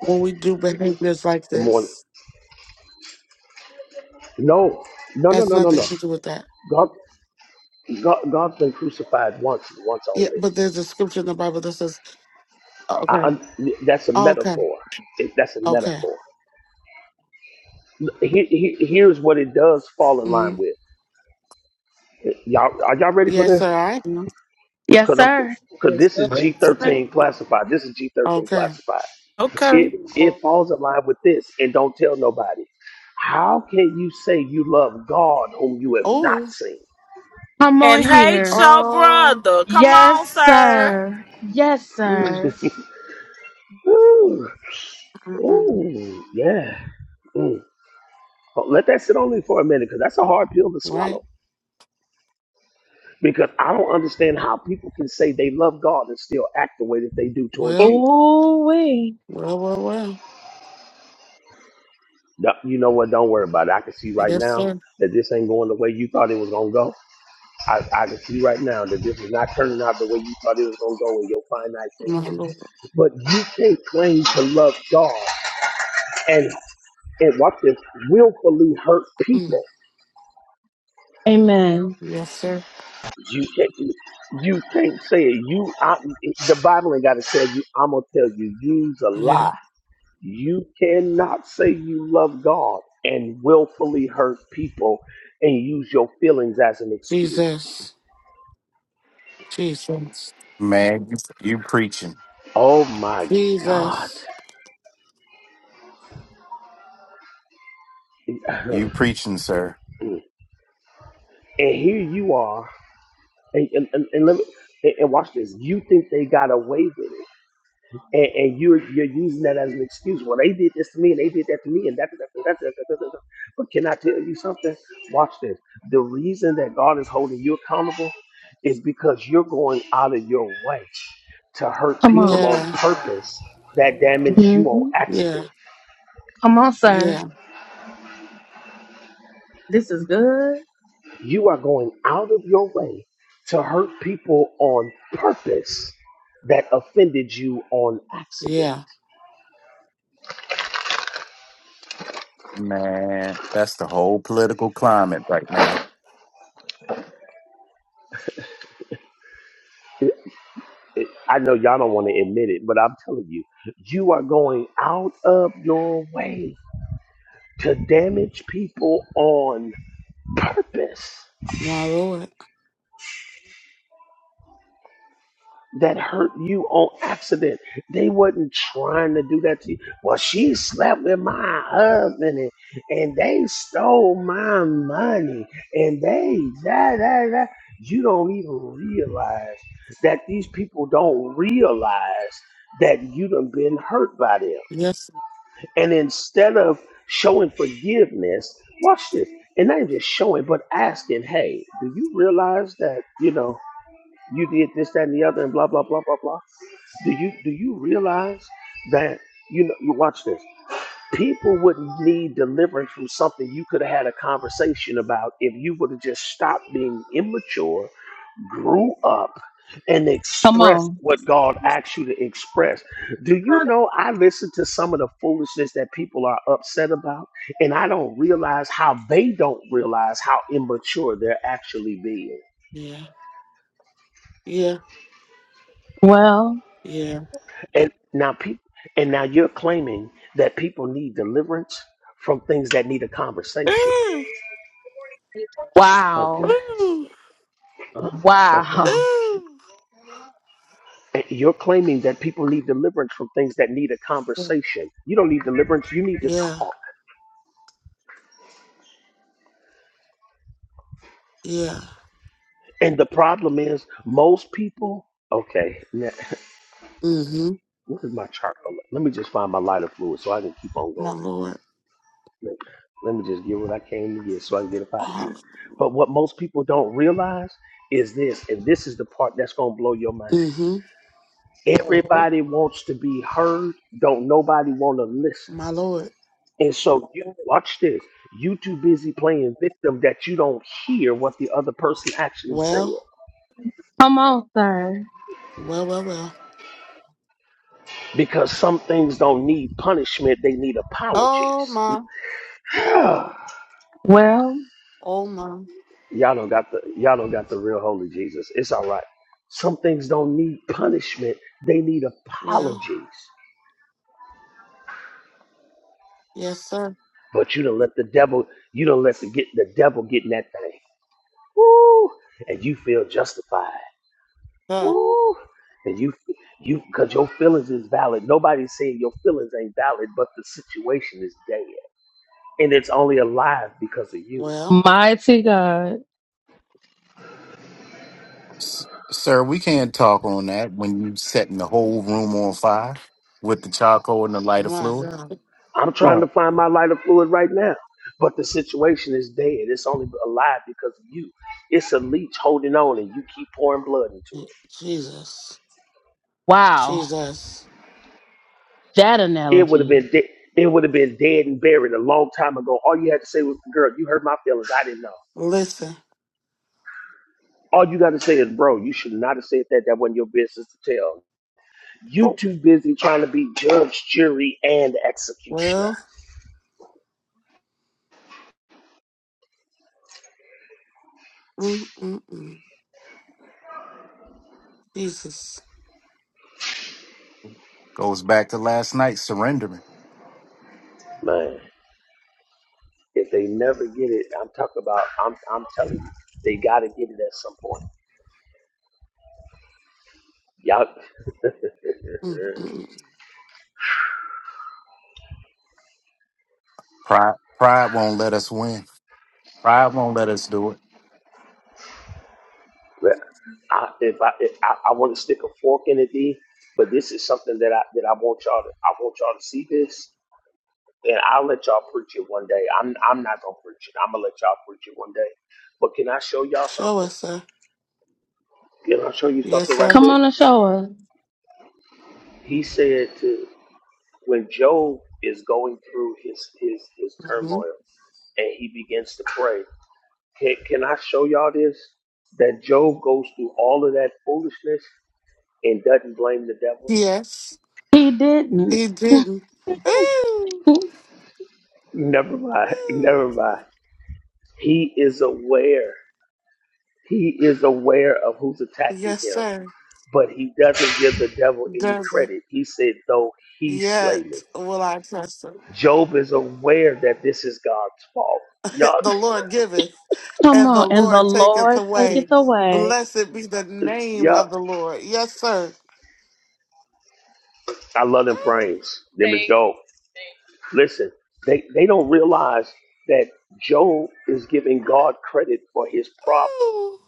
Speaker 13: when we do behaviors like
Speaker 2: The more,
Speaker 13: this.
Speaker 2: no, no, no,
Speaker 13: has
Speaker 2: no, no, no.
Speaker 13: nothing to do with that.
Speaker 2: God, God, God's been crucified once and once
Speaker 13: Yeah,
Speaker 2: only.
Speaker 13: but there's a scripture in the Bible that says,
Speaker 2: I,
Speaker 13: okay,
Speaker 2: un- that's a
Speaker 13: okay,
Speaker 2: metaphor. It, that's a
Speaker 13: okay.
Speaker 2: metaphor. He, he, here's what it does fall in line
Speaker 13: Mm-hmm.
Speaker 2: with. Y'all, are y'all ready for
Speaker 13: Yes,
Speaker 2: this?
Speaker 13: sir, I am.
Speaker 1: Yes,
Speaker 2: Because I'm,
Speaker 1: sir.
Speaker 2: because
Speaker 6: yes
Speaker 2: this
Speaker 6: sir.
Speaker 2: is G13 classified. This is G13
Speaker 13: Okay.
Speaker 2: classified.
Speaker 4: Okay.
Speaker 2: It it falls in line with this, and don't tell nobody. How can you say you love God whom you have not
Speaker 13: Oh,
Speaker 2: seen?
Speaker 1: Come on
Speaker 4: And hate
Speaker 1: here.
Speaker 4: your
Speaker 13: oh,
Speaker 4: brother. Come on,
Speaker 1: Yes,
Speaker 4: sir.
Speaker 1: sir. Yes,
Speaker 13: mm,
Speaker 1: sir.
Speaker 2: Ooh,
Speaker 13: mm-mm.
Speaker 2: ooh, yeah. Mm. But let that sit on me for a minute, because that's a hard pill to swallow.
Speaker 13: right.
Speaker 2: because I don't understand how people can say they love God and still act the way that they do towards
Speaker 13: Well,
Speaker 2: you.
Speaker 1: Ooh, wee.
Speaker 13: well, well, well.
Speaker 2: No, You know what? Don't worry about it. I can see right
Speaker 13: Yes,
Speaker 2: now
Speaker 13: sir.
Speaker 2: that this ain't going the way you thought it was gonna go. I, I can see right now that this is not turning out the way you thought it was gonna go in your finite
Speaker 13: My
Speaker 2: thinking.
Speaker 13: Lord.
Speaker 2: But you can't claim to love God and and watch this willfully hurt
Speaker 13: Mm.
Speaker 2: people.
Speaker 1: Amen.
Speaker 13: Yes, sir.
Speaker 2: You can't you can't say it. You I, the Bible ain't gotta tell you, I'm gonna tell you, use a lie
Speaker 13: Yeah.
Speaker 2: You cannot say you love God and willfully hurt people and use your feelings as an excuse.
Speaker 13: Jesus. Jesus.
Speaker 8: Man, you, you preaching,
Speaker 2: Oh my God.
Speaker 13: Jesus.
Speaker 8: you preaching, sir.
Speaker 2: And here you are. And, and, and, and let me, and and watch this. You think they got away with it. and, and you're you're using that as an excuse. Well, they did this to me, and they did that to me, and that, that, that, that, that, that, that. But can I tell you something? Watch this. The reason that God is holding you accountable is because you're going out of your way to hurt
Speaker 1: Come
Speaker 2: people
Speaker 1: on.
Speaker 2: on
Speaker 13: Yeah.
Speaker 2: purpose that damage you on
Speaker 1: Mhm.
Speaker 2: accident.
Speaker 13: Yeah.
Speaker 1: Come on, sir.
Speaker 13: Yeah.
Speaker 1: This is good.
Speaker 2: You are going out of your way to hurt people on purpose that offended you on accident.
Speaker 13: Yeah.
Speaker 8: Man, that's the whole political climate right now,
Speaker 2: I know y'all don't want to admit it, but I'm telling you, you are going out of your way to damage people on purpose
Speaker 13: My Lord.
Speaker 2: that hurt you on accident. They wasn't trying to do that to you. Well, she slept with my husband and, and they stole my money and they da da da. You don't even realize that these people don't realize that you done been hurt by them
Speaker 13: Yes.
Speaker 2: And instead of showing forgiveness, watch this, and not even just showing, but asking, hey, do you realize that, you know, you did this, that, and the other, and blah, blah, blah, blah, blah? Do you do you realize that you know you watch this? People would need deliverance from something you could have had a conversation about if you would have just stopped being immature grew up and
Speaker 1: Come
Speaker 2: expressed
Speaker 1: on.
Speaker 2: what God asked you to express. Do you know I listen to some of the foolishness that people are upset about, and I don't realize how they don't realize how immature they're actually being.
Speaker 13: Yeah. Yeah.
Speaker 1: Well,
Speaker 13: Yeah.
Speaker 2: And now people and now you're claiming that people need deliverance from things that need a conversation.
Speaker 13: Ooh.
Speaker 2: Okay.
Speaker 1: wow.
Speaker 13: Ooh.
Speaker 2: Uh, okay.
Speaker 1: Wow.
Speaker 13: Ooh.
Speaker 2: And You're claiming that people need deliverance from things that need a
Speaker 13: Yeah.
Speaker 2: conversation. You don't need deliverance, you need to
Speaker 13: Yeah.
Speaker 2: talk.
Speaker 13: Yeah.
Speaker 2: And the problem is, most people. Okay, now,
Speaker 13: Mm-hmm.
Speaker 2: what is my charcoal? Let me just find my lighter fluid so I can keep on
Speaker 13: My
Speaker 2: going.
Speaker 13: Lord.
Speaker 2: Let, let me just get what I came to get so I can get up out of here.
Speaker 13: Oh.
Speaker 2: But what most people don't realize is this, and this is the part that's gonna blow your mind.
Speaker 13: Mm-hmm.
Speaker 2: hmm Everybody wants to be heard. Don't nobody want to listen.
Speaker 13: My Lord.
Speaker 2: And so you watch this. You too busy playing victim that you don't hear what the other person actually said.
Speaker 13: Well.
Speaker 1: Come on, sir.
Speaker 13: Well, well, well.
Speaker 2: because some things don't need punishment; they need
Speaker 13: Oh
Speaker 2: apologies.
Speaker 13: my.
Speaker 2: Y'all
Speaker 1: Well,
Speaker 13: Oh my.
Speaker 2: don't got the y'all don't got the real holy Jesus. It's all right. Some things don't need punishment; they need
Speaker 13: Yeah.
Speaker 2: apologies.
Speaker 13: Yes, sir.
Speaker 2: But you don't let the devil you don't let the get the devil get in that thing. Woo! And you feel justified.
Speaker 13: Sir.
Speaker 2: Woo! And you you because your feelings is valid. Nobody's saying your feelings ain't valid, but the situation is dead, and it's only alive because of you.
Speaker 13: Well,
Speaker 1: mighty God.
Speaker 8: S- sir. We can't talk on that when you setting the whole room on fire with the charcoal and the lighter
Speaker 13: my
Speaker 8: fluid.
Speaker 13: God.
Speaker 2: I'm trying to
Speaker 8: Right.
Speaker 2: find my lighter fluid right now. But the situation is dead. It's only alive because of you. It's a leech holding on and you keep pouring blood into it.
Speaker 13: Jesus.
Speaker 1: Wow.
Speaker 13: Jesus.
Speaker 1: That
Speaker 2: It would have
Speaker 1: analogy.
Speaker 2: been dead. It would have been dead and buried a long time ago. All you had to say was, girl, you hurt my feelings. I didn't know.
Speaker 13: Listen.
Speaker 2: All you got to say is, bro, you should not have said that. That wasn't your business to tell. You too busy trying to be judge, jury, and executioner.
Speaker 13: Well, mm-mm-mm. Jesus.
Speaker 8: Goes back to last night surrendering.
Speaker 2: Man, if they never get it, I'm talking about, I'm, I'm telling you, they got to get it at some point. Y'all,
Speaker 13: Mm-mm.
Speaker 8: Pride, pride won't let us win. Pride won't let us do it.
Speaker 2: But I, if I, if I, I want to stick a fork in it, D, but this is something that I that I want y'all to I want y'all to see this, and I'll let y'all preach it one day. I'm I'm not gonna preach it. I'm gonna let y'all preach it one day. But can I show y'all
Speaker 13: Show
Speaker 2: something?
Speaker 13: us, sir.
Speaker 2: Can I show you
Speaker 13: Yes,
Speaker 2: something right
Speaker 13: sir.
Speaker 1: Come
Speaker 2: quick?
Speaker 1: on and show us.
Speaker 2: He said to when Job is going through his his his
Speaker 13: hmm
Speaker 2: turmoil, and he begins to pray. Can, can I show y'all this? That Job goes through all of that foolishness and doesn't blame the devil.
Speaker 13: Yes,
Speaker 1: He didn't.
Speaker 13: he didn't. Ooh,
Speaker 2: Never mind.
Speaker 13: ooh.
Speaker 2: Never mind. He is aware. He is aware of who's attacking
Speaker 13: Yes,
Speaker 2: him,
Speaker 13: sir.
Speaker 2: but he doesn't give the devil any
Speaker 13: Doesn't
Speaker 2: credit. He said, though he slay me.
Speaker 13: yet will I trust him.
Speaker 2: Job is aware that this is God's fault. Y'all,
Speaker 13: the Lord giveth,
Speaker 1: Come
Speaker 13: and
Speaker 1: on.
Speaker 13: the
Speaker 1: And the
Speaker 13: Lord taketh
Speaker 1: Lord
Speaker 13: away.
Speaker 1: taketh away.
Speaker 13: Blessed be the name
Speaker 2: y'all,
Speaker 13: of the Lord. Yes, sir.
Speaker 2: I love them
Speaker 13: Ooh,
Speaker 2: frames. Them and Job. Listen, they, they don't realize that Job is giving God credit for his problem.
Speaker 13: ooh.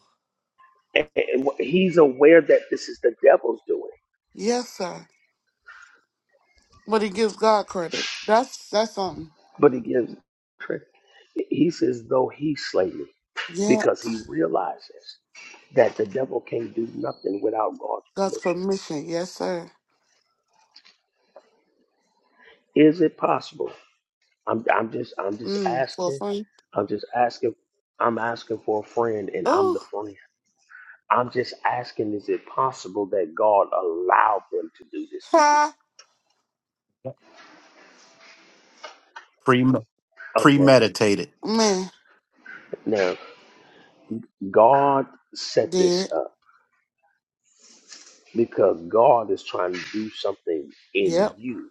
Speaker 2: And and he's aware that this is the devil's doing.
Speaker 13: Yes, sir. But he gives God credit. That's that's something.
Speaker 2: But he gives, trick. he says, though he slay me,
Speaker 13: Yeah.
Speaker 2: because he realizes that the devil can't do nothing without God's
Speaker 13: God's
Speaker 2: permission.
Speaker 13: permission. Yes, sir.
Speaker 2: Is it possible? I'm, I'm just, I'm just
Speaker 13: Mm, for a
Speaker 2: asking.
Speaker 13: friend.
Speaker 2: I'm just asking. I'm asking for a friend, and I'm the
Speaker 13: Oh,
Speaker 2: friend. I'm just asking, is it possible that God allowed them to do this to you?
Speaker 13: ha.
Speaker 8: Pre-
Speaker 2: Okay.
Speaker 8: premeditated.
Speaker 13: Man,
Speaker 2: Now, God set this
Speaker 13: did.
Speaker 2: up because God is trying to do something in
Speaker 13: Yep.
Speaker 2: you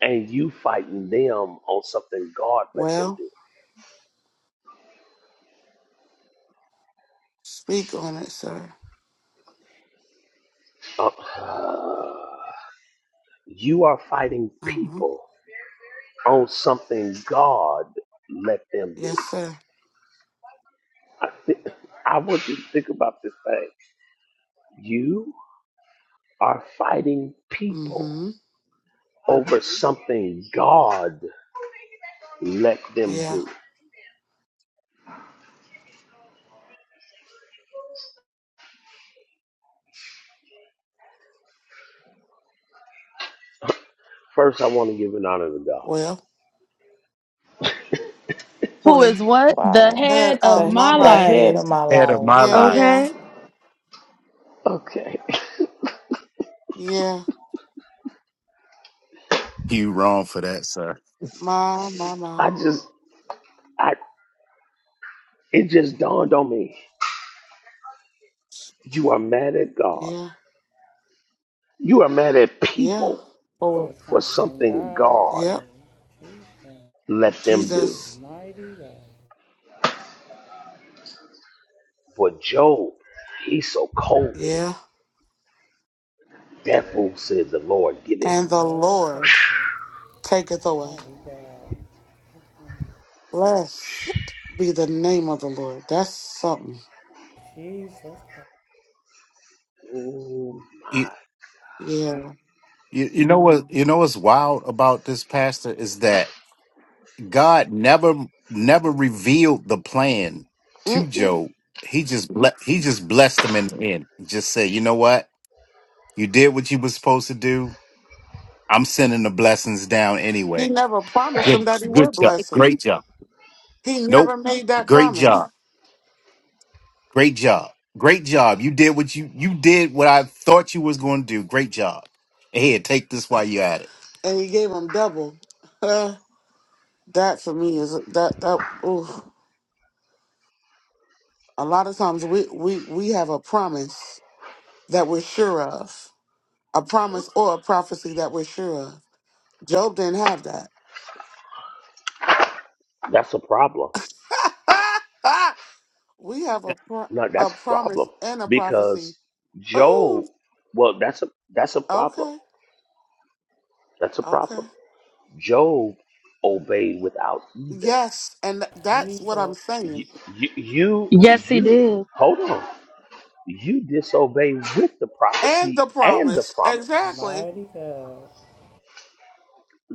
Speaker 2: and you fighting them on something God let them
Speaker 13: Well,
Speaker 2: do.
Speaker 13: speak on it, sir.
Speaker 2: Uh, you are fighting
Speaker 13: Uh-huh.
Speaker 2: people on something God let them do.
Speaker 13: Yes, sir.
Speaker 2: I want you to think about this thing. You are fighting people
Speaker 13: Mm-hmm.
Speaker 2: over something God let them
Speaker 13: Yeah.
Speaker 2: do. First, I want to give an honor to God.
Speaker 13: Well,
Speaker 1: Who is
Speaker 13: when
Speaker 1: what? The
Speaker 4: Wow.
Speaker 13: had
Speaker 1: head of
Speaker 13: uh,
Speaker 4: The
Speaker 13: my
Speaker 1: my
Speaker 4: the
Speaker 13: life.
Speaker 4: head
Speaker 1: life.
Speaker 4: of my
Speaker 8: Head of my
Speaker 4: life.
Speaker 13: Yeah,
Speaker 8: life.
Speaker 13: yeah,
Speaker 1: Okay.
Speaker 2: Okay.
Speaker 13: yeah.
Speaker 8: You wrong for that, sir.
Speaker 13: My, my, my.
Speaker 2: I just, I, it just dawned on me. You are mad at God.
Speaker 13: Yeah,
Speaker 2: You are mad at
Speaker 13: yeah.
Speaker 2: people
Speaker 12: So
Speaker 13: Lord.
Speaker 2: for
Speaker 12: something
Speaker 2: something
Speaker 12: God
Speaker 2: God
Speaker 12: did.
Speaker 13: Yep.
Speaker 12: Jesus.
Speaker 2: let them do.
Speaker 13: Jesus.
Speaker 12: Mighty God.
Speaker 2: For Job, he's so cold with it.
Speaker 13: Yeah.
Speaker 2: Therefore, said the Lord, give it.
Speaker 12: And
Speaker 13: And
Speaker 12: the
Speaker 13: the
Speaker 12: Lord take
Speaker 13: Lord
Speaker 12: it.
Speaker 13: taketh away.
Speaker 12: Mighty God.
Speaker 13: Blessed be the name of the Lord. That's something.
Speaker 12: Jesus Christ.
Speaker 2: Oh
Speaker 8: You,
Speaker 2: my,
Speaker 13: Yeah.
Speaker 8: you, you know what? You know what's wild about this, Pastor, is that God never, never revealed the plan to
Speaker 13: Mm-mm.
Speaker 8: Job. He just ble- he just blessed him in the end. Just said, you know what? You did what you was supposed to do. I'm sending the blessings down
Speaker 13: He
Speaker 8: anyway.
Speaker 13: never promised him
Speaker 8: Good,
Speaker 13: that he
Speaker 8: good
Speaker 13: would
Speaker 8: job.
Speaker 13: bless him.
Speaker 8: Great job.
Speaker 13: He
Speaker 8: Nope.
Speaker 13: never made that
Speaker 8: Great
Speaker 13: promise,
Speaker 8: job. Great job. Great job. You did what you you did what I thought you was going to do. Great job. Here, take this while you're at it.
Speaker 13: and he gave him double. Uh, that for me is that that. Oof. A lot of times we we we have a promise that we're sure of, a promise or a prophecy that we're sure of. Job didn't have that.
Speaker 2: that's a problem.
Speaker 13: we have a pro-
Speaker 2: No,
Speaker 13: a
Speaker 2: that's a problem
Speaker 13: promise and a prophecy.
Speaker 2: because Job.
Speaker 13: Ooh,
Speaker 2: Well, that's a that's a problem.
Speaker 13: okay,
Speaker 2: That's a
Speaker 13: okay,
Speaker 2: problem. Job obeyed without either.
Speaker 13: yes, and that's what I'm
Speaker 12: Jesus.
Speaker 2: You
Speaker 13: saying
Speaker 2: you you,
Speaker 1: Yes, he
Speaker 2: you
Speaker 1: did.
Speaker 2: hold on. You disobey with the
Speaker 13: and
Speaker 2: prophecy
Speaker 13: the
Speaker 2: and the
Speaker 13: promise
Speaker 2: promise.
Speaker 13: exactly,
Speaker 12: Mighty God.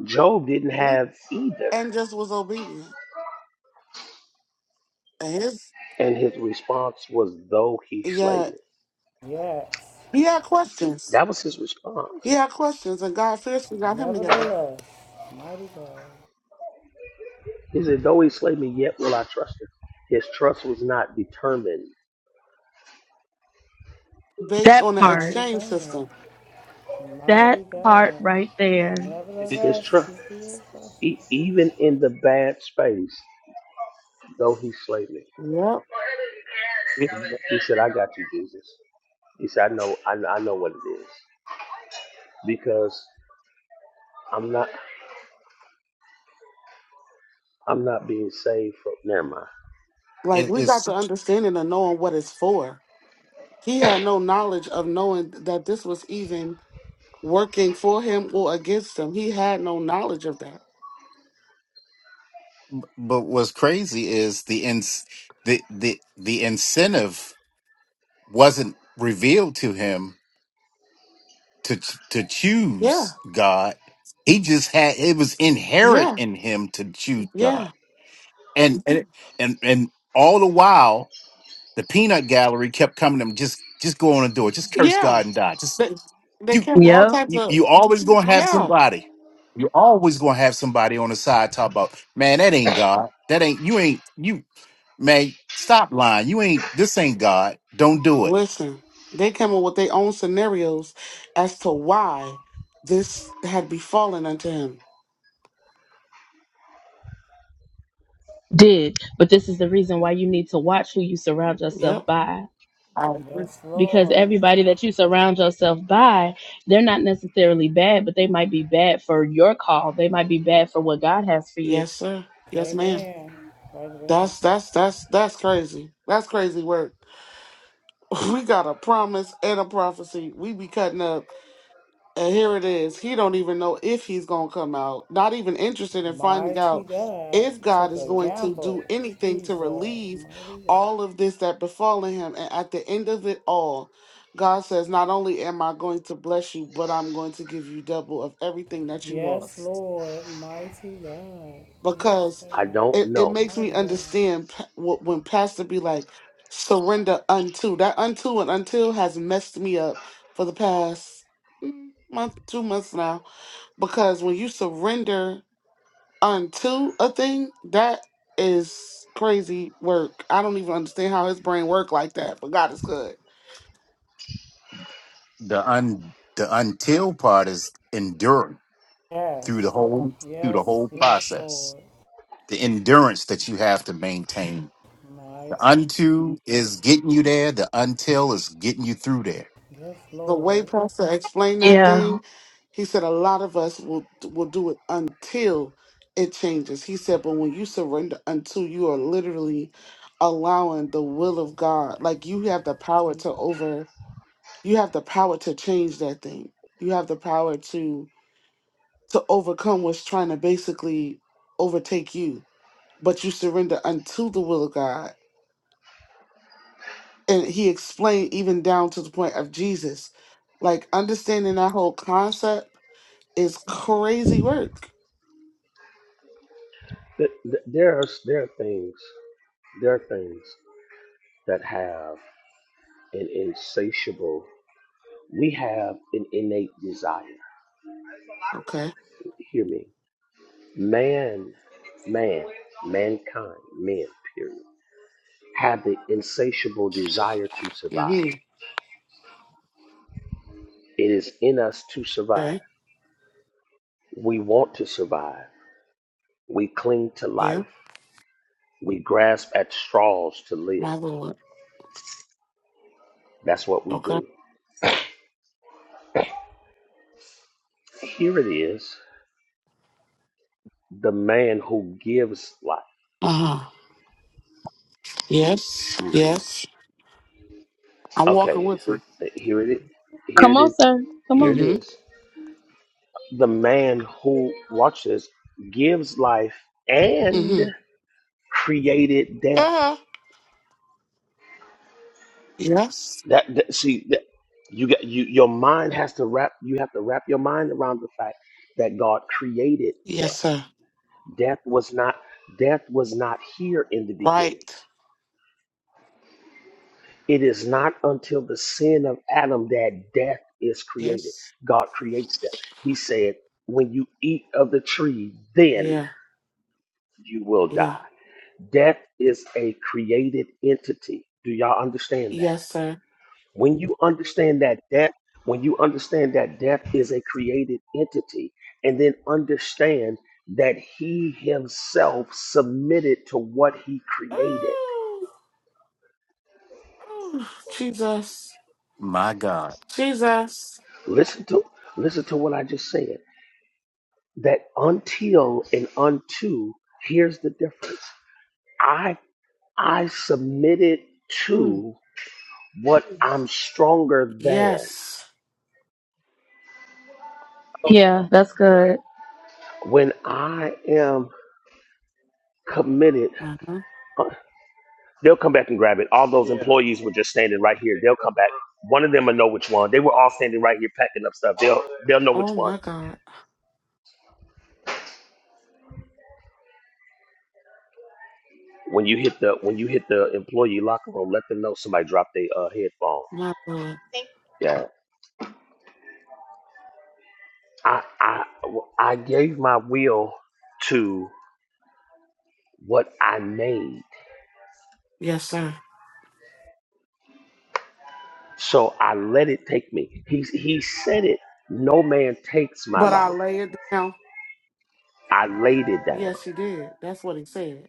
Speaker 2: Job didn't
Speaker 13: Mm,
Speaker 2: have either.
Speaker 13: and just was obedient. And his
Speaker 2: And his response was, Though he slay
Speaker 13: yeah,
Speaker 2: me.
Speaker 12: Yes.
Speaker 13: he had questions.
Speaker 2: That was his
Speaker 13: He
Speaker 2: response.
Speaker 13: had questions, and God fiercely got him together
Speaker 12: Nevertheless. Mighty God.
Speaker 2: He said, Though he slay me, yet will I trust him. His trust was not determined.
Speaker 13: based
Speaker 1: That
Speaker 13: on the
Speaker 1: part.
Speaker 12: Mighty
Speaker 13: exchange
Speaker 12: God.
Speaker 13: system.
Speaker 1: That
Speaker 12: Mighty
Speaker 1: part
Speaker 12: God.
Speaker 1: right there.
Speaker 8: It,
Speaker 2: His
Speaker 12: Nevertheless,
Speaker 2: trust,
Speaker 12: He still trusts.
Speaker 2: e- even in the bad space, though he slay me.
Speaker 13: Yep,
Speaker 8: it,
Speaker 2: He said, I got you, Jesus. He said, I know, I, know- I know what it is. Because I'm not, I'm not being saved from, never mind.
Speaker 13: like
Speaker 8: it
Speaker 13: we got
Speaker 8: is,
Speaker 13: the understanding of knowing what it's for. He had no knowledge of knowing that this was even working for him or against him. He had no knowledge of that.
Speaker 8: but what's crazy is the ins the the the incentive wasn't revealed to him to to
Speaker 13: Yeah,
Speaker 8: choose God. He just had it was inherent
Speaker 13: yeah,
Speaker 8: in him to choose God,
Speaker 13: yeah,
Speaker 8: and and and and all the while the peanut gallery kept coming to him. Just just go on and do it. Just curse
Speaker 13: yeah.
Speaker 8: God and die. Just
Speaker 13: They, they
Speaker 8: you
Speaker 13: came with all
Speaker 1: Yep.
Speaker 13: types
Speaker 8: you,
Speaker 13: of
Speaker 8: you always gonna have
Speaker 13: yeah.
Speaker 8: somebody. You always gonna have somebody on the side talk about man. That ain't God. That ain't you. Ain't you, man? Stop lying. You ain't. This ain't God. Don't do it.
Speaker 13: Listen, they came up with their own scenarios as to why this had befallen unto him.
Speaker 1: Did. But this is the reason why you need to watch who you surround yourself
Speaker 13: Yep.
Speaker 1: by.
Speaker 13: I agree.
Speaker 12: Yes,
Speaker 1: Because
Speaker 12: Lord.
Speaker 1: everybody that you surround yourself by, they're not necessarily bad, but they might be bad for your call. They might be bad for what God has for you.
Speaker 13: Yes, sir. Yes, ma'am.
Speaker 12: Amen. Right there.
Speaker 13: That's that's that's that's crazy. That's crazy work. We got a promise and a prophecy. We be cutting up. And here it is. He don't even know if he's going to come out. Not even interested in finding
Speaker 12: Mighty
Speaker 13: out
Speaker 12: God
Speaker 13: if God
Speaker 12: took
Speaker 13: is
Speaker 12: a
Speaker 13: going to do
Speaker 12: gamble.
Speaker 13: anything to
Speaker 12: Jesus,
Speaker 13: relieve
Speaker 12: mighty God.
Speaker 13: all of this that befallen him. And at the end of it all, God says, "Not only am I going to bless you, but I'm going to give you double of everything that you
Speaker 12: Yes,
Speaker 13: lost."
Speaker 12: Lord, mighty God. Yes,
Speaker 13: Because
Speaker 2: I
Speaker 12: God.
Speaker 2: don't
Speaker 13: it, it
Speaker 2: know.
Speaker 13: makes me
Speaker 12: Mighty God.
Speaker 13: understand pa- wh- when pastor be like, "Surrender unto." That unto and until has messed me up for the past mm, month, two months now because when you surrender unto a thing, that is crazy work. I don't even understand how his brain work like that, but God is good.
Speaker 8: The un the until part is enduring through the
Speaker 12: Yes.
Speaker 8: whole through the
Speaker 12: Yes,
Speaker 8: whole
Speaker 12: yes,
Speaker 8: process
Speaker 12: Lord.
Speaker 8: the endurance that you have to maintain
Speaker 12: Mighty.
Speaker 8: the unto is getting you there the until is getting you through there
Speaker 12: Yes,
Speaker 13: The way
Speaker 12: Lord.
Speaker 13: Pastor explained that
Speaker 1: Yeah.
Speaker 13: thing, he said a lot of us will will do it until it changes. He said, but when you surrender unto, you are literally allowing the will of God. Like you have the power to over, you have the power to change that thing. You have the power to to overcome what's trying to basically overtake you, but you surrender unto the will of God. And he explained even down to the point of Jesus. Like understanding that whole concept is crazy work.
Speaker 2: Th- th- There's, there are things, there are things that have and insatiable. We have an innate desire.
Speaker 13: Okay.
Speaker 2: Hear me. Man, man, mankind, men, period, have the insatiable desire to survive.
Speaker 13: hmm
Speaker 2: It is in us to survive.
Speaker 13: Okay.
Speaker 2: We want to survive. We cling to
Speaker 13: Yeah.
Speaker 2: life. We grasp at straws to
Speaker 13: My
Speaker 2: live.
Speaker 13: Lord.
Speaker 2: That's what we
Speaker 13: Okay.
Speaker 2: do. Here it is the man who gives life.
Speaker 13: Uh huh. Yes.
Speaker 2: hmm
Speaker 13: Yes. I'm walking
Speaker 2: Okay,
Speaker 13: with you.
Speaker 2: here it is. Here
Speaker 1: Come
Speaker 2: it
Speaker 1: on,
Speaker 2: is.
Speaker 1: sir. Come
Speaker 2: Here
Speaker 13: Mm
Speaker 2: it
Speaker 1: on.
Speaker 13: hmm.
Speaker 2: is. the man who watch this gives life
Speaker 13: Mm
Speaker 2: and
Speaker 13: hmm.
Speaker 2: created death.
Speaker 13: Yeah. Yes.
Speaker 2: That, that see that you got you your mind has to wrap you have to wrap your mind around the fact that God created
Speaker 13: Yes,
Speaker 2: death.
Speaker 13: sir.
Speaker 2: Death was not death was not here in the
Speaker 13: Right.
Speaker 2: beginning. It is not until the sin of Adam that death is created.
Speaker 13: Yes.
Speaker 2: God creates death. He said, "When you eat of the tree, then
Speaker 13: Yeah.
Speaker 2: you will
Speaker 13: Yeah.
Speaker 2: die." Death is a created entity. Do y'all understand that?
Speaker 13: Yes, sir.
Speaker 2: When you understand that death, when you understand that death is a created entity, and then understand that he himself submitted to what he created.
Speaker 13: Ooh, Jesus.
Speaker 8: my god
Speaker 13: Jesus.
Speaker 2: Listen to listen to what I just said. That until and unto, here's the difference. I I submitted
Speaker 13: Mm.
Speaker 2: to what I'm stronger than.
Speaker 13: Yes.
Speaker 1: Yeah, that's good.
Speaker 2: When I am committed.
Speaker 13: Uh-huh.
Speaker 2: Uh, They'll come back and grab it. All those Yeah. employees were just standing right here. They'll come back. One of them will know which one. They were all standing right here packing up stuff. They'll they'll know which
Speaker 13: Oh
Speaker 2: one.
Speaker 13: my God.
Speaker 2: When you hit the when you hit the employee locker room, let them know somebody dropped their uh, headphones.
Speaker 13: My Lord.
Speaker 2: Yeah. I I I gave my will to what I made,
Speaker 13: Yes, sir.
Speaker 2: so I let it take me. He he said it. No man takes my
Speaker 13: But I
Speaker 2: life.
Speaker 13: lay it down.
Speaker 2: I laid it down.
Speaker 13: Yes, he did. That's what he said.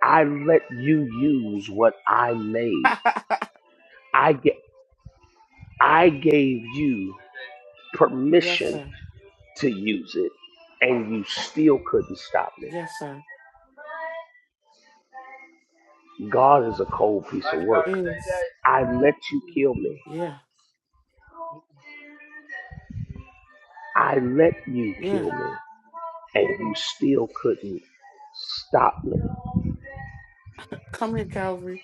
Speaker 2: I let you use what I made. I I gave you
Speaker 13: yes,
Speaker 2: permission
Speaker 13: sir.
Speaker 2: to use it, and you still couldn't stop me.
Speaker 13: Yes, sir.
Speaker 2: God is a cold piece of
Speaker 13: It
Speaker 2: work.
Speaker 13: is.
Speaker 2: I let you kill me.
Speaker 13: Yeah.
Speaker 2: I let you
Speaker 13: Yeah.
Speaker 2: kill me, and you still couldn't stop me.
Speaker 13: Come here, Calvary.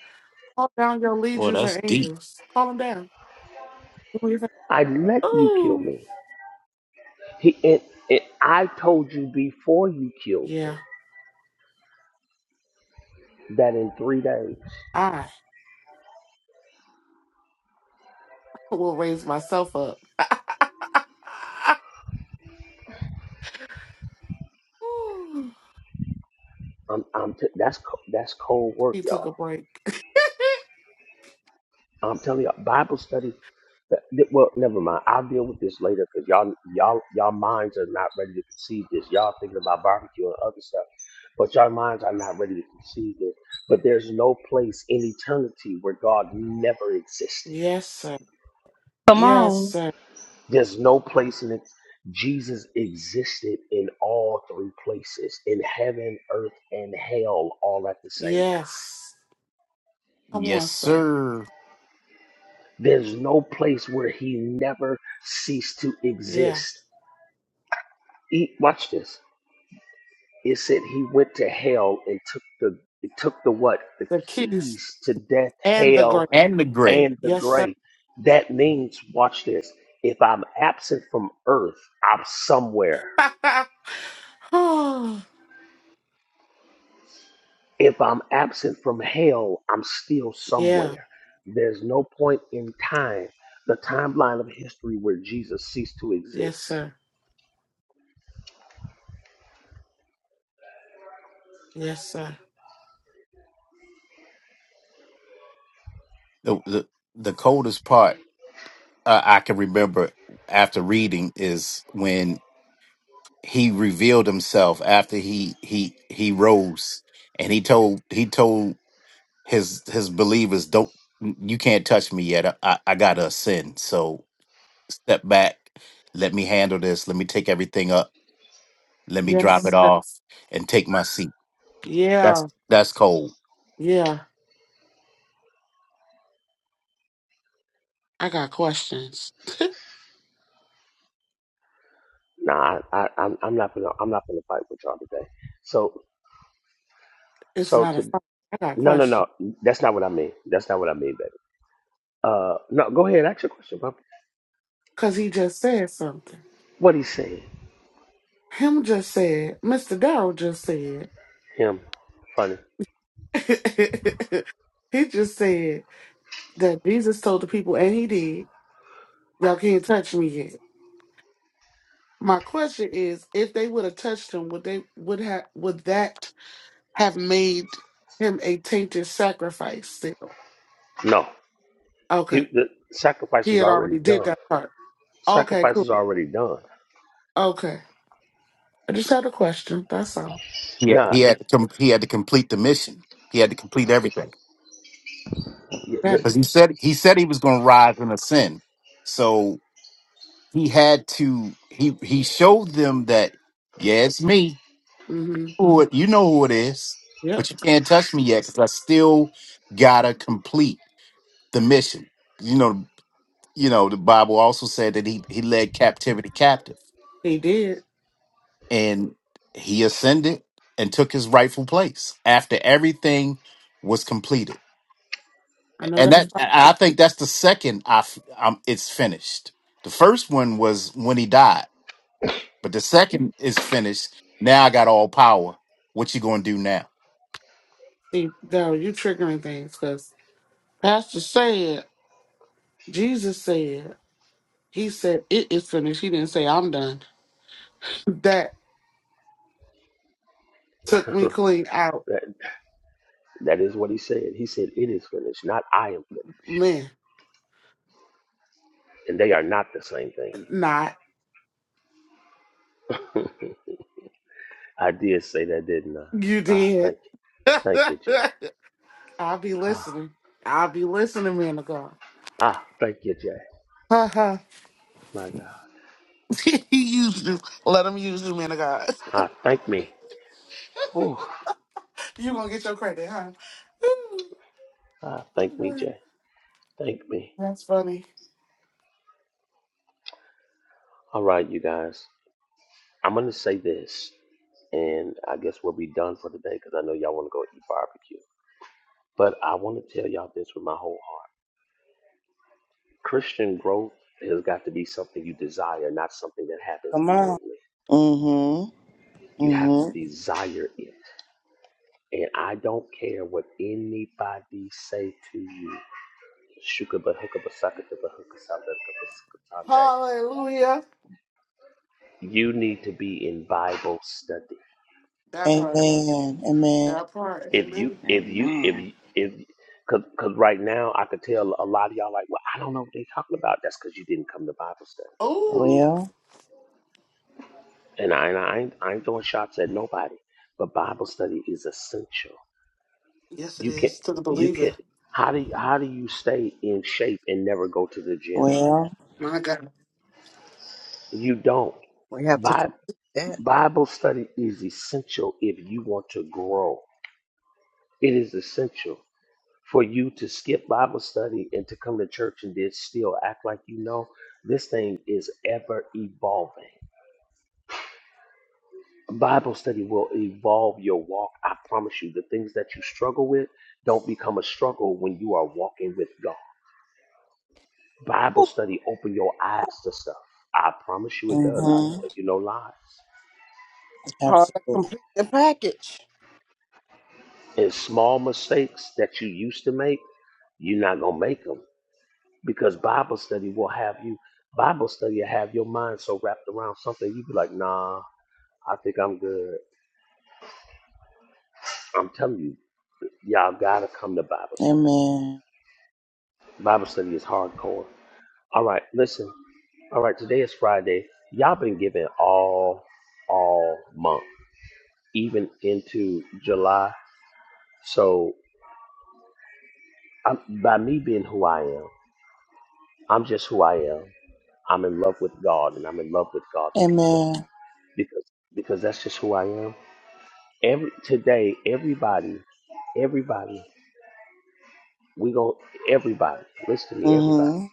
Speaker 13: Call down your
Speaker 8: well
Speaker 13: legions
Speaker 8: that's
Speaker 13: of
Speaker 8: deep
Speaker 13: angels. Call them down. What Do your thing.
Speaker 2: I let you kill
Speaker 13: Ooh.
Speaker 2: me. He, and it, I told you before you killed
Speaker 13: Yeah.
Speaker 2: me that in three days,
Speaker 13: I will raise myself up. Ooh.
Speaker 2: I'm, I'm t- that's co- that's cold work,
Speaker 13: He
Speaker 2: y'all.
Speaker 13: took a break.
Speaker 2: I'm telling you, Bible study. that- that- Well, never mind. I'll deal with this later because y'all, y'all, y'all minds are not ready to conceive this. Y'all thinking about barbecue and other stuff, but y'all minds are not ready to conceive this. But there's no place in eternity where God never existed.
Speaker 13: Yes, sir.
Speaker 1: Come
Speaker 13: Yes,
Speaker 1: on.
Speaker 13: sir.
Speaker 2: There's no place in it. Jesus existed in all three places, in heaven, earth, and hell, all at the same time.
Speaker 13: Yes. Come
Speaker 8: yes
Speaker 13: on, sir.
Speaker 8: sir
Speaker 2: There's no place where he never ceased to
Speaker 13: Yeah.
Speaker 2: exist. E- watch this. It said he went to hell and took the it took the what? The
Speaker 13: The keys
Speaker 2: keys to death,
Speaker 13: and the
Speaker 2: hell,
Speaker 13: grace.
Speaker 8: and the gray
Speaker 2: and the
Speaker 13: Yes, sir.
Speaker 2: grave. That means, watch this. If I'm absent from earth, I'm somewhere.
Speaker 13: oh,
Speaker 2: If I'm absent from hell, I'm still
Speaker 13: yeah.
Speaker 2: somewhere. There's no point in time, the timeline of history where Jesus ceased to
Speaker 13: Yes,
Speaker 2: exist.
Speaker 13: sir. Yes, sir.
Speaker 8: the the, the coldest part uh, i can remember after reading is when he revealed himself after he he he rose and he told he told his his believers don't you can't touch me yet i i gotta ascend so step back let me handle this let me take everything up let me drop it
Speaker 13: Yes, sir.
Speaker 8: off and take my seat that's
Speaker 13: Yeah.
Speaker 8: that's cold
Speaker 13: Yeah. I got questions.
Speaker 2: Nah, I, I, I'm, I'm not gonna, I'm not gonna fight with y'all today. So,
Speaker 13: it's
Speaker 2: so
Speaker 13: not a
Speaker 2: to,
Speaker 13: fight. I got
Speaker 2: no, no, no,
Speaker 13: questions.
Speaker 2: that's not what I mean. That's not what I mean, Uh, no, go ahead. Ask your question, Bob.
Speaker 13: Because he just said something.
Speaker 2: What he saying?
Speaker 13: Him just said, Mr. Darrell just said,
Speaker 2: Him funny?
Speaker 13: he just said that Jesus told the people, and he did, y'all can't touch me yet. My question is, if they would have touched him, would they would have would that have made him a tainted sacrifice still?
Speaker 2: No, he,
Speaker 13: Okay.
Speaker 2: the sacrifice
Speaker 13: He
Speaker 2: is
Speaker 13: had
Speaker 2: already
Speaker 13: already did
Speaker 2: done.
Speaker 13: that part. Okay,
Speaker 2: Sacrifice is
Speaker 13: cool.
Speaker 2: already done.
Speaker 13: Okay. I just had a question. That's all.
Speaker 8: yeah
Speaker 2: Nah,
Speaker 8: he had
Speaker 2: it-
Speaker 8: to com- he had to complete the mission he had to complete everything
Speaker 2: it-
Speaker 13: Okay.
Speaker 8: because
Speaker 2: the-
Speaker 8: he said he said he was going to rise and ascend so he had to he he showed them that yeah it's me
Speaker 13: Mm-hmm.
Speaker 8: who it, you know who it is but
Speaker 13: Yep.
Speaker 8: you can't touch me yet because i still gotta complete the mission. You know, you know, the Bible also said that he he led captivity captive
Speaker 13: He did.
Speaker 8: and he ascended and took his rightful place after everything was completed.
Speaker 13: I know
Speaker 8: And
Speaker 13: that was
Speaker 8: that
Speaker 13: not
Speaker 8: and I think that's the second I f- um it's finished. The first one was when he died, but the second is finished. Now I got all power. What you going to do now?
Speaker 13: see though you triggering things because Pastor said, Jesus said, he said it is finished. He didn't say I'm done. That took me clean out.
Speaker 2: that that is what he said. He said it is finished, not I am finished,
Speaker 13: Man,
Speaker 2: and they are not the same thing.
Speaker 13: not.
Speaker 2: I did say that, didn't I?
Speaker 13: You
Speaker 2: Ah,
Speaker 13: did.
Speaker 2: thank you, thank you, Jay.
Speaker 13: I'll be
Speaker 2: Ah,
Speaker 13: listening. I'll be listening, man of God.
Speaker 2: ah thank you, Jay.
Speaker 13: Ha ha.
Speaker 2: My God.
Speaker 13: he used you. Let him use you, man of God.
Speaker 2: Ah, thank me. Whew.
Speaker 13: you gonna get your credit, huh? Ooh,
Speaker 2: Ah,
Speaker 13: oh,
Speaker 2: thank me,
Speaker 13: God.
Speaker 2: Jay. Thank me.
Speaker 13: That's funny.
Speaker 2: All right, you guys. I'm gonna say this. and I guess we'll be done for the day because I know y'all want to go eat barbecue. But I want to tell y'all this with my whole heart. Christian growth has got to be something you desire, not something that happens
Speaker 3: Come on.
Speaker 2: innately.
Speaker 3: Mm-hmm.
Speaker 2: You have to
Speaker 3: Mm-hmm.
Speaker 2: desire it. And I don't care what anybody say to you. Shukaba
Speaker 13: Hallelujah.
Speaker 2: You need to be in Bible study.
Speaker 13: That part.
Speaker 3: Amen. Amen.
Speaker 13: That part.
Speaker 2: if you
Speaker 13: Amen.
Speaker 2: if you if
Speaker 14: Amen.
Speaker 2: you, if because because right now I could tell a lot of y'all like, well, I don't know what they're talking about. That's because you didn't come to Bible study.
Speaker 13: Ooh.
Speaker 3: Well,
Speaker 2: And I and I ain't, I ain't throwing shots at nobody, but Bible study is essential.
Speaker 13: Yes, it
Speaker 2: You can
Speaker 13: is to the
Speaker 2: you can
Speaker 13: believer.
Speaker 2: how do you, how do you stay in shape and never go to the gym?
Speaker 3: well.
Speaker 13: My God.
Speaker 2: You don't.
Speaker 6: We have to
Speaker 2: Bi-
Speaker 6: complete that.
Speaker 2: Bible study is essential if you want to grow. It is essential. for you to skip Bible study and to come to church and then still act like you know, this thing is ever evolving. Bible study will evolve your walk. I promise you, the things that you struggle with don't become a struggle when you are walking with God. Bible
Speaker 6: Ooh,
Speaker 2: study open your eyes to stuff. I promise you it does. I
Speaker 3: Mm-hmm.
Speaker 2: tell you no lies.
Speaker 6: it's part of
Speaker 3: Absolutely.
Speaker 6: complete the package.
Speaker 2: And small mistakes that you used to make, you're not gonna make make them. because Bible study will have you Bible study will have your mind so wrapped around something you be like, nah, I think I'm good. I'm telling you, y'all gotta come to Bible study.
Speaker 3: Amen.
Speaker 2: Bible study is hardcore. All right, listen. All right, today is Friday. Y'all been giving all all month, even into July. So I'm, by me being who I am, I'm just who I am. I'm in love with God and I'm in love with God's people
Speaker 3: Amen.
Speaker 2: because because that's just who I am. Every today, everybody, everybody, we going everybody. Listen to me, everybody.
Speaker 3: Mm-hmm.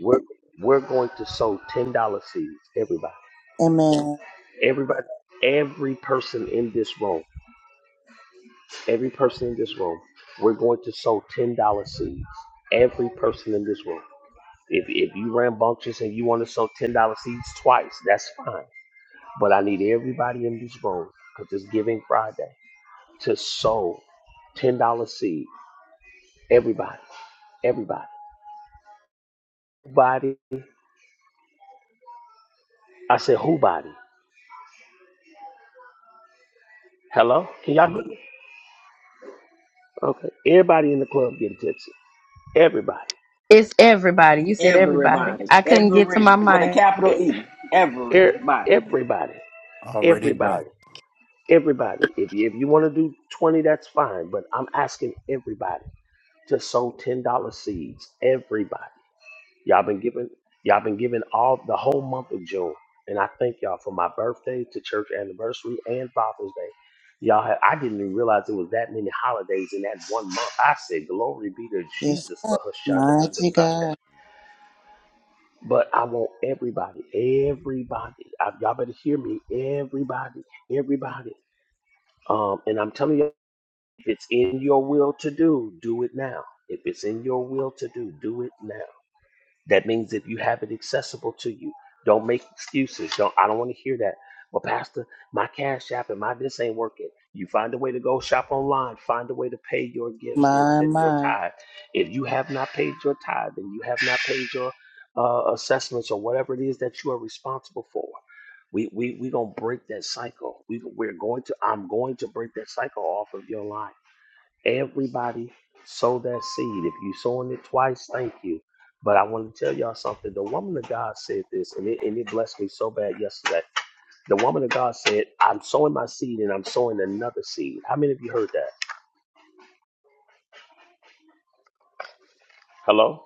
Speaker 2: We're we're going to sow ten dollar seeds. Everybody,
Speaker 3: Amen.
Speaker 2: everybody, every person in this room, every person in this room, we're going to sow ten dollar seeds. Every person in this room. If if you rambunctious and you want to sow ten dollar seeds twice, that's fine. But I need everybody in this room because it's Giving Friday to sow $10 seed. Everybody. Everybody. Body. I said, who body? Hello? Can y'all hear me? Okay. Everybody in the club getting tipsy. Everybody.
Speaker 1: It's everybody. You said everybody.
Speaker 14: Everybody.
Speaker 1: I couldn't get to
Speaker 14: Every.
Speaker 1: my
Speaker 14: With a
Speaker 1: mic.
Speaker 2: E-
Speaker 14: capital E.
Speaker 2: e-
Speaker 14: Everybody.
Speaker 2: everybody.
Speaker 8: Already done.
Speaker 2: Everybody. Everybody. If you, if you want to do 20, that's fine. But I'm asking everybody to sow $10 seeds. Everybody. Y'all been giving y'all been giving all the whole month of June. And I thank y'all for my birthday to church anniversary and Father's Day. Y'all had I didn't even realize there was that many holidays in that one month. I said, Glory be to
Speaker 3: Yes.
Speaker 2: Jesus for Hashanda
Speaker 3: Mighty
Speaker 2: Sunday.
Speaker 3: God.
Speaker 2: But I want everybody, everybody, I, y'all better hear me, everybody, everybody. Um, and I'm telling you, if it's in your will to do, do it now. If it's in your will to do, do it now That means that you have it accessible to you. Don't make excuses. Don't I don't want to hear that. Well, Pastor, my cash app and my this ain't working. You find a way to go shop online, find a way to pay your gifts and
Speaker 3: My,
Speaker 2: send your
Speaker 3: my.
Speaker 2: tithe. If you have not paid your tithe and you have not paid your uh, assessments or whatever it is that you are responsible for, we we we gonna break that cycle. We we're going to I'm going to break that cycle off of your life. Everybody sow that seed. If you sowing it twice, thank you. But I want to tell y'all something. The woman of God said this, and it, and it blessed me so bad yesterday. The woman of God said, I'm sowing my seed and I'm sowing another seed. How many of you heard that? Hello?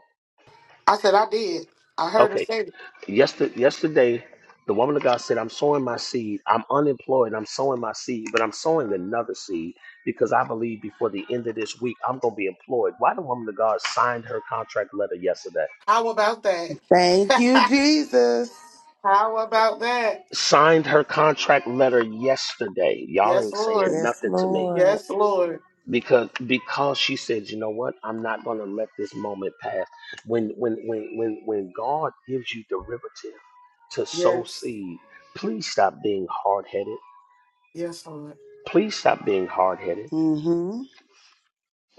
Speaker 13: I said I did. I heard her
Speaker 2: Okay.
Speaker 13: say it.
Speaker 2: Yesterday, yesterday, the woman of God said, I'm sowing my seed. I'm unemployed. I'm sowing my seed, but I'm sowing another seed because I believe before the end of this week, I'm going to be employed. Why the woman of God signed her contract letter yesterday?
Speaker 13: How about that?
Speaker 3: Thank you, Jesus.
Speaker 13: How about that?
Speaker 2: signed her contract letter yesterday. Y'all
Speaker 13: Yes,
Speaker 2: ain't
Speaker 13: Lord.
Speaker 2: saying
Speaker 3: Yes,
Speaker 2: nothing to me
Speaker 3: Lord.
Speaker 13: Yes, Lord.
Speaker 2: because because she said, you know what? I'm not gonna let this moment pass. When when when when when God gives you derivative to sow
Speaker 13: Yes.
Speaker 2: seed, please stop being hard headed.
Speaker 13: Yes, Lord.
Speaker 2: Please stop being hard headed.
Speaker 3: Mm-hmm.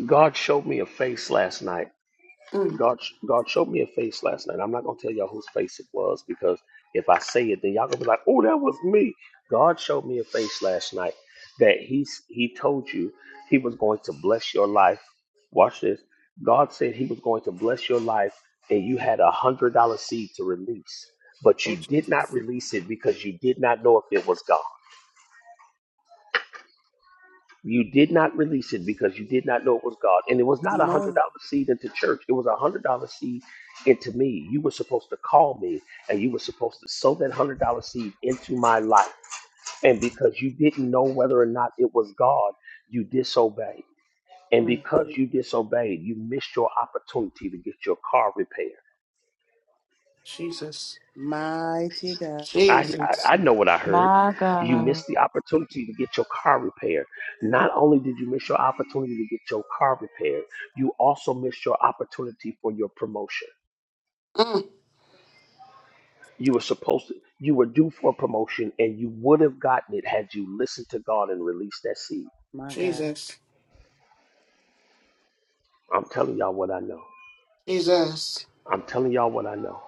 Speaker 2: God showed me a face last night
Speaker 13: Mm.
Speaker 2: God, God showed me a face last night. I'm not gonna tell y'all whose face it was because if I say it, then y'all gonna be like, "Oh, that was me." God showed me a face last night that He He told you He was going to bless your life. Watch this. God said He was going to bless your life, and you had a hundred dollar seed to release, but you
Speaker 13: Oh,
Speaker 2: did not
Speaker 13: Jesus.
Speaker 2: release it because you did not know if it was God. You did not release it because you did not know it was God. And it was not a
Speaker 3: Come
Speaker 2: hundred
Speaker 3: on.
Speaker 2: dollar seed into church. It was a hundred dollar seed into me. You were supposed to call me and you were supposed to sow that hundred dollar seed into my life. And because you didn't know whether or not it was God, you disobeyed. And
Speaker 13: Mm.
Speaker 2: because you disobeyed, you missed your opportunity to get your car repaired.
Speaker 13: Jesus.
Speaker 3: Mighty God.
Speaker 2: I, I
Speaker 13: Jesus.
Speaker 2: I know what I heard.
Speaker 4: My
Speaker 2: You
Speaker 4: God.
Speaker 2: missed the opportunity to get your car repaired. Not only did you miss your opportunity to get your car repaired, you also missed your opportunity for your promotion.
Speaker 13: Mm.
Speaker 2: You were supposed to, you were due for a promotion and you would have gotten it had you listened to God and released that seed.
Speaker 3: My God.
Speaker 13: Jesus.
Speaker 2: I'm telling y'all what I know.
Speaker 13: Jesus.
Speaker 2: I'm telling y'all what I know.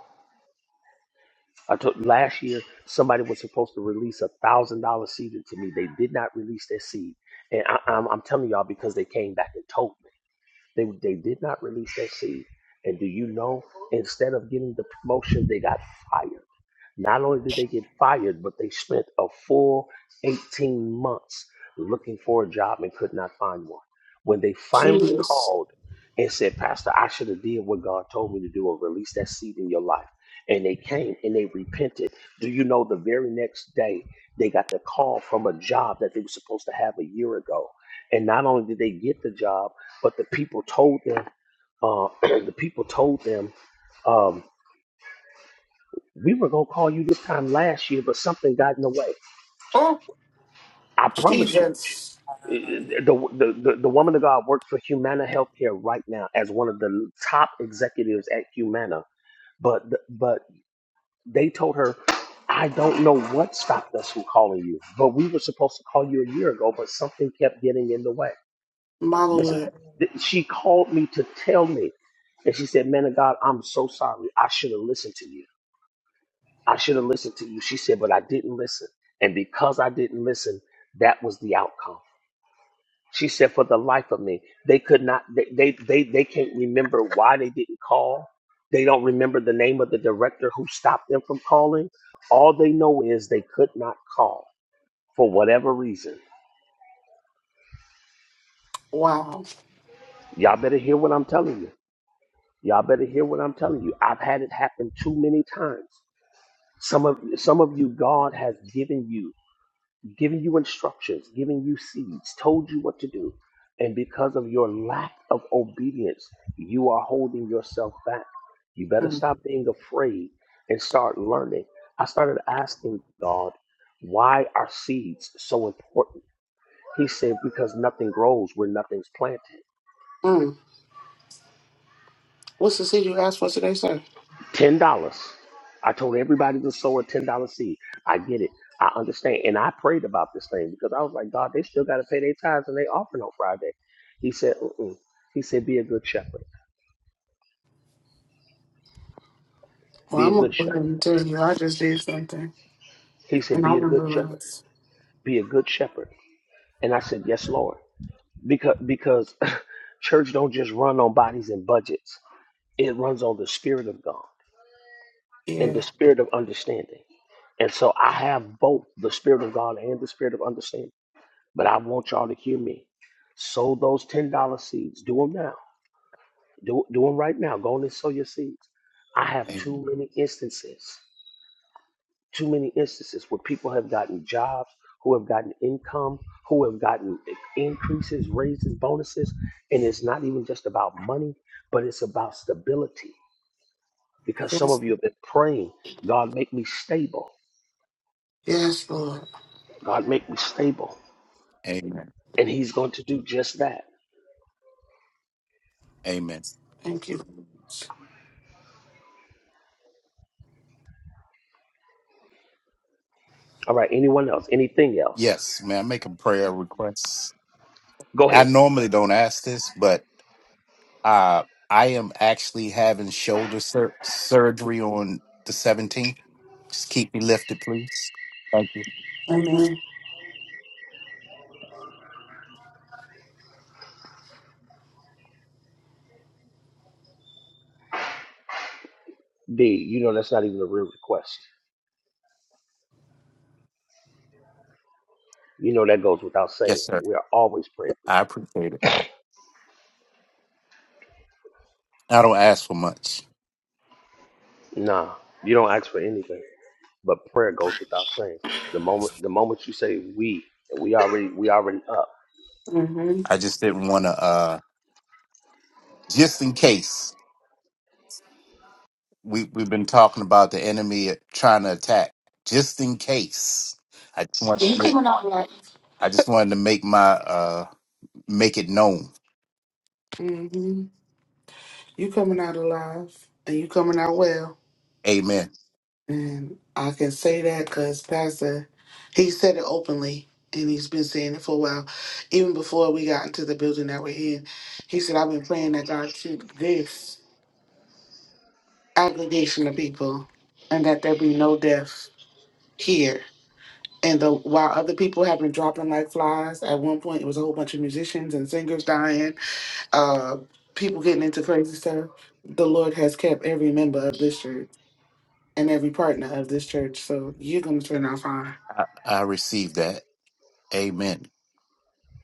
Speaker 2: I told last year somebody was supposed to release a thousand dollar seed into me. They did not release their seed, and I, I'm, I'm telling y'all because they came back and told me. They they did not release that seed. And do you know? Instead of getting the promotion, they got fired. Not only did they get fired, but they spent a full 18 months looking for a job and could not find one. When they finally
Speaker 13: Jesus.
Speaker 2: called and said, Pastor, I should have did what God told me to do or released that seed in your life. And they came and they repented. Do you know the very next day they got the call from a job that they were supposed to have a year ago? And not only did they get the job, but the people told them, uh, the people told them um, we were gonna call you this time last year, but something got in the way.
Speaker 13: Oh,
Speaker 2: I promise you.
Speaker 13: Jesus.
Speaker 2: Uh, uh, The, the, the, the woman of God works for Humana Healthcare right now as one of the top executives at Humana. But but they told her, I don't know what stopped us from calling you, but we were supposed to call you a year ago, but something kept getting in the way.
Speaker 13: My
Speaker 2: This is
Speaker 13: Lord.
Speaker 2: th- she called me to tell me, and she said, "Man of God, I'm so sorry. I should have listened to you." I should have listened to you. She said, but I didn't listen. And because I didn't listen, that was the outcome. She said, for the life of me, they could not, they, they, they, they can't remember why they didn't call. They don't remember the name of the director who stopped them from calling. All they know is they could not call for whatever reason.
Speaker 13: Wow.
Speaker 2: Y'all better hear what I'm telling you. Y'all better hear what I'm telling you. I've had it happen too many times. Some of some of you, God has given you giving you instructions, giving you seeds, told you what to do. And because of your lack of obedience, you are holding yourself back. You better
Speaker 13: Mm.
Speaker 2: stop being afraid and start learning. I started asking God, why are seeds so important? He said, because nothing grows where nothing's planted.
Speaker 13: Mm. What's the seed you asked for today, sir?
Speaker 2: Ten dollars. I told everybody to sow a ten dollar seed. I get it. I understand. And I prayed about this thing because I was like, God, they still got to pay their tithes and they offering on Friday. He said, Mm-mm. He said, be a good shepherd.
Speaker 13: Well,
Speaker 2: Be a
Speaker 13: I'm gonna
Speaker 2: good
Speaker 13: go ahead
Speaker 2: shepherd.
Speaker 13: and tell you, I just did something,
Speaker 2: He said,
Speaker 13: and I
Speaker 2: be a good
Speaker 13: remember what it
Speaker 2: shepherd.
Speaker 13: is.
Speaker 2: Be a good shepherd. And I said, yes, Lord, because because church don't just run on bodies and budgets. It runs on the spirit of God and the
Speaker 13: Yeah,
Speaker 2: spirit of understanding. And so I have both the spirit of God and the spirit of understanding. But I want y'all to hear me. Sow those $10 seeds. Do them now. Do, do them right now. Go on and sow your seeds. I have
Speaker 8: Amen.
Speaker 2: too many instances, too many instances where people have gotten jobs, who have gotten income, who have gotten increases, raises, bonuses. And it's not even just about money, but it's about stability. Because some
Speaker 13: yes,
Speaker 2: of you have been praying, God, make me stable.
Speaker 13: yes, Lord,
Speaker 2: God, make me stable.
Speaker 8: Amen.
Speaker 2: And He's going to do just that.
Speaker 8: Amen.
Speaker 13: thank you.
Speaker 2: All right. Anyone else? Anything else?
Speaker 8: Yes, may I make a prayer request.
Speaker 2: Go
Speaker 8: I
Speaker 2: ahead.
Speaker 8: normally don't ask this, but Uh, I am actually having shoulder sur- surgery on the 17th. Just keep me lifted, please. Thank you.
Speaker 3: Amen.
Speaker 13: Amen.
Speaker 2: B, you know that's not even a real request. You know that goes without saying.
Speaker 8: Yes, sir.
Speaker 2: We are always praying for
Speaker 8: I appreciate it. I don't ask for much.
Speaker 2: you. Nah, you don't ask for anything, but prayer goes without saying. The moment the moment you say we, we already we already up.
Speaker 13: Mm-hmm.
Speaker 8: I just didn't want to, uh, just in case. We, we've been talking about the enemy trying to attack. Just in case. I just wanted to
Speaker 13: You
Speaker 8: make,
Speaker 13: coming out alive.
Speaker 8: I just wanted to make my, uh, make it known.
Speaker 13: Mm-hmm. You coming out alive, and you coming out well.
Speaker 8: Amen.
Speaker 13: And I can say that because Pastor, he said it openly, and he's been saying it for a while. Even before we got into the building that we're in, he said, I've been praying that God keep this aggregation of people, and that there be no death here. And the while other people have been dropping like flies, at one point it was a whole bunch of musicians and singers dying, uh, people getting into crazy stuff. The Lord has kept every member of this church and every partner of this church. So you're gonna turn out fine.
Speaker 8: I, I received that. Amen.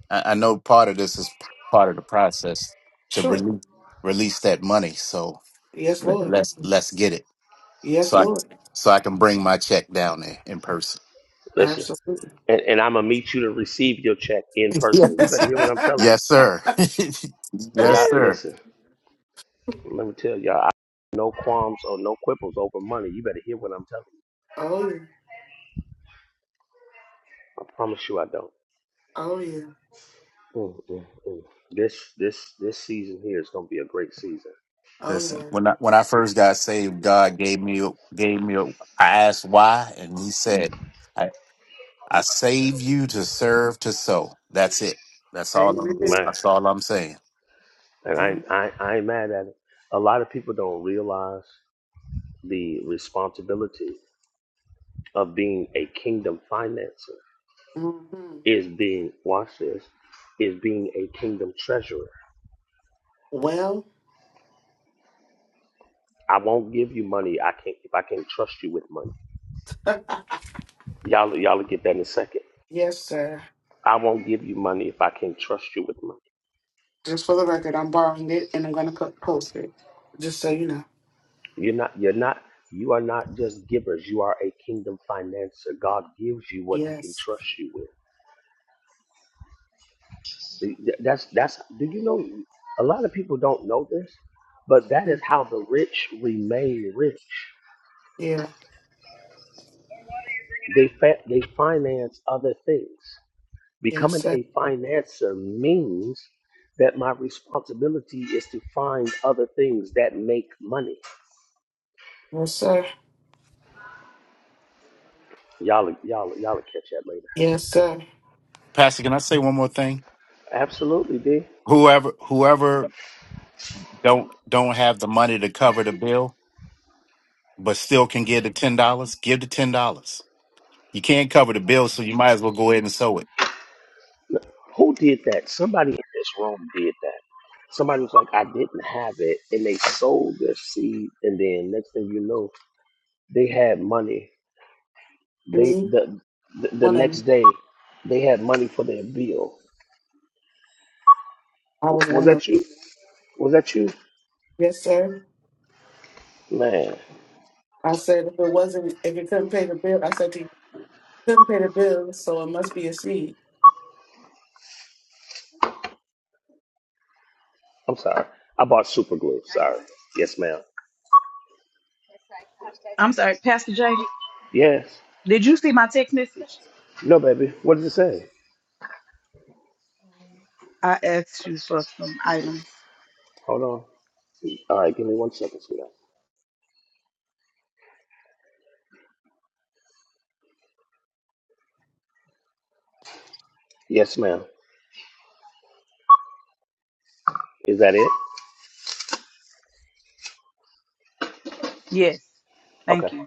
Speaker 8: I, I know part of this is p- part of the process to
Speaker 13: Sure.
Speaker 8: release release that money. So
Speaker 13: Yes,
Speaker 8: le-
Speaker 13: Lord.
Speaker 8: let's let's get it.
Speaker 13: Yes,
Speaker 8: So I
Speaker 13: Lord.
Speaker 8: so I can bring my check down there in person.
Speaker 2: Listen,
Speaker 13: Absolutely.
Speaker 2: and, and I'm gonna meet you to receive your check in person. You
Speaker 8: yes,
Speaker 2: better hear what I'm
Speaker 13: oh
Speaker 2: telling
Speaker 8: yes, sir.
Speaker 2: you. Y'all,
Speaker 8: yes, sir.
Speaker 2: listen. Let me tell y'all, I no qualms or no quibbles over money. You better hear what I'm telling you.
Speaker 13: yeah.
Speaker 2: I promise you, I don't.
Speaker 13: Oh yeah.
Speaker 2: Mm, mm, mm. This this this season here is gonna be a great season,
Speaker 13: Oh
Speaker 8: Listen,
Speaker 13: yeah.
Speaker 8: when I when I first got saved, God gave me a- gave me. a- I asked why, and He said, "I I save you to serve to sow." That's it. That's all. I'm,
Speaker 13: Amen.
Speaker 2: man.
Speaker 8: that's all I'm saying.
Speaker 2: And I,
Speaker 13: Amen.
Speaker 2: I, I ain't mad at it. A lot of people don't realize the responsibility of being a kingdom financer
Speaker 13: hmm
Speaker 2: is being, watch this, is being a kingdom treasurer.
Speaker 13: Well,
Speaker 2: I won't give you money I can't if I can't trust you with money. Y'all y'all will get that in a second.
Speaker 13: yes, sir.
Speaker 2: I won't give you money if I can't trust you with money.
Speaker 13: Just for the record, I'm borrowing it and I'm gonna put post it. Just so you know.
Speaker 2: You're not you're not you are not just givers, you are a kingdom financer. God gives you what he can
Speaker 13: Yes.
Speaker 2: trust you with. That's that's. Do you know? A lot of people don't know this, but that is
Speaker 13: Mm.
Speaker 2: how the rich remain rich.
Speaker 13: Yeah.
Speaker 2: They fa- they finance other things.
Speaker 13: Yes,
Speaker 2: Becoming
Speaker 13: sir.
Speaker 2: a financer means that my responsibility is to find other things that make money.
Speaker 13: Yes, sir.
Speaker 2: Y'all, y'all, y'all will catch that later.
Speaker 13: Yes, sir.
Speaker 8: Pastor, can I say one more thing?
Speaker 2: Absolutely, D.
Speaker 8: Whoever, whoever don't don't have the money to cover the bill, but still can give the ten dollars, give the ten dollars. You can't cover the bill, so you might as well go ahead and sew it.
Speaker 2: Who did that? Somebody in this room did that. Somebody was like, I didn't have it, and they sold their seed, and then next thing you know, they had money They
Speaker 13: Me,
Speaker 2: the the, the
Speaker 13: one of
Speaker 2: next
Speaker 13: them.
Speaker 2: day they had money for their bill.
Speaker 13: I was
Speaker 2: W- Was
Speaker 13: one of them.
Speaker 2: that you? Was that you?
Speaker 13: Yes, sir.
Speaker 2: Man,
Speaker 13: I said if it wasn't, if it couldn't pay the bill, I said to you, couldn't pay the bill, so it must be a seed.
Speaker 2: I'm sorry. I bought super glue. Sorry. Yes, ma'am.
Speaker 9: I'm sorry, Pastor Jay.
Speaker 2: Yes.
Speaker 9: Did you see my text message?
Speaker 2: No, baby. What does it say?
Speaker 9: I asked you for some items.
Speaker 2: Hold on. All right, give me one second, sweetheart. Yes, ma'am. Is that it?
Speaker 9: Yes. Thank
Speaker 2: Okay.
Speaker 9: you.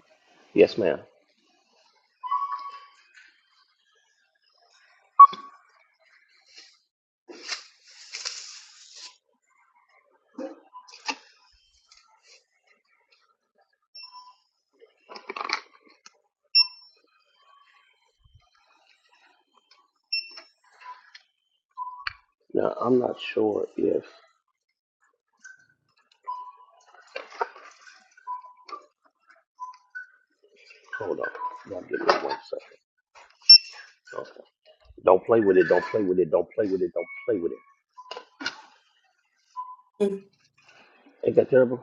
Speaker 2: Yes, ma'am. Now I'm not sure if. Hold on. Y'all give me one second. Okay. Don't play with it. Don't play with it. Don't play with it. Don't play with it. Ain't that terrible?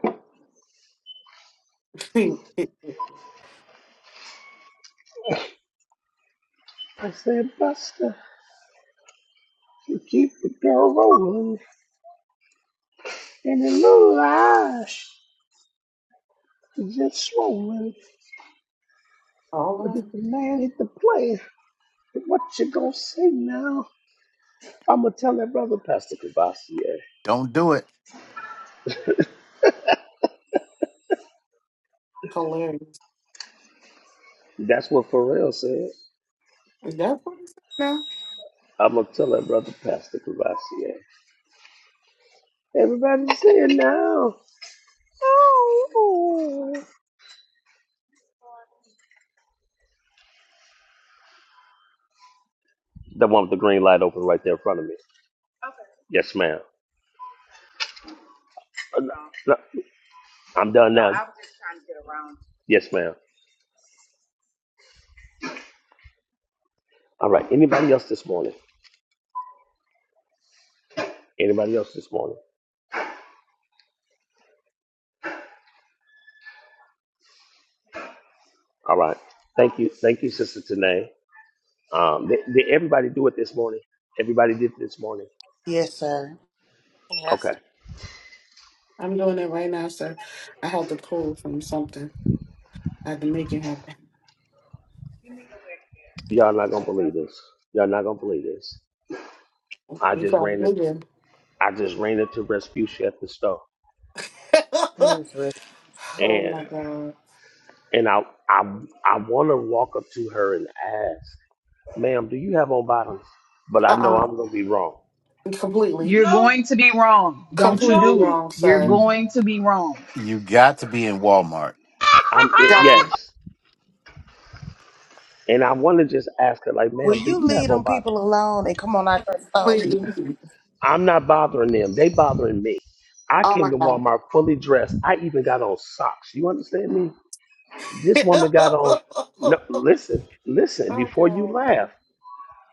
Speaker 2: I said, Buster, you keep the girl rolling. And in little eyes, it just swollen.
Speaker 13: All
Speaker 2: But
Speaker 13: right.
Speaker 2: if the man hit the play, what you gonna say now? I'm gonna tell that brother Pastor Cavassier.
Speaker 8: Don't do it.
Speaker 13: Hilarious.
Speaker 2: That's what Pharrell said.
Speaker 13: Is that what it's now?
Speaker 2: I'm gonna tell that brother Pastor Cavassier. Everybody's saying now. Oh. The one with the green light open right there in front of me. Yes, ma'am. Uh, no, no, I'm done now. Yes, ma'am. All right. Anybody else this morning? Anybody else this morning? All right. Thank you. Thank you, Sister Tanae. Um, did, did everybody do it this morning? Everybody did it this morning.
Speaker 3: Yes, sir.
Speaker 15: Yes.
Speaker 2: Okay.
Speaker 13: I'm doing it right now, sir. I had to pull from something. I had to make it happen.
Speaker 2: Y'all not gonna believe this. Y'all not gonna believe this. I
Speaker 13: We
Speaker 2: just ran
Speaker 13: probably
Speaker 2: it.
Speaker 13: did.
Speaker 2: I just ran into Respucia at the store,
Speaker 13: oh
Speaker 2: and
Speaker 13: my god.
Speaker 2: and I I I want to walk up to her and ask, "Ma'am, do you have on bottoms?" But
Speaker 13: Uh
Speaker 2: I know
Speaker 13: uh
Speaker 2: I'm gonna be wrong.
Speaker 13: Completely.
Speaker 9: You're No. going to be wrong. Don't
Speaker 8: If
Speaker 9: you No.
Speaker 13: Completely
Speaker 9: do it.
Speaker 13: wrong,
Speaker 9: You're
Speaker 13: sir.
Speaker 8: You
Speaker 9: going to be wrong.
Speaker 8: you got to be in Walmart.
Speaker 9: let
Speaker 2: I'm it,
Speaker 13: Gotta be.
Speaker 2: yes, and I want to just ask her, like,
Speaker 3: Will
Speaker 2: "Ma'am, do
Speaker 3: you
Speaker 2: you have
Speaker 3: leave
Speaker 2: on
Speaker 3: them
Speaker 2: bottoms?"
Speaker 3: people alone and come on out your phone?
Speaker 13: Completely.
Speaker 2: I'm not bothering them. They bothering me. I
Speaker 13: Oh my
Speaker 2: came to
Speaker 13: God.
Speaker 2: Walmart fully dressed. I even got on socks. You understand me? This woman got on. No,
Speaker 13: oh
Speaker 2: listen, listen.
Speaker 13: my
Speaker 2: Before you
Speaker 13: God.
Speaker 2: laugh,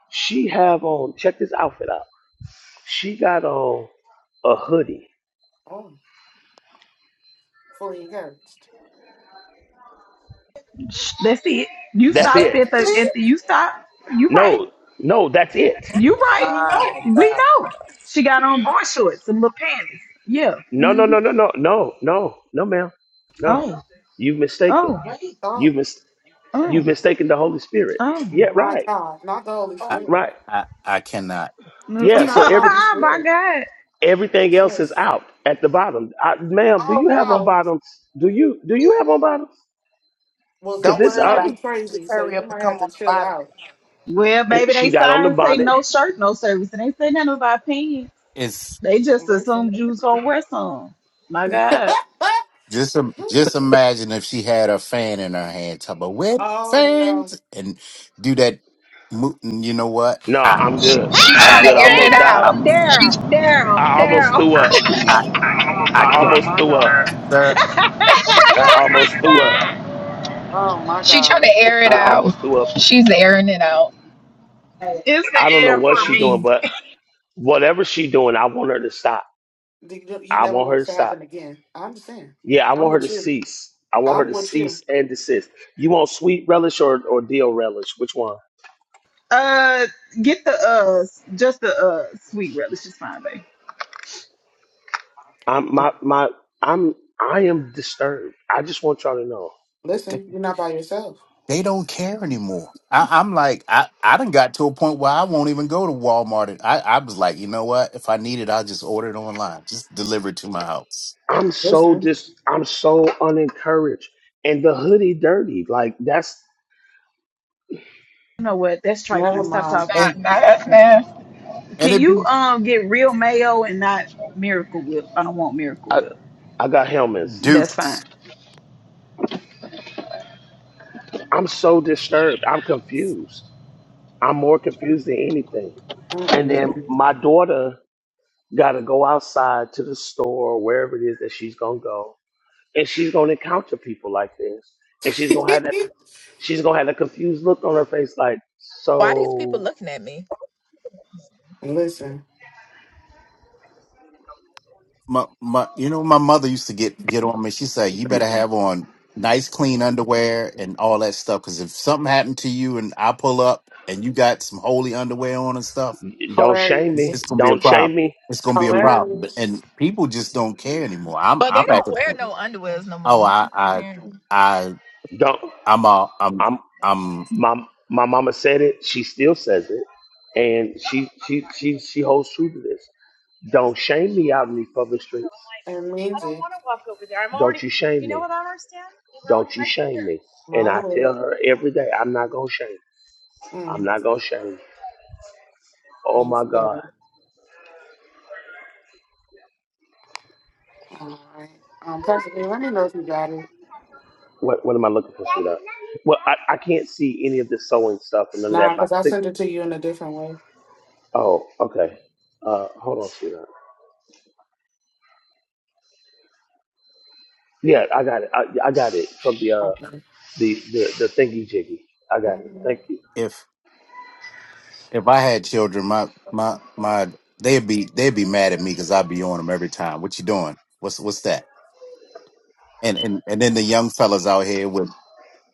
Speaker 2: she have on. Check this outfit out. She got on a hoodie.
Speaker 13: Oh, fully encouraged.
Speaker 9: That's it. You
Speaker 2: That's
Speaker 9: stopped
Speaker 2: it.
Speaker 9: at the at the you stop. You right.
Speaker 2: No, no, that's it.
Speaker 9: You right. We know.
Speaker 3: My God.
Speaker 9: We know. She got on board shorts and little panties. Yeah.
Speaker 2: No, no, no, no, no, no, no, no, ma'am. No,
Speaker 9: Oh.
Speaker 2: you've mistaken.
Speaker 9: Oh.
Speaker 13: Oh
Speaker 2: You've mis- you've
Speaker 9: Oh.
Speaker 2: mistaken the Holy Spirit.
Speaker 9: Oh.
Speaker 2: Yeah,
Speaker 13: my
Speaker 2: right,
Speaker 13: God. Not the Holy Spirit.
Speaker 2: right.
Speaker 8: I I cannot.
Speaker 2: Yeah. So
Speaker 13: Not the
Speaker 2: every
Speaker 13: Holy
Speaker 9: My
Speaker 13: Spirit.
Speaker 9: God.
Speaker 2: Everything else is
Speaker 13: Jesus.
Speaker 2: out at the bottom. I, ma'am, do
Speaker 13: Oh
Speaker 2: you have on
Speaker 13: no.
Speaker 2: bottoms? Do you do you have on bottoms?
Speaker 13: Well,
Speaker 2: Cause
Speaker 3: Don't
Speaker 2: this
Speaker 13: she
Speaker 3: worry
Speaker 13: might
Speaker 3: about
Speaker 13: be
Speaker 2: um,
Speaker 3: it. You
Speaker 13: crazy,
Speaker 3: just
Speaker 13: so
Speaker 3: hurry
Speaker 13: you
Speaker 3: up and
Speaker 13: might
Speaker 3: come
Speaker 13: have to
Speaker 3: on up
Speaker 13: chill
Speaker 3: out of
Speaker 13: out.
Speaker 3: there.
Speaker 9: Well,
Speaker 2: and
Speaker 9: maybe
Speaker 2: she
Speaker 9: they
Speaker 2: got on the
Speaker 9: signs say
Speaker 2: bonnet.
Speaker 9: no shirt, no service, and they say nothing about pants.
Speaker 8: It's
Speaker 9: They just
Speaker 13: Listen.
Speaker 9: assume Jews gonna wear some. My God.
Speaker 8: just im- just imagine if she had a fan in her hand, talk about wet
Speaker 13: oh no.
Speaker 8: fans, and do that. mo- You know what?
Speaker 2: No,
Speaker 8: I
Speaker 2: I'm
Speaker 16: She
Speaker 2: good.
Speaker 16: she
Speaker 2: I'm
Speaker 16: trying
Speaker 8: I
Speaker 2: good.
Speaker 16: to
Speaker 2: I
Speaker 16: air it
Speaker 2: almost
Speaker 13: Oh,
Speaker 9: Daryl,
Speaker 2: died.
Speaker 8: I'm,
Speaker 16: out. She
Speaker 9: Daryl, Daryl,
Speaker 2: I almost
Speaker 9: Daryl.
Speaker 2: threw up.
Speaker 8: I I
Speaker 2: I
Speaker 8: can't,
Speaker 13: oh
Speaker 2: almost
Speaker 13: my
Speaker 2: threw up.
Speaker 13: God.
Speaker 8: sir.
Speaker 2: I almost threw up.
Speaker 13: Oh my
Speaker 16: she trying
Speaker 13: God.
Speaker 16: to air it
Speaker 2: I
Speaker 16: out.
Speaker 2: almost threw up.
Speaker 16: She's airing it out.
Speaker 9: It's
Speaker 2: I don't
Speaker 9: the
Speaker 2: know
Speaker 9: air
Speaker 2: what
Speaker 9: for
Speaker 2: she
Speaker 13: Jesus.
Speaker 2: doing,
Speaker 9: me.
Speaker 2: but whatever she doing, I want her to stop.
Speaker 13: You you
Speaker 2: I
Speaker 13: never
Speaker 2: want
Speaker 13: want
Speaker 2: her
Speaker 13: it
Speaker 2: to
Speaker 13: to
Speaker 2: stop.
Speaker 13: happen again. I understand.
Speaker 2: Yeah, I
Speaker 13: I'm
Speaker 2: want her to
Speaker 13: with you.
Speaker 2: cease. I want her
Speaker 13: I'm
Speaker 2: to
Speaker 13: with you.
Speaker 2: cease and desist. You want sweet relish or, or deal relish? Which one?
Speaker 9: Uh, get the uh, just the uh, sweet relish is fine, babe.
Speaker 2: I'm my my I'm I am disturbed. I just want y'all to know.
Speaker 8: Th-
Speaker 13: Listen, you're not by yourself.
Speaker 8: They don't care anymore. I, I'm like, I, I done got to a point where I won't even go to Walmart. And I, I was like, you know what? If I need it, I'll just order it online. Just deliver it to my house.
Speaker 2: I'm so
Speaker 13: Listen,
Speaker 2: dis I'm so unencouraged. And the hoodie dirty. Like that's
Speaker 9: You know what? That's
Speaker 13: never
Speaker 9: trifling. Stop
Speaker 13: mind.
Speaker 9: talking.
Speaker 8: And
Speaker 16: Not not us, man.
Speaker 8: and
Speaker 9: Can
Speaker 8: it
Speaker 9: you
Speaker 8: be
Speaker 9: um get real mayo and not Miracle Whip? I don't want Miracle
Speaker 2: I
Speaker 9: Whip.
Speaker 2: I got helmets.
Speaker 9: That's
Speaker 8: duped.
Speaker 9: fine.
Speaker 2: I'm so disturbed. I'm confused. I'm more confused than anything. And then
Speaker 13: Mm-mm.
Speaker 2: my daughter gotta go outside to the store or wherever it is that she's gonna go. And she's gonna encounter people like this. And she's gonna have that she's gonna have a confused look on her face like,
Speaker 16: Why these people
Speaker 2: so
Speaker 16: looking at me?
Speaker 13: Listen,
Speaker 8: my my you know my mother used to get get on me she said you better have on nice clean underwear and all that stuff because if something happened to you and i pull up and you got some holy underwear on and stuff
Speaker 2: Don't shame me.
Speaker 13: hilarious,
Speaker 8: it's gonna be a
Speaker 2: Don't
Speaker 8: problem
Speaker 2: shame me.
Speaker 8: it's gonna be a
Speaker 2: Do
Speaker 8: problem But-
Speaker 13: hilarious.
Speaker 8: and people just don't care anymore i'm
Speaker 16: But they
Speaker 8: i'm
Speaker 13: No,
Speaker 8: at
Speaker 16: don't
Speaker 8: the
Speaker 16: wear
Speaker 8: point
Speaker 16: no underwears no
Speaker 8: oh
Speaker 16: more.
Speaker 8: i i
Speaker 16: Apparently.
Speaker 8: i
Speaker 2: don't.
Speaker 8: i'm all i'm
Speaker 2: I'm
Speaker 8: i'm
Speaker 2: my my mama said it. She still says it, and she she she she holds true to this. Don't shame me out in these public streets.
Speaker 13: It means it,
Speaker 2: Don't you shame me. Don't you shame me.
Speaker 13: my
Speaker 2: And I
Speaker 13: lord.
Speaker 2: tell her every day, I'm not gonna shame. I'm
Speaker 13: Mm,
Speaker 2: not gonna shame. Oh
Speaker 13: thank
Speaker 2: my
Speaker 13: you
Speaker 2: God.
Speaker 13: guys. All right. Um, Pastor, B, let me know if you got it.
Speaker 2: What what am I looking for, sweetheart? Well, I, I can't see any of the sewing stuff and none of
Speaker 13: Nah,
Speaker 2: that. My
Speaker 13: because I
Speaker 2: sick.
Speaker 13: sent it to you in a different way.
Speaker 2: Oh, okay. Uh, hold on, sweetheart. Yeah, I got it. I, I got it from the uh
Speaker 13: Okay.
Speaker 2: the the, the thingy jiggy. I got it.
Speaker 13: Mhm.
Speaker 2: Thank you.
Speaker 8: if if i had children my my my they'd be they'd be mad at me because i'd be on them every time what you doing what's what's that and and and then the young fellas out here with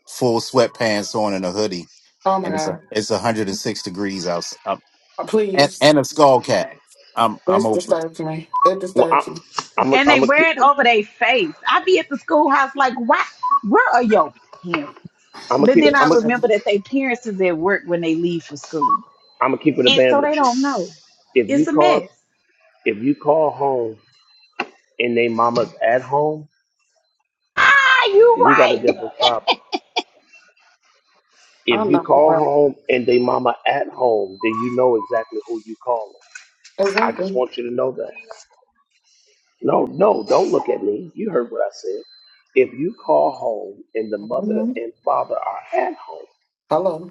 Speaker 8: full sweatpants on and a hoodie,
Speaker 13: Oh my
Speaker 8: and it's
Speaker 13: God.
Speaker 8: a, it's 106 degrees outside, um,
Speaker 13: Uh,
Speaker 8: and,
Speaker 13: Please.
Speaker 8: and a skull cap. I'm I'm
Speaker 13: This
Speaker 8: over it.
Speaker 13: disturbs me. It
Speaker 2: Well, I'm
Speaker 13: disturbs me.
Speaker 2: I'm a,
Speaker 9: And they
Speaker 2: I'm a keep
Speaker 9: wear it over their face. I be at the schoolhouse like, why? Where are your parents?
Speaker 2: I'm a
Speaker 9: But
Speaker 2: keep
Speaker 9: then I
Speaker 2: I'm a
Speaker 9: remember that their parents is at work when they leave for school,
Speaker 2: I'm a keep it a
Speaker 9: and
Speaker 2: band
Speaker 9: so they
Speaker 2: with you.
Speaker 9: don't know.
Speaker 2: If you
Speaker 9: It's a
Speaker 2: call
Speaker 9: mess.
Speaker 2: if you call home and they mama's at home,
Speaker 9: Ah, you
Speaker 2: we got a
Speaker 9: right.
Speaker 2: different problem.
Speaker 13: I
Speaker 2: If you
Speaker 13: know you're
Speaker 2: call
Speaker 13: right.
Speaker 2: home and they mama at home, then you know exactly who you calling. I just
Speaker 13: Exactly.
Speaker 2: want you to know that. No, no, don't look at me. You heard what I said. If you call home and the mother
Speaker 13: hmm
Speaker 2: and father are at home.
Speaker 13: Hello.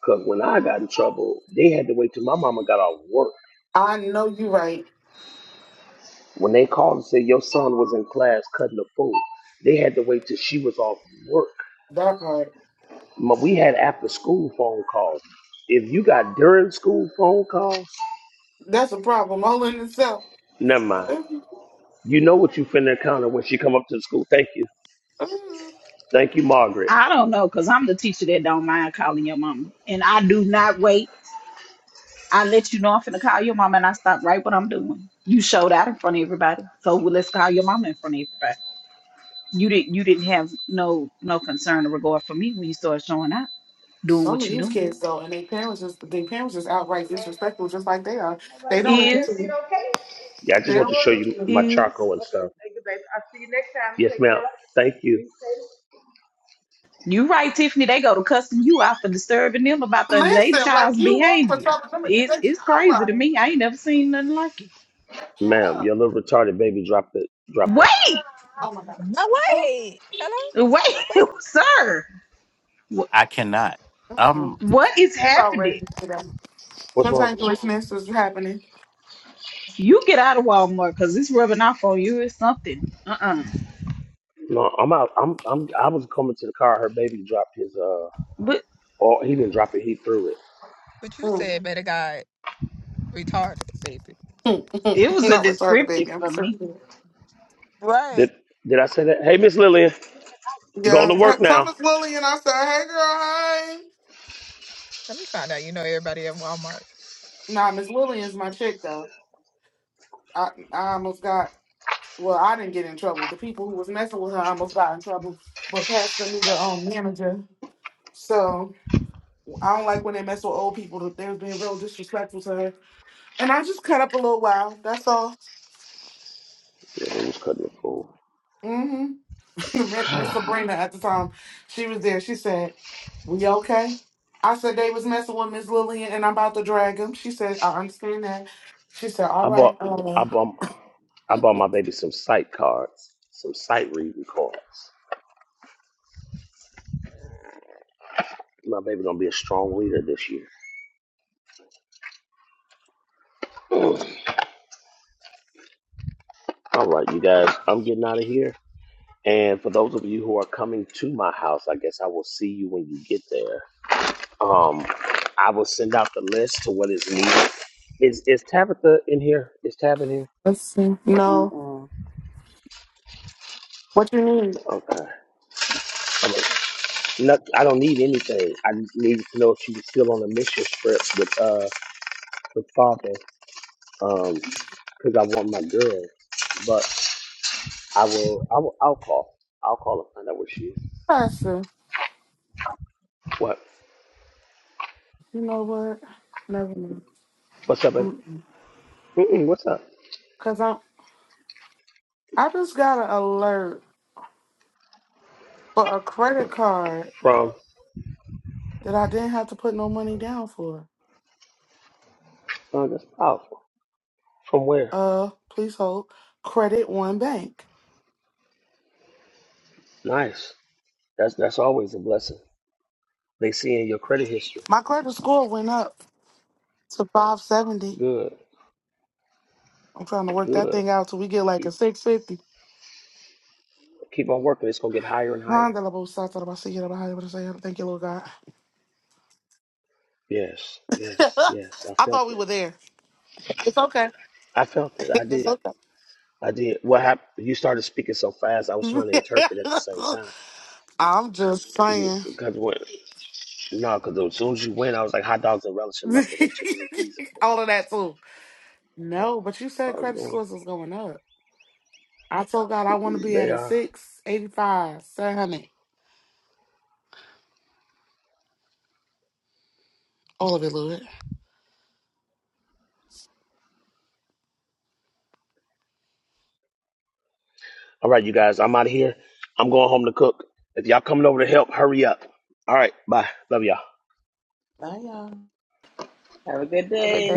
Speaker 2: Because when I got in trouble, they had to wait till my mama got off work.
Speaker 13: I know you're right.
Speaker 2: When they called and said your son was in class cutting a fool, they had to wait till she was off work.
Speaker 13: That part.
Speaker 2: But we had after school phone calls. If you got during school phone calls,
Speaker 13: That's a problem all in itself.
Speaker 2: never mind.
Speaker 13: Mhm.
Speaker 2: You know what you finna encounter when she come up to the school. Thank you.
Speaker 13: Mhm.
Speaker 2: Thank you, Margaret.
Speaker 9: I don't know, cause I'm the teacher that don't mind calling your mama, and I do not wait. I let you know I'm finna call your mama, and I stop right what I'm doing. You showed out in front of everybody, so well, let's call your mama in front of everybody. You didn't. You didn't have no no concern or regard for me when you started showing out, doing
Speaker 13: Some of
Speaker 9: what you
Speaker 13: these
Speaker 9: doing.
Speaker 13: kids though, and their parents is their parents is outright disrespectful, just like they are. They don't even
Speaker 9: Is
Speaker 13: to-
Speaker 2: Yeah, I just
Speaker 13: they
Speaker 2: want to
Speaker 13: don't
Speaker 2: show you my
Speaker 9: is
Speaker 2: charcoal and stuff. Yes, ma'am. Thank you.
Speaker 9: you right, Tiffany? They go to cussing you out for disturbing them about the they
Speaker 13: listen. Like
Speaker 9: child's
Speaker 13: you wrong for
Speaker 9: behavior.
Speaker 13: talking to me. They
Speaker 9: It's
Speaker 13: child
Speaker 9: it's crazy to
Speaker 13: right.
Speaker 9: me. I ain't never seen nothing like it.
Speaker 2: Ma'am,
Speaker 13: Yeah.
Speaker 2: your little retarded baby dropped it. Drop that.
Speaker 9: Wait,
Speaker 13: Oh my god.
Speaker 16: No way. Hello. What?
Speaker 9: wait, sir.
Speaker 8: I cannot.
Speaker 13: Mm-mm.
Speaker 9: What is
Speaker 13: You
Speaker 9: happening?
Speaker 13: outrageous today.
Speaker 2: What's wrong?
Speaker 13: Contemporary is happening.
Speaker 9: You get out of Walmart because it's rubbing off on you. It's something. Uh uh
Speaker 2: No, I'm out. I'm I'm I was coming to the car. Her baby dropped his uh.
Speaker 9: But
Speaker 2: Oh, he didn't drop it. He threw it.
Speaker 16: But you
Speaker 13: Mm.
Speaker 16: said better God retarded, baby.
Speaker 9: it was a
Speaker 13: Not retarded,
Speaker 9: descriptive
Speaker 13: baby. I'm
Speaker 9: for me.
Speaker 13: sorry.
Speaker 16: Right.
Speaker 2: Did Did I say that? Hey, Miss Lillian, going to
Speaker 13: Yes. Hi-
Speaker 2: work
Speaker 13: Tell
Speaker 2: now.
Speaker 13: Miss Lillian I said, hey girl, hi.
Speaker 16: Let me find out. You know everybody at Walmart.
Speaker 13: Nah, Miss Lillian's my chick though. I I almost got well, I didn't get in trouble. The people who was messing with her almost got in trouble, but passed me the um manager. So I don't like when they mess with old people. They was being real disrespectful to her, and I just cut up a little while. That's all.
Speaker 2: Yeah, they was cutting the fool.
Speaker 13: Mm-hmm. Miss Sabrina at the time, she was there. She said, "We okay?" I said they was messing with Miss Lillian, and I'm about to drag him. She said, "I understand that." She said,
Speaker 2: I
Speaker 13: "All
Speaker 2: bought
Speaker 13: right,
Speaker 2: I
Speaker 13: uh,
Speaker 2: bought I bought my baby some sight cards, some sight reading cards. My baby gonna be a strong reader this year. All right, you guys, I'm getting out of here. And for those of you who are coming to my house, I guess I will see you when you get there. Um, I will send out the list to what is needed. Is is Tabitha in here? Is Tab in here?
Speaker 13: let's see. No,
Speaker 3: Mm-mm.
Speaker 13: what you need?"
Speaker 2: Okay. I'm a, no, I don't need anything. I just needed to know if she was still on the mission trip with uh with Father. Um, because I want my girl. But I will. I will. I'll call. I'll call and find out where she is.
Speaker 13: I said,
Speaker 2: What?
Speaker 13: "You know what? Never mind.
Speaker 2: What's up, baby?
Speaker 13: Mm-mm.
Speaker 2: Mm-mm, what's up?
Speaker 13: Cause I'm, I just got an alert for a credit card
Speaker 2: From?
Speaker 13: that I didn't have to put no money down for.
Speaker 2: Oh, that's powerful. From where?
Speaker 13: Uh, please hold. Credit One Bank.
Speaker 2: Nice. That's that's always a blessing. They see in your credit history.
Speaker 13: My credit score went up to 570."
Speaker 2: Good.
Speaker 13: I'm trying to work that
Speaker 2: Good.
Speaker 13: thing out till we get like
Speaker 2: Keep
Speaker 13: a 650.
Speaker 2: keep on working. It's gonna get higher and higher.
Speaker 13: Honda la bo sa ta la ba si ya la ba Thank you, Lord God.
Speaker 2: Yes, yes, yes. I
Speaker 13: I
Speaker 2: felt
Speaker 13: thought we
Speaker 2: it.
Speaker 13: were there. It's okay.
Speaker 2: I felt it. I
Speaker 13: It's
Speaker 2: did.
Speaker 13: okay.
Speaker 2: I did. What happened? You started speaking so fast. I was trying to interpret at the same time.
Speaker 13: I'm just
Speaker 2: Yeah,
Speaker 13: saying.
Speaker 2: because when no, because as soon as you went, I was like hot dogs and relish and mustard and chickens and peas and kitchen.
Speaker 13: All of that too.
Speaker 2: Oh,
Speaker 13: No, but you
Speaker 2: I
Speaker 13: said
Speaker 2: was
Speaker 13: credit
Speaker 2: going.
Speaker 13: scores was going up. I told God I want to be
Speaker 2: They
Speaker 13: at a
Speaker 2: are.
Speaker 13: 685, 700. All of it, Lord.
Speaker 2: All right, you guys. I'm out of here. I'm going home to cook. If y'all coming over to help, hurry up. All right. Bye. Love y'all.
Speaker 3: Bye, y'all.
Speaker 14: Have a good day.